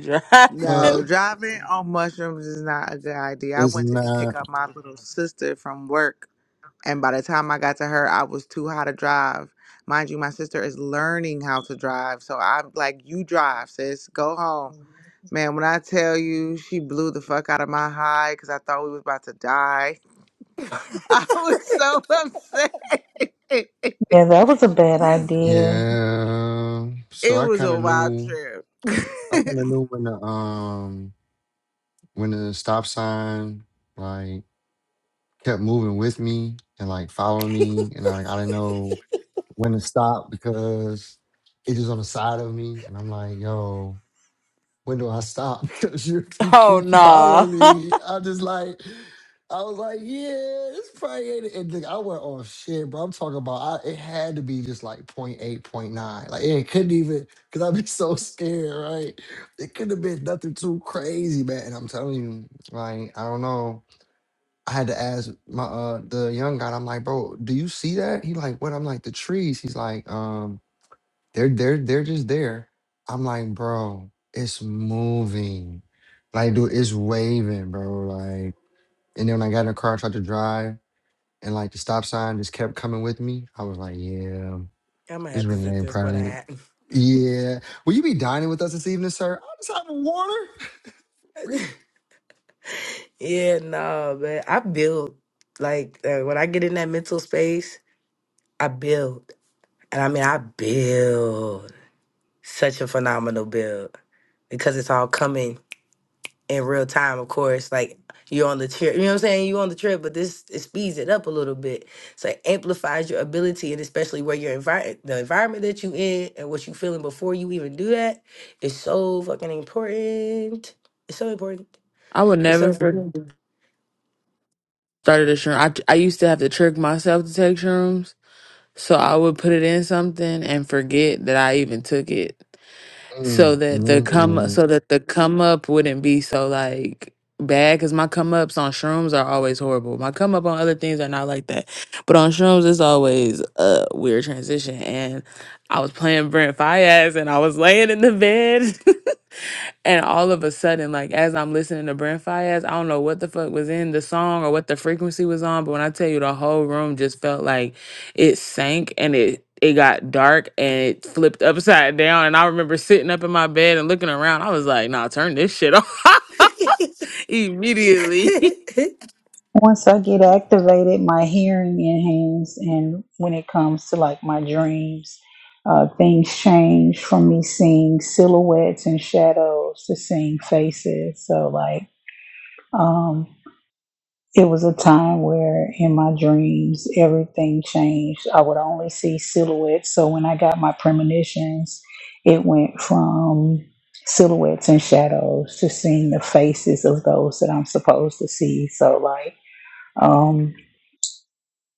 [SPEAKER 1] uh,
[SPEAKER 8] driving.
[SPEAKER 6] No, driving on mushrooms is not a good idea. I
[SPEAKER 1] it's
[SPEAKER 6] went to g- pick
[SPEAKER 1] not.
[SPEAKER 6] up my little sister from work, and by the time I got to her, I was too high to drive. Mind you, my sister is learning how to drive, so I'm like, "You drive, sis. Go home." Man, when I tell you, she blew the fuck out of my high because I thought we was about to die. I was so upset.
[SPEAKER 5] Yeah, that was a bad idea.
[SPEAKER 1] Yeah. So
[SPEAKER 6] it
[SPEAKER 1] I
[SPEAKER 6] was
[SPEAKER 1] kind
[SPEAKER 6] a
[SPEAKER 1] of
[SPEAKER 6] wild
[SPEAKER 1] knew.
[SPEAKER 6] trip.
[SPEAKER 1] I kind of knew when the um when the stop sign like kept moving with me and like following me, and I I didn't know when to stop because it was on the side of me, and I'm like, yo. when do I stop? Because you, you
[SPEAKER 8] Oh
[SPEAKER 1] keep
[SPEAKER 8] nah.
[SPEAKER 1] following me. I'm just like, I was like, yeah, this probably ain't it. And ending. I went off shit, bro. I'm talking about, I, it had to be just like point eight, point nine. Like, it couldn't even, because I'd be so scared, right? It couldn't have been nothing too crazy, man. And I'm telling you, like, I don't know. I had to ask my uh the young guy, I'm like, bro, do you see that? He like, what? I'm like, the trees. He's like, um. They're they're they're just there. I'm like, bro, it's moving. Like, dude, it's waving, bro. Like, and then when I got in the car, I tried to drive, and like the stop sign just kept coming with me. I was like, yeah,
[SPEAKER 2] I'm gonna
[SPEAKER 1] this
[SPEAKER 2] have to
[SPEAKER 1] really
[SPEAKER 2] sit
[SPEAKER 1] ain't
[SPEAKER 2] this one
[SPEAKER 1] probably.
[SPEAKER 2] out.
[SPEAKER 1] Yeah. Will you be dining with us this evening, sir? I'll just have a water.
[SPEAKER 2] yeah, no, man. I build like uh, when I get in that mental space, I build, and I mean, I build such a phenomenal build because it's all coming in real time, of course, like you're on the trip, you know what I'm saying? You're on the trip, but this it speeds it up a little bit. So it amplifies your ability and especially where your environment the environment that you in and what you feeling before you even do that is so fucking important. It's so important.
[SPEAKER 8] I would
[SPEAKER 2] It's so
[SPEAKER 8] never
[SPEAKER 2] important.
[SPEAKER 8] freaking started a shroom. I I used to have to trick myself to take shrooms, so I would put it in something and forget that I even took it. so
[SPEAKER 1] Mm,
[SPEAKER 8] that the
[SPEAKER 1] mm,
[SPEAKER 8] come
[SPEAKER 1] mm.
[SPEAKER 8] so that the come up wouldn't be so like bad because my come ups on shrooms are always horrible my come up on other things are not like that but on shrooms it's always a weird transition and i was playing brent fias and i was laying in the bed And all of a sudden, like as I'm listening to Brent Fayez, I don't know what the fuck was in the song or what the frequency was on, but when I tell you the whole room just felt like it sank and it it got dark and it flipped upside down. And I remember sitting up in my bed and looking around. I was like, nah, turn this shit off immediately.
[SPEAKER 5] Once I get activated, my hearing enhanced, and when it comes to like my dreams, uh, things change from me seeing silhouettes and shadows to seeing faces. So like, um, It was a time where in my dreams everything changed. I would only see silhouettes. So when I got my premonitions, it went from silhouettes and shadows to seeing the faces of those that I'm supposed to see. So like um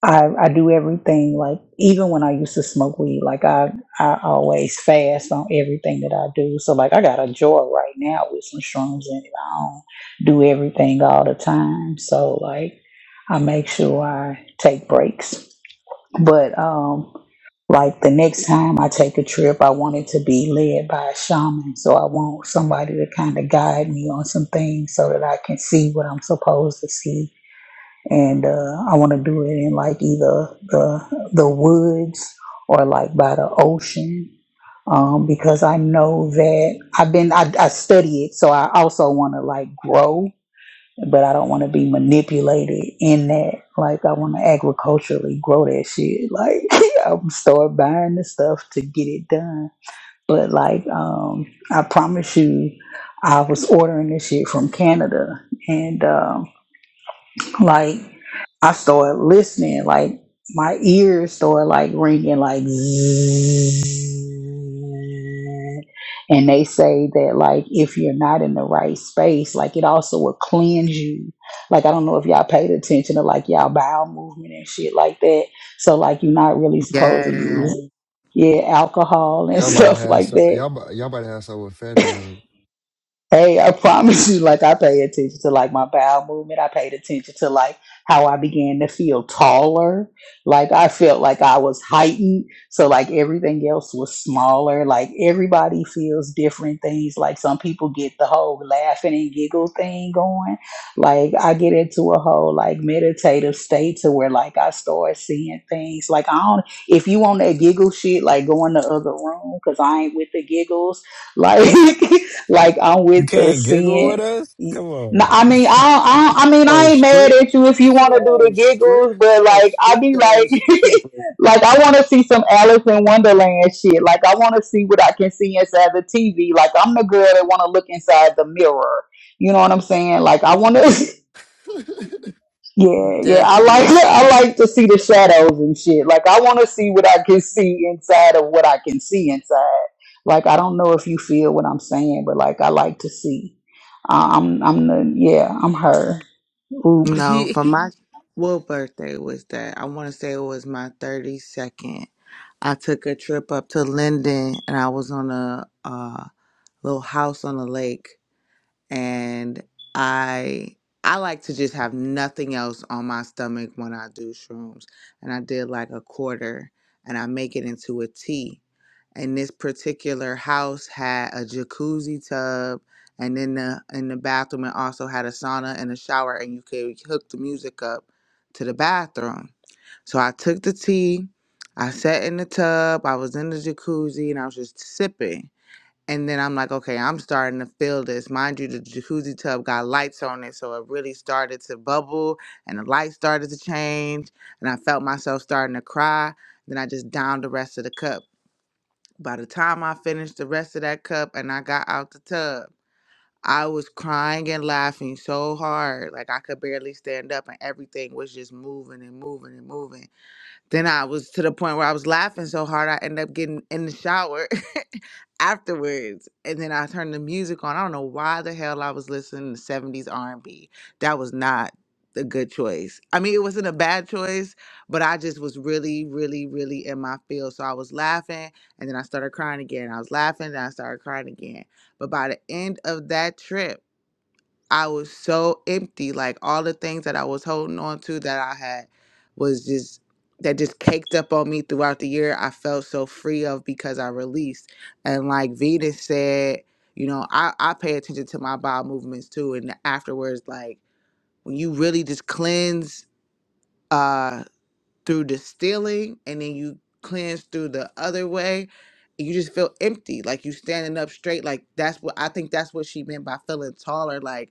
[SPEAKER 5] I I do everything like even when I used to smoke weed, like I I always fast on everything that I do. So like I got a joy right now with some shrooms in it. I don't do everything all the time. So like I make sure I take breaks. But um like the next time I take a trip, I want it to be led by a shaman. So I want somebody to kind of guide me on some things so that I can see what I'm supposed to see and uh, I want to do it in like either the the woods or like by the ocean um, because I know that I've been I, I study it, so I also want to like grow, but I don't want to be manipulated in that. Like I want to agriculturally grow that shit. Like I'm start buying the stuff to get it done. But like um, I promise you, I was ordering this shit from Canada and. um, like I started listening, like my ears started like ringing, like zzzz. and they say that like if you're not in the right space, like it also will cleanse you. Like I don't know if y'all paid attention to like y'all bowel movement and shit like that. So like you're not really supposed to
[SPEAKER 6] yes.
[SPEAKER 5] use yeah alcohol and
[SPEAKER 1] Y'all about to
[SPEAKER 5] stuff
[SPEAKER 1] have
[SPEAKER 5] like
[SPEAKER 1] some,
[SPEAKER 5] that.
[SPEAKER 1] y'all, 'bout- y'all about to have some with Fetty on it.
[SPEAKER 5] Hey, I promise you, like I pay attention to like my bowel movement. I paid attention to like how I began to feel taller. Like I felt like I was heightened. So like everything else was smaller. Like everybody feels different things. Like some people get the whole laughing and giggle thing going. Like I get into a whole like meditative state to where like I start seeing things. Like I don't if you on that giggle shit, like go in the other room because I ain't with the giggles. Like like I'm
[SPEAKER 10] You
[SPEAKER 5] with the
[SPEAKER 10] can't giggle
[SPEAKER 5] sin.
[SPEAKER 10] with us? Come
[SPEAKER 5] No,
[SPEAKER 10] on.
[SPEAKER 5] I mean, I, I, I mean, I
[SPEAKER 1] Oh,
[SPEAKER 5] ain't mad
[SPEAKER 1] strict.
[SPEAKER 5] at you if you
[SPEAKER 1] She
[SPEAKER 5] want to do the
[SPEAKER 1] oh strict.
[SPEAKER 5] giggles,
[SPEAKER 1] She
[SPEAKER 5] but
[SPEAKER 1] oh
[SPEAKER 5] like, I
[SPEAKER 1] strict
[SPEAKER 5] be like,
[SPEAKER 1] ass stripper.
[SPEAKER 5] like I want to see some Alice in Wonderland shit. Like, I want to see what I can see inside the TV. Like, I'm the girl that want to look inside the mirror. You know what I'm saying? Like, I want to. Yeah, yeah. I like
[SPEAKER 8] Definitely.
[SPEAKER 5] I like to see the shadows and shit. Like I want to see what I can see inside of what I can see inside. Like I don't know if you feel what I'm saying, but like I like to see. I- I'm I'm the yeah I'm her. Oops.
[SPEAKER 6] No, for my what birthday was that? I want to say it was my 32nd. I took a trip up to Linden and I was on a uh, little house on the lake and I I like to just have nothing else on my stomach when I do shrooms. And I did like a quarter and I make it into a tea. And this particular house had a jacuzzi tub and then the in the bathroom it also had a sauna and a shower and you could hook the music up to the bathroom. So I took the tea, I sat in the tub, I was in the jacuzzi and I was just sipping. And then I'm like, okay, I'm starting to feel this. Mind you, the jacuzzi tub got lights on it. So it really started to bubble and the lights started to change. And I felt myself starting to cry. Then I just downed the rest of the cup. By the time I finished the rest of that cup and I got out the tub, I was crying and laughing so hard. Like I could barely stand up and everything was just moving and moving and moving. Then I was to the point where I was laughing so hard, I ended up getting in the shower afterwards and then i turned the music on i don't know why the hell i was listening to 70s r&b that was not a good choice i mean it wasn't a bad choice but i just was really really really in my field so i was laughing and then i started crying again i was laughing and i started crying again but by the end of that trip I was so empty. Like all the things that I was holding on to that I had was just that just caked up on me throughout the year. I felt so free of because I released. And like Venus said, you know, I, I pay attention to my bowel movements too. And afterwards, like when you really just cleanse uh through distilling and then you cleanse through the other way, you just feel empty. Like you standing up straight. Like that's what I think that's what she meant by feeling taller. Like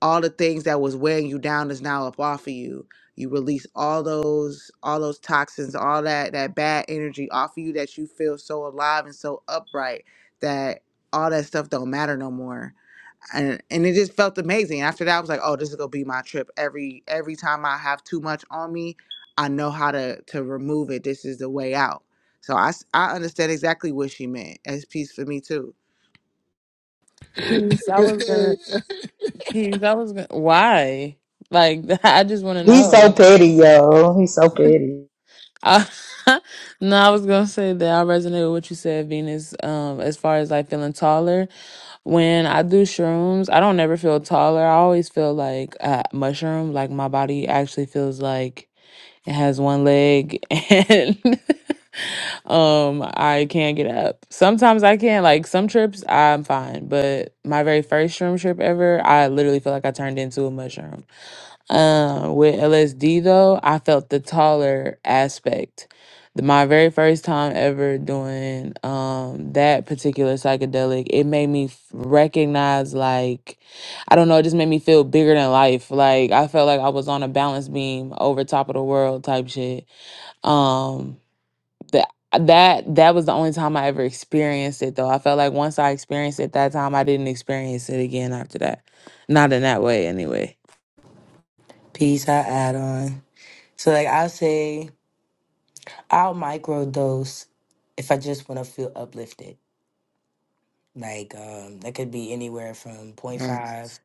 [SPEAKER 6] all the things that was weighing you down is now up off of you you release all those all those toxins all that that bad energy off of you that you feel so alive and so upright that all that stuff don't matter no more and and it just felt amazing after that i was like oh this is gonna be my trip every every time i have too much on me i know how to to remove it this is the way out so i s- i understand exactly what she meant it's peace for me too
[SPEAKER 8] Peace. I was gonna peace. I was gonna why? Like I just wanna
[SPEAKER 5] He's so
[SPEAKER 8] know.
[SPEAKER 5] petty, yo. He's so petty.
[SPEAKER 8] I, no, I was gonna say that I resonate with what you said, Venus. Um, as far as like feeling taller, when I do shrooms, I don't never feel taller. I always feel like a mushroom. Like my body actually feels like it has one leg and um I can't get up. Sometimes I can like some trips I'm fine, but my very first shroom trip ever, I literally feel like I turned into a mushroom. Um, with LSD though, I felt the taller aspect. The- My very first time ever doing um that particular psychedelic, it made me f- recognize like I don't know, it just made me feel bigger than life. Like I felt like I was on a balance beam over top of the world type shit. Um that that that was the only time I ever experienced it though. I felt like once I experienced it that time I didn't experience it again after that. Not in that way anyway.
[SPEAKER 2] Peace I add on. So like I'll say I'll microdose if I just want to feel uplifted Like um, that could be anywhere from point five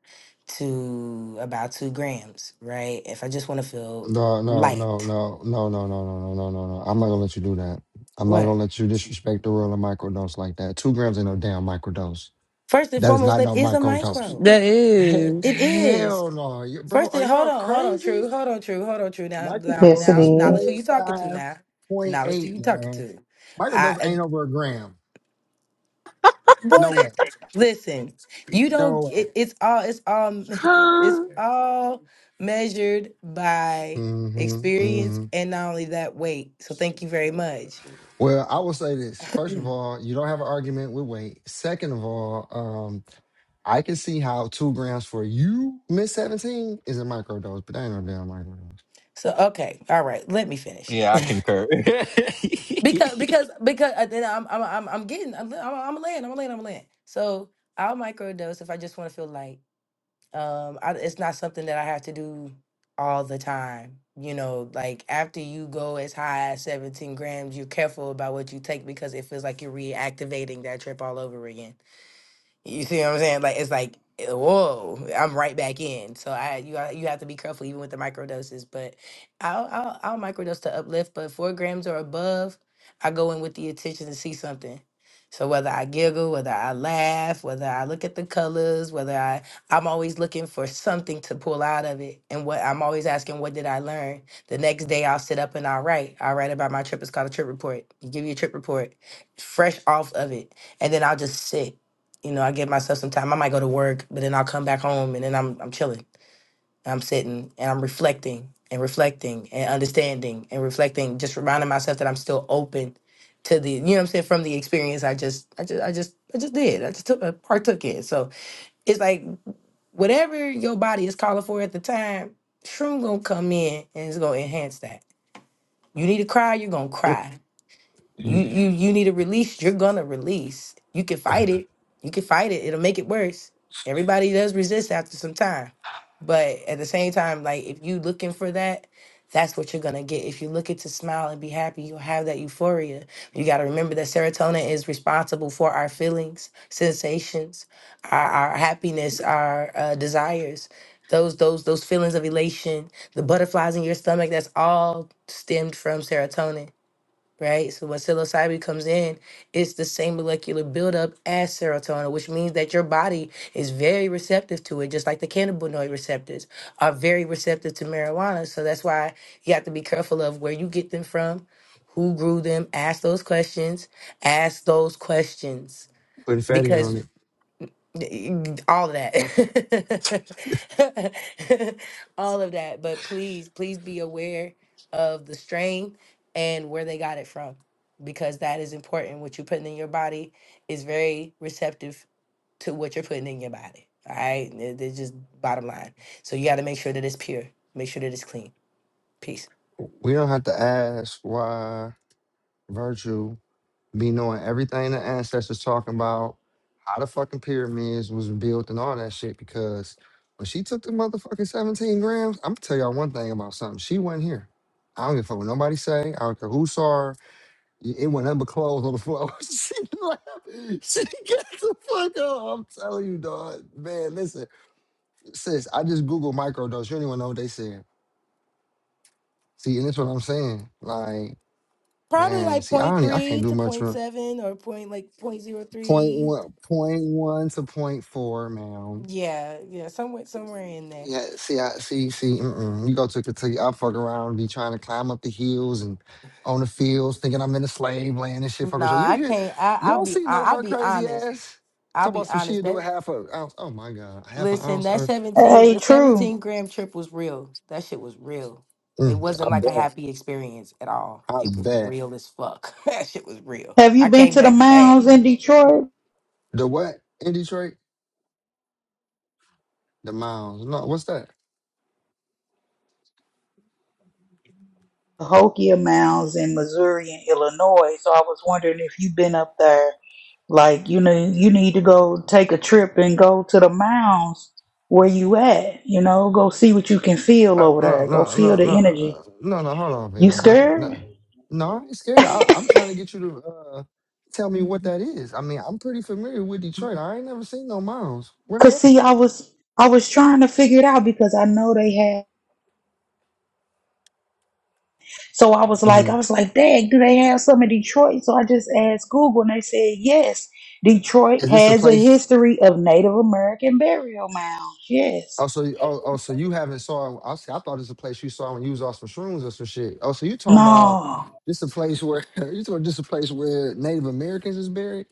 [SPEAKER 2] to about two grams, right? If I just want to feel
[SPEAKER 1] No, no, no,
[SPEAKER 2] light,
[SPEAKER 1] no, no, no, no, no, no, no, no, no. I'm not gonna let you do that. I'm not
[SPEAKER 2] what?
[SPEAKER 1] gonna let you disrespect the world of microdose like that. Two grams ain't no damn microdose.
[SPEAKER 2] First and
[SPEAKER 1] That is
[SPEAKER 2] foremost,
[SPEAKER 1] not
[SPEAKER 2] that
[SPEAKER 1] no
[SPEAKER 2] is a
[SPEAKER 1] microdose.
[SPEAKER 2] micro.
[SPEAKER 8] That is.
[SPEAKER 1] He-
[SPEAKER 2] It is.
[SPEAKER 1] hell no. You, bro,
[SPEAKER 2] First,
[SPEAKER 1] are
[SPEAKER 2] and, hold
[SPEAKER 1] y'all
[SPEAKER 2] on, hold on,
[SPEAKER 1] crazy?
[SPEAKER 2] true, hold on, true, hold on, true. Now, now,
[SPEAKER 5] Yes, it
[SPEAKER 1] Microdose
[SPEAKER 2] now,
[SPEAKER 1] is
[SPEAKER 5] is.
[SPEAKER 2] knowledge who
[SPEAKER 1] point
[SPEAKER 2] you talking to
[SPEAKER 1] five,
[SPEAKER 2] now?
[SPEAKER 1] point
[SPEAKER 2] Knowledge who
[SPEAKER 1] eight,
[SPEAKER 2] you talking
[SPEAKER 1] man.
[SPEAKER 2] to?
[SPEAKER 1] Microdose
[SPEAKER 2] I
[SPEAKER 1] ain't over a gram.
[SPEAKER 2] boy,
[SPEAKER 1] No way.
[SPEAKER 2] Listen, you don't.
[SPEAKER 1] No way.
[SPEAKER 2] It, it's all. It's all. It's
[SPEAKER 9] Huh?
[SPEAKER 2] all measured by
[SPEAKER 1] hmm
[SPEAKER 2] experience,
[SPEAKER 1] hmm
[SPEAKER 2] and not only that, weight. So thank you very much.
[SPEAKER 1] Well, I will say this. First of all, you don't have an argument with weight. Second of all, um, I can see how two grams for you, Miss 17, is a microdose, but that ain't no damn microdose.
[SPEAKER 2] So okay, all right. Let me finish
[SPEAKER 10] Yeah, I concur.
[SPEAKER 2] because because because uh, then I'm I'm I'm, I'm getting I'm I'm, I'm a land I'm a land I'm a land. So I'll microdose if I just want to feel light. um I, it's not something that i have to do all the time you know like after you go as high as 17 grams you're careful about what you take because it feels like you're reactivating that trip all over again you see what I'm saying? Like it's like eh, whoa, I'm right back in. So I you ha- you have to be careful even with the microdoses. But I'll I'll, I'll microdose to uplift, but four grams or above, I go in with the intention to see something. So whether I giggle, whether I laugh, whether I look at the colors, whether I I'm always looking for something to pull out of it. And what I'm always asking, what did I learn? The next day I'll sit up and I'll write. I'll write about my trip. It's called a trip report. You give you a trip report, fresh off of it. And then I'll just sit you know, I give myself some time. I might go to work, but then I'll come back home and then I'm I'm chilling. I'm sitting and I'm reflecting and reflecting and understanding and reflecting, just reminding myself that I'm still open to the you know what I'm saying, from the experience I just I just I just I just did. I just took I partook in. So it's like whatever your body is calling for at the time, shroom gonna come in and it's gonna enhance that. You need to cry, you're gonna cry. You
[SPEAKER 1] You
[SPEAKER 2] you you need a release. You're gonna release. You can fight it. You can fight it. It'll make it worse. Everybody does resist after some time, but at the same time, like if you looking for that, that's what you're gonna get. If you look at to smile and be happy, you'll have that euphoria. You gotta remember that serotonin is responsible for our feelings, sensations, our, our happiness, our uh, desires. Those those those feelings of elation, the butterflies in your stomach. That's all stemmed from serotonin right? So when psilocybin comes in, it's the same molecular buildup as serotonin, which means that your body is very receptive to it, just like the cannabinoid receptors are very receptive to marijuana. So that's why you have to be careful of where you get them from, who grew them, ask those questions, ask those questions.
[SPEAKER 1] putting fatty on
[SPEAKER 2] Because
[SPEAKER 1] it.
[SPEAKER 2] Y- all of that all of that but please please be aware of the strain and where they got it from because that is important what you're putting in your body is very receptive to what you're putting in your body all right it's just bottom line so you got to make sure that it's pure make sure that it's clean peace
[SPEAKER 1] We don't have to ask why virtue be knowing everything the ancestors talking about, how the fucking pyramids was built and all that shit, because when she took the motherfucking 17 grams, I'm gonna tell y'all one thing about something. She wasn't here. I don't give a fuck what nobody say. I don't care who saw her. Yeah, It went under clothes on the floor. she laughed. She got the fuck up. I'm telling you, dog. Man, listen, sis, I just Googled microdose. You don't even know what they said. See, and that's what I'm saying. Like,
[SPEAKER 2] probably
[SPEAKER 1] man,
[SPEAKER 2] like
[SPEAKER 1] see, I
[SPEAKER 2] point
[SPEAKER 1] don't, e- I
[SPEAKER 2] three
[SPEAKER 1] can't do
[SPEAKER 2] to
[SPEAKER 1] much.
[SPEAKER 2] point
[SPEAKER 1] From
[SPEAKER 2] seven or point like point zero
[SPEAKER 1] point
[SPEAKER 2] three.
[SPEAKER 1] one, point one to point four, man.
[SPEAKER 2] yeah yeah somewhere somewhere in there
[SPEAKER 1] Yeah, see, I see, see. Mm-mm. You go to Kentucky, I fuck around, be trying to climb up the hills and on the fields, thinking I'm in a slave land and shit. Fuckers,
[SPEAKER 2] Nah,
[SPEAKER 1] you You
[SPEAKER 2] I
[SPEAKER 1] hear?
[SPEAKER 2] can't. I, I'll
[SPEAKER 1] Y'all
[SPEAKER 2] be.
[SPEAKER 1] see no
[SPEAKER 2] I, I'll
[SPEAKER 1] her
[SPEAKER 2] be
[SPEAKER 1] crazy
[SPEAKER 2] honest.
[SPEAKER 1] ass?
[SPEAKER 2] I'll
[SPEAKER 1] Talk
[SPEAKER 2] be
[SPEAKER 1] about some
[SPEAKER 2] honest.
[SPEAKER 1] shit. Do a
[SPEAKER 2] That
[SPEAKER 1] half a ounce. Oh my god, half an
[SPEAKER 2] listen.
[SPEAKER 1] ounce
[SPEAKER 2] That
[SPEAKER 1] earth.
[SPEAKER 2] seventeen.
[SPEAKER 5] Hey,
[SPEAKER 2] The seventeen
[SPEAKER 5] true.
[SPEAKER 2] gram trip was real. That shit was real. It
[SPEAKER 1] Mm, I
[SPEAKER 2] wasn't like a
[SPEAKER 1] bet.
[SPEAKER 2] happy experience at all.
[SPEAKER 1] I
[SPEAKER 2] It was
[SPEAKER 1] bet.
[SPEAKER 2] real as fuck. that shit was real.
[SPEAKER 5] Have you
[SPEAKER 2] I
[SPEAKER 5] been
[SPEAKER 2] came
[SPEAKER 5] to the
[SPEAKER 2] back sad.
[SPEAKER 5] mounds in Detroit?
[SPEAKER 1] The what in Detroit? The miles. No, what's that?
[SPEAKER 5] Cahokia Mounds in Missouri and Illinois. So I was wondering if you've been up there. Like, you know, you need to go take a trip and go to the mounds where you at. You know, go see what you can feel
[SPEAKER 1] Uh,
[SPEAKER 5] over
[SPEAKER 1] no,
[SPEAKER 5] there. Go
[SPEAKER 1] no,
[SPEAKER 5] feel
[SPEAKER 1] no, no,
[SPEAKER 5] the
[SPEAKER 1] uh,
[SPEAKER 5] energy.
[SPEAKER 1] no, no. Hold on,
[SPEAKER 5] You
[SPEAKER 1] Venus. Not, no,
[SPEAKER 5] scared?
[SPEAKER 1] no. I ain't scared. I, I'm trying to get you to uh, tell me what that is. I mean, I'm pretty familiar with Detroit. I ain't never seen no miles. Where they
[SPEAKER 5] Cause
[SPEAKER 1] at?
[SPEAKER 5] see, I was I was trying to figure it out because I know they had. So I was like,
[SPEAKER 1] hmm
[SPEAKER 5] I was like, Dad, do they have some in Detroit? So I just asked Google, and they said yes. Detroit
[SPEAKER 1] Is this a
[SPEAKER 5] has a
[SPEAKER 1] place?
[SPEAKER 5] history of Native American burial mounds. Yes.
[SPEAKER 1] Oh, so you- oh, oh, so you haven't saw? I see, I thought it's a place you saw when you was off some shrooms or some shit. Oh, so you talking about
[SPEAKER 5] No,
[SPEAKER 1] this a place where you talking this a place where Native Americans is buried?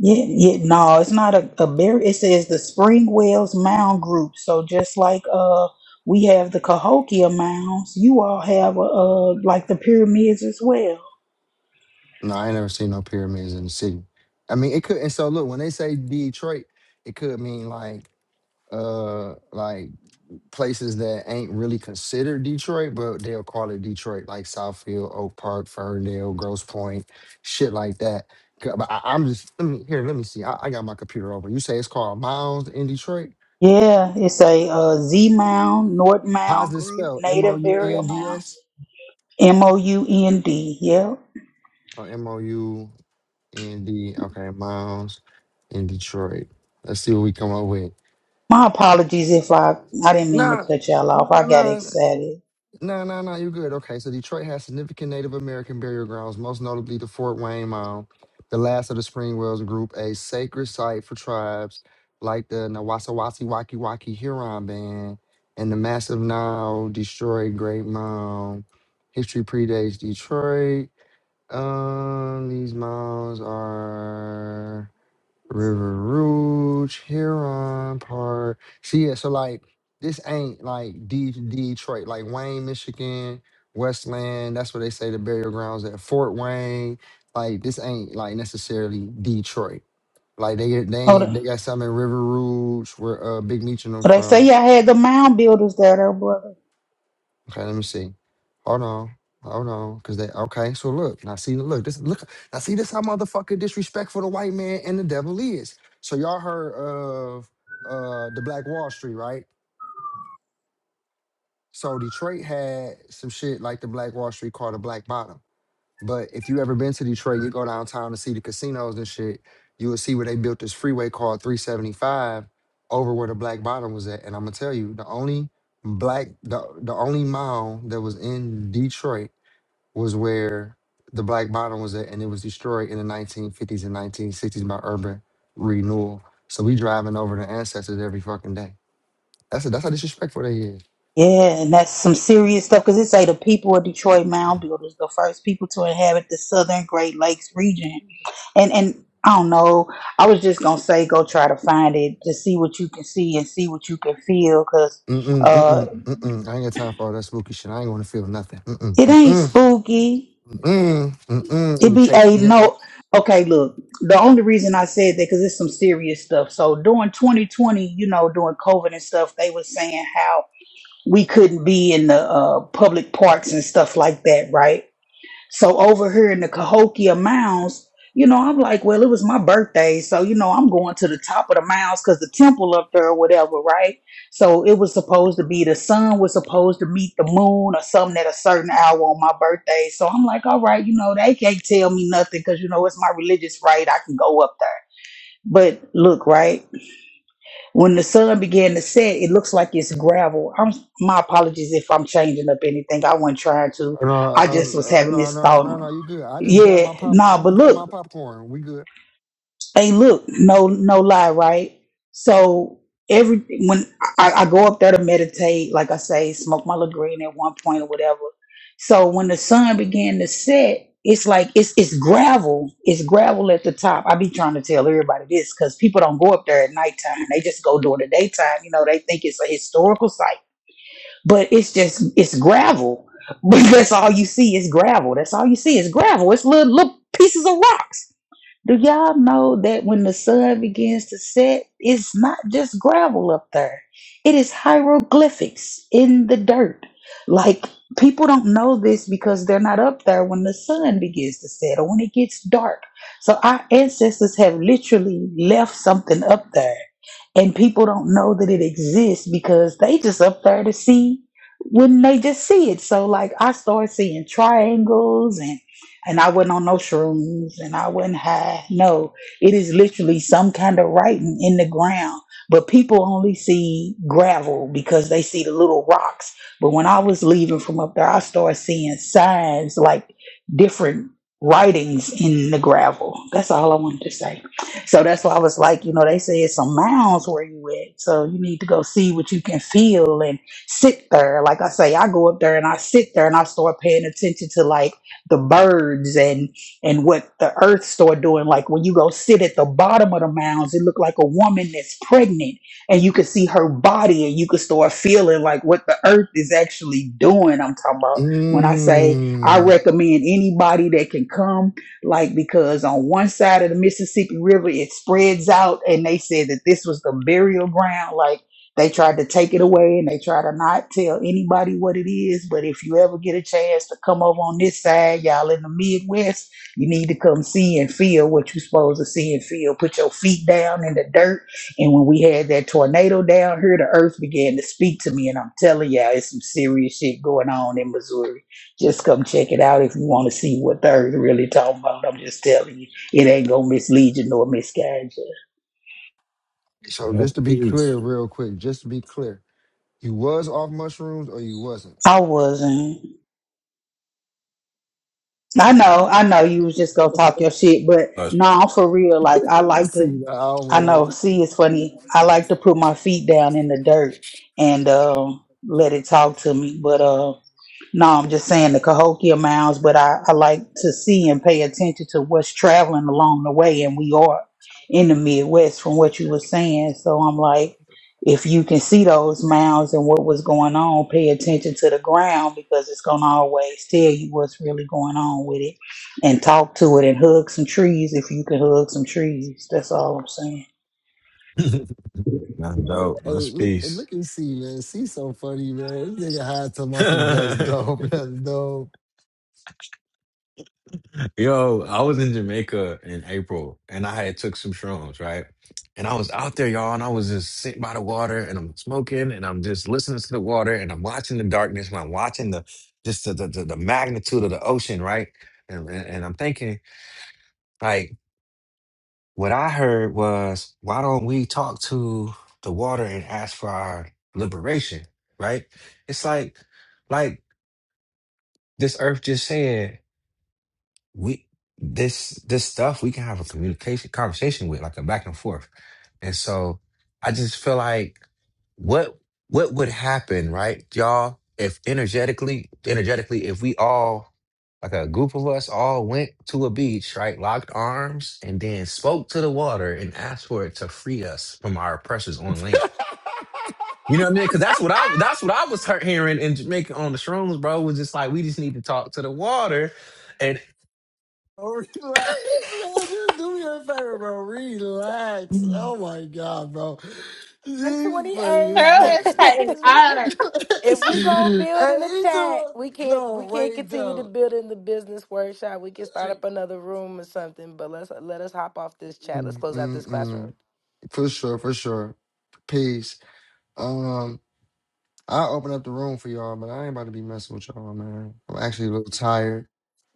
[SPEAKER 5] yeah, yeah, no, it's not a, a berry. It says the spring wells mound group. So just like uh we have the Cahokia mounds, you all have uh like the pyramids as well.
[SPEAKER 1] No, I ain't never seen no pyramids in the city. I mean, it could. And so look, when they say Detroit, it could mean like uh like places that ain't really considered Detroit, but they'll call it Detroit, like Southfield, Oak Park, Ferndale, Grosse Point, shit like that. C- But I, I'm just let me here. Let me see. I, I got my computer over. You say it's called Mounds in Detroit.
[SPEAKER 5] Yeah, it's a uh, Z mound, North
[SPEAKER 1] How's
[SPEAKER 5] mound
[SPEAKER 1] this
[SPEAKER 5] group,
[SPEAKER 1] spelled? M O
[SPEAKER 5] native
[SPEAKER 1] U
[SPEAKER 5] burial
[SPEAKER 1] N D
[SPEAKER 5] mounds,
[SPEAKER 1] S
[SPEAKER 5] M O U N D. Yeah.
[SPEAKER 1] or M O U N D? Okay, Mounds in Detroit. Let's see what we come up with.
[SPEAKER 5] My apologies if I I didn't mean to
[SPEAKER 1] Nah,
[SPEAKER 5] cut y'all off. I
[SPEAKER 1] nah,
[SPEAKER 5] got
[SPEAKER 1] nah.
[SPEAKER 5] excited.
[SPEAKER 1] No, no, no, you're good. Okay, so Detroit has significant Native American burial grounds, most notably the Fort Wayne Mound, the last of the Springwells group, a sacred site for tribes like the Nawasawasi Waki Waki Huron Band and the massive now destroyed Great Mound. History predates Detroit. Um, these mounds are. River Rouge, Huron Park. See, yeah, so like this ain't like D- Detroit, like Wayne, Michigan, Westland. That's where they say the burial grounds at Fort Wayne. Like this ain't like necessarily Detroit. Like they they
[SPEAKER 5] Oh,
[SPEAKER 1] ain't, they
[SPEAKER 5] they
[SPEAKER 1] got some in River Rouge, where uh Big Meech and them
[SPEAKER 5] oh, they
[SPEAKER 1] from.
[SPEAKER 5] say y'all had the mound builders there, though, brother.
[SPEAKER 1] Okay, let me see. Hold on. Hold on. Cause they okay, so look, now see look, this look now see this how motherfucking disrespectful the white man and the devil is. So y'all heard of uh the Black Wall Street, right? So Detroit had some shit like the Black Wall Street called the Black Bottom. But if you ever been to Detroit, you go downtown to see the casinos and shit, you will see where they built this freeway called 375 over where the Black Bottom was at. And I'm gonna tell you, the only black the, the only mall that was in Detroit was where the Black Bottom was at, and it was destroyed in the 1950s and 1960s by urban renewal. So we driving over the ancestors every fucking day. That's that's how disrespectful they is.
[SPEAKER 5] Yeah, and that's some serious stuff because it say the people of Detroit mound builders, the first people to inhabit the southern Great Lakes region. And and I don't know, I was just gonna say go try to find it to see what you can see and see what you can feel because
[SPEAKER 1] Mm-mm,
[SPEAKER 5] uh
[SPEAKER 1] mm-mm, mm-mm. I ain't got time for all that spooky shit. I ain't going to feel nothing. Mm-mm,
[SPEAKER 5] it ain't
[SPEAKER 1] mm-mm,
[SPEAKER 5] spooky.
[SPEAKER 1] mm-mm, mm-mm. It
[SPEAKER 5] It
[SPEAKER 1] would
[SPEAKER 5] be
[SPEAKER 1] chase
[SPEAKER 5] a
[SPEAKER 1] me. in.
[SPEAKER 5] no. Okay, look, the only reason I said that because it's some serious stuff. So during 2020, you know, during COVID and stuff, they was saying how we couldn't be in the uh, public parks and stuff like that, right? So over here in the Cahokia Mounds, you know, I'm like, well, it was my birthday, so you know, I'm going to the top of the mounds because the temple up there or whatever, right? So it was supposed to be the sun was supposed to meet the moon or something at a certain hour on my birthday. So I'm like, all right, you know, they can't tell me nothing because you know it's my religious right. I can go up there. But look, right? When the sun began to set, it looks like it's gravel. I'm my apologies if I'm changing up anything. I wasn't trying to.
[SPEAKER 1] Oh, no,
[SPEAKER 5] I
[SPEAKER 1] oh,
[SPEAKER 5] just
[SPEAKER 1] no,
[SPEAKER 5] was
[SPEAKER 1] oh,
[SPEAKER 5] having
[SPEAKER 1] no,
[SPEAKER 5] this
[SPEAKER 1] no, no,
[SPEAKER 5] thought.
[SPEAKER 1] no, you good. I just grabbed
[SPEAKER 5] Yeah,
[SPEAKER 1] my pop. I
[SPEAKER 5] nah, but
[SPEAKER 1] just grabbed
[SPEAKER 5] look
[SPEAKER 1] my popcorn. We good.
[SPEAKER 5] hey look no no lie right so every when I, I go up there to meditate like i say smoke my little green at one point or whatever so when the sun began to set it's like it's it's gravel it's gravel at the top i be trying to tell everybody this because people don't go up there at nighttime they just go during the daytime you know they think it's a historical site but it's just it's gravel but that's all you see is gravel that's all you see is gravel it's little little pieces of rocks do y'all know that when the sun begins to set, it's not just gravel up there? It is hieroglyphics in the dirt. Like people don't know this because they're not up there when the sun begins to set or when it gets dark. So our ancestors have literally left something up there and people don't know that it exists because they just up there to see when they just see it. So like I started seeing triangles and and I wasn't on no shrooms and I wasn't high. No, it is literally some kind of writing in the ground. But people only see gravel because they see the little rocks. But when I was leaving from up there, I started seeing signs like different writings in the gravel. That's all I wanted to say. So that's why I was like, you know, they say it's some mounds where you at. So you need to go see what you can feel and sit there. Like I say, I go up there and I sit there and I start paying attention to like the birds and and what the earth start doing. Like when you go sit at the bottom of the mounds, it look like a woman that's pregnant and you can see her body and you can start feeling like what the earth is actually doing. I'm talking about when I say I
[SPEAKER 1] Mm.
[SPEAKER 5] recommend anybody that can come like because on one side of the Mississippi River it spreads out, and they said that this was the burial ground. Like they tried to take it away, and they try to not tell anybody what it is. But if you ever get a chance to come over on this side, y'all in the Midwest, you need to come see and feel what you're supposed to see and feel. Put your feet down in the dirt. And when we had that tornado down here, the earth began to speak to me, and I'm telling y'all, it's some serious shit going on in Missouri. Just come check it out if you want to see what third really talking about. I'm just telling you, it ain't gonna mislead you nor misguide you.
[SPEAKER 1] So
[SPEAKER 10] Well,
[SPEAKER 1] just to be
[SPEAKER 10] peace.
[SPEAKER 1] clear, real quick, just to be clear, you was off mushrooms or you wasn't?
[SPEAKER 5] I wasn't. I know, I know you was just gonna talk your shit, but
[SPEAKER 10] Us.
[SPEAKER 5] nah, for real, like I like to
[SPEAKER 1] see the
[SPEAKER 5] I know,
[SPEAKER 1] hours.
[SPEAKER 5] see it's funny. I like to put my feet down in the dirt and um let it talk to me. But uh no, I'm just saying the Cahokia mounds, but I, I like to see and pay attention to what's traveling along the way and we are in the Midwest from what you were saying. So I'm like if you can see those mounds and what was going on, pay attention to the ground because it's going to always tell you what's really going on with it. And talk to it and hug some trees if you can hug some trees. That's all I'm saying.
[SPEAKER 10] That's dope.
[SPEAKER 1] Hey,
[SPEAKER 10] Rest
[SPEAKER 1] look,
[SPEAKER 10] peace.
[SPEAKER 1] look and see, man. See so funny, man. This nigga high to muscle. That's dope. That's dope.
[SPEAKER 10] Yo, I was in Jamaica in April and I had took some shrooms, right? And I was out there, y'all, and I was just sitting by the water and I'm smoking and I'm just listening to the water and I'm watching the darkness and I'm watching the just the the, the, the magnitude of the ocean, right? And, and and I'm thinking, like, what I heard was, why don't we talk to the water and ask for our liberation, right? It's like, like this earth just said. we this this stuff we can have a communication conversation with like a back and forth and so i just feel like what what would happen right y'all if energetically energetically if we all like a group of us all went to a beach right locked arms and then spoke to the water and asked for it to free us from our oppressors on land you know what i mean because that's what i that's what i was hear- hearing in jamaica on the shrooms bro was just like we just need to talk to the water and.
[SPEAKER 1] Oh, relax, man. Just do me a favor, bro. Relax. Oh my god, bro.
[SPEAKER 2] One
[SPEAKER 1] This
[SPEAKER 2] twenty
[SPEAKER 1] funny
[SPEAKER 2] eight.
[SPEAKER 1] as
[SPEAKER 7] Girl is cutting up.
[SPEAKER 2] if
[SPEAKER 1] shit.
[SPEAKER 2] we gonna build
[SPEAKER 1] hey,
[SPEAKER 2] in the
[SPEAKER 1] he talking
[SPEAKER 2] chat,
[SPEAKER 1] about-
[SPEAKER 2] we can't. We
[SPEAKER 1] no,
[SPEAKER 2] can't
[SPEAKER 1] wait,
[SPEAKER 2] continue to
[SPEAKER 1] no.
[SPEAKER 2] build in the business workshop. We can start
[SPEAKER 1] Hey.
[SPEAKER 2] up another room or something. But let's let us hop off this chat. Let's
[SPEAKER 1] Mm,
[SPEAKER 2] close out this
[SPEAKER 1] mm,
[SPEAKER 2] classroom.
[SPEAKER 1] mm. For sure, for sure. Peace. Um. I open up the room for y'all, but I ain't about to be messing with y'all, man. I'm actually a little tired.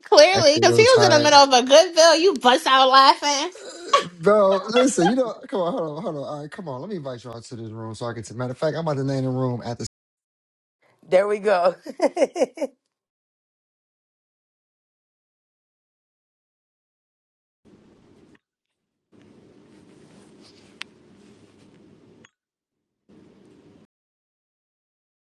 [SPEAKER 7] Clearly,
[SPEAKER 1] Actually a
[SPEAKER 7] because he
[SPEAKER 1] little
[SPEAKER 7] was in the middle
[SPEAKER 1] tired.
[SPEAKER 7] of a good bill. You bust out laughing.
[SPEAKER 1] Uh, Bro, listen, you know, come on, hold on, hold on. All right, come on. Let me invite y'all to this room so I can. T- Matter of fact, I'm about to name the room after
[SPEAKER 2] There we go.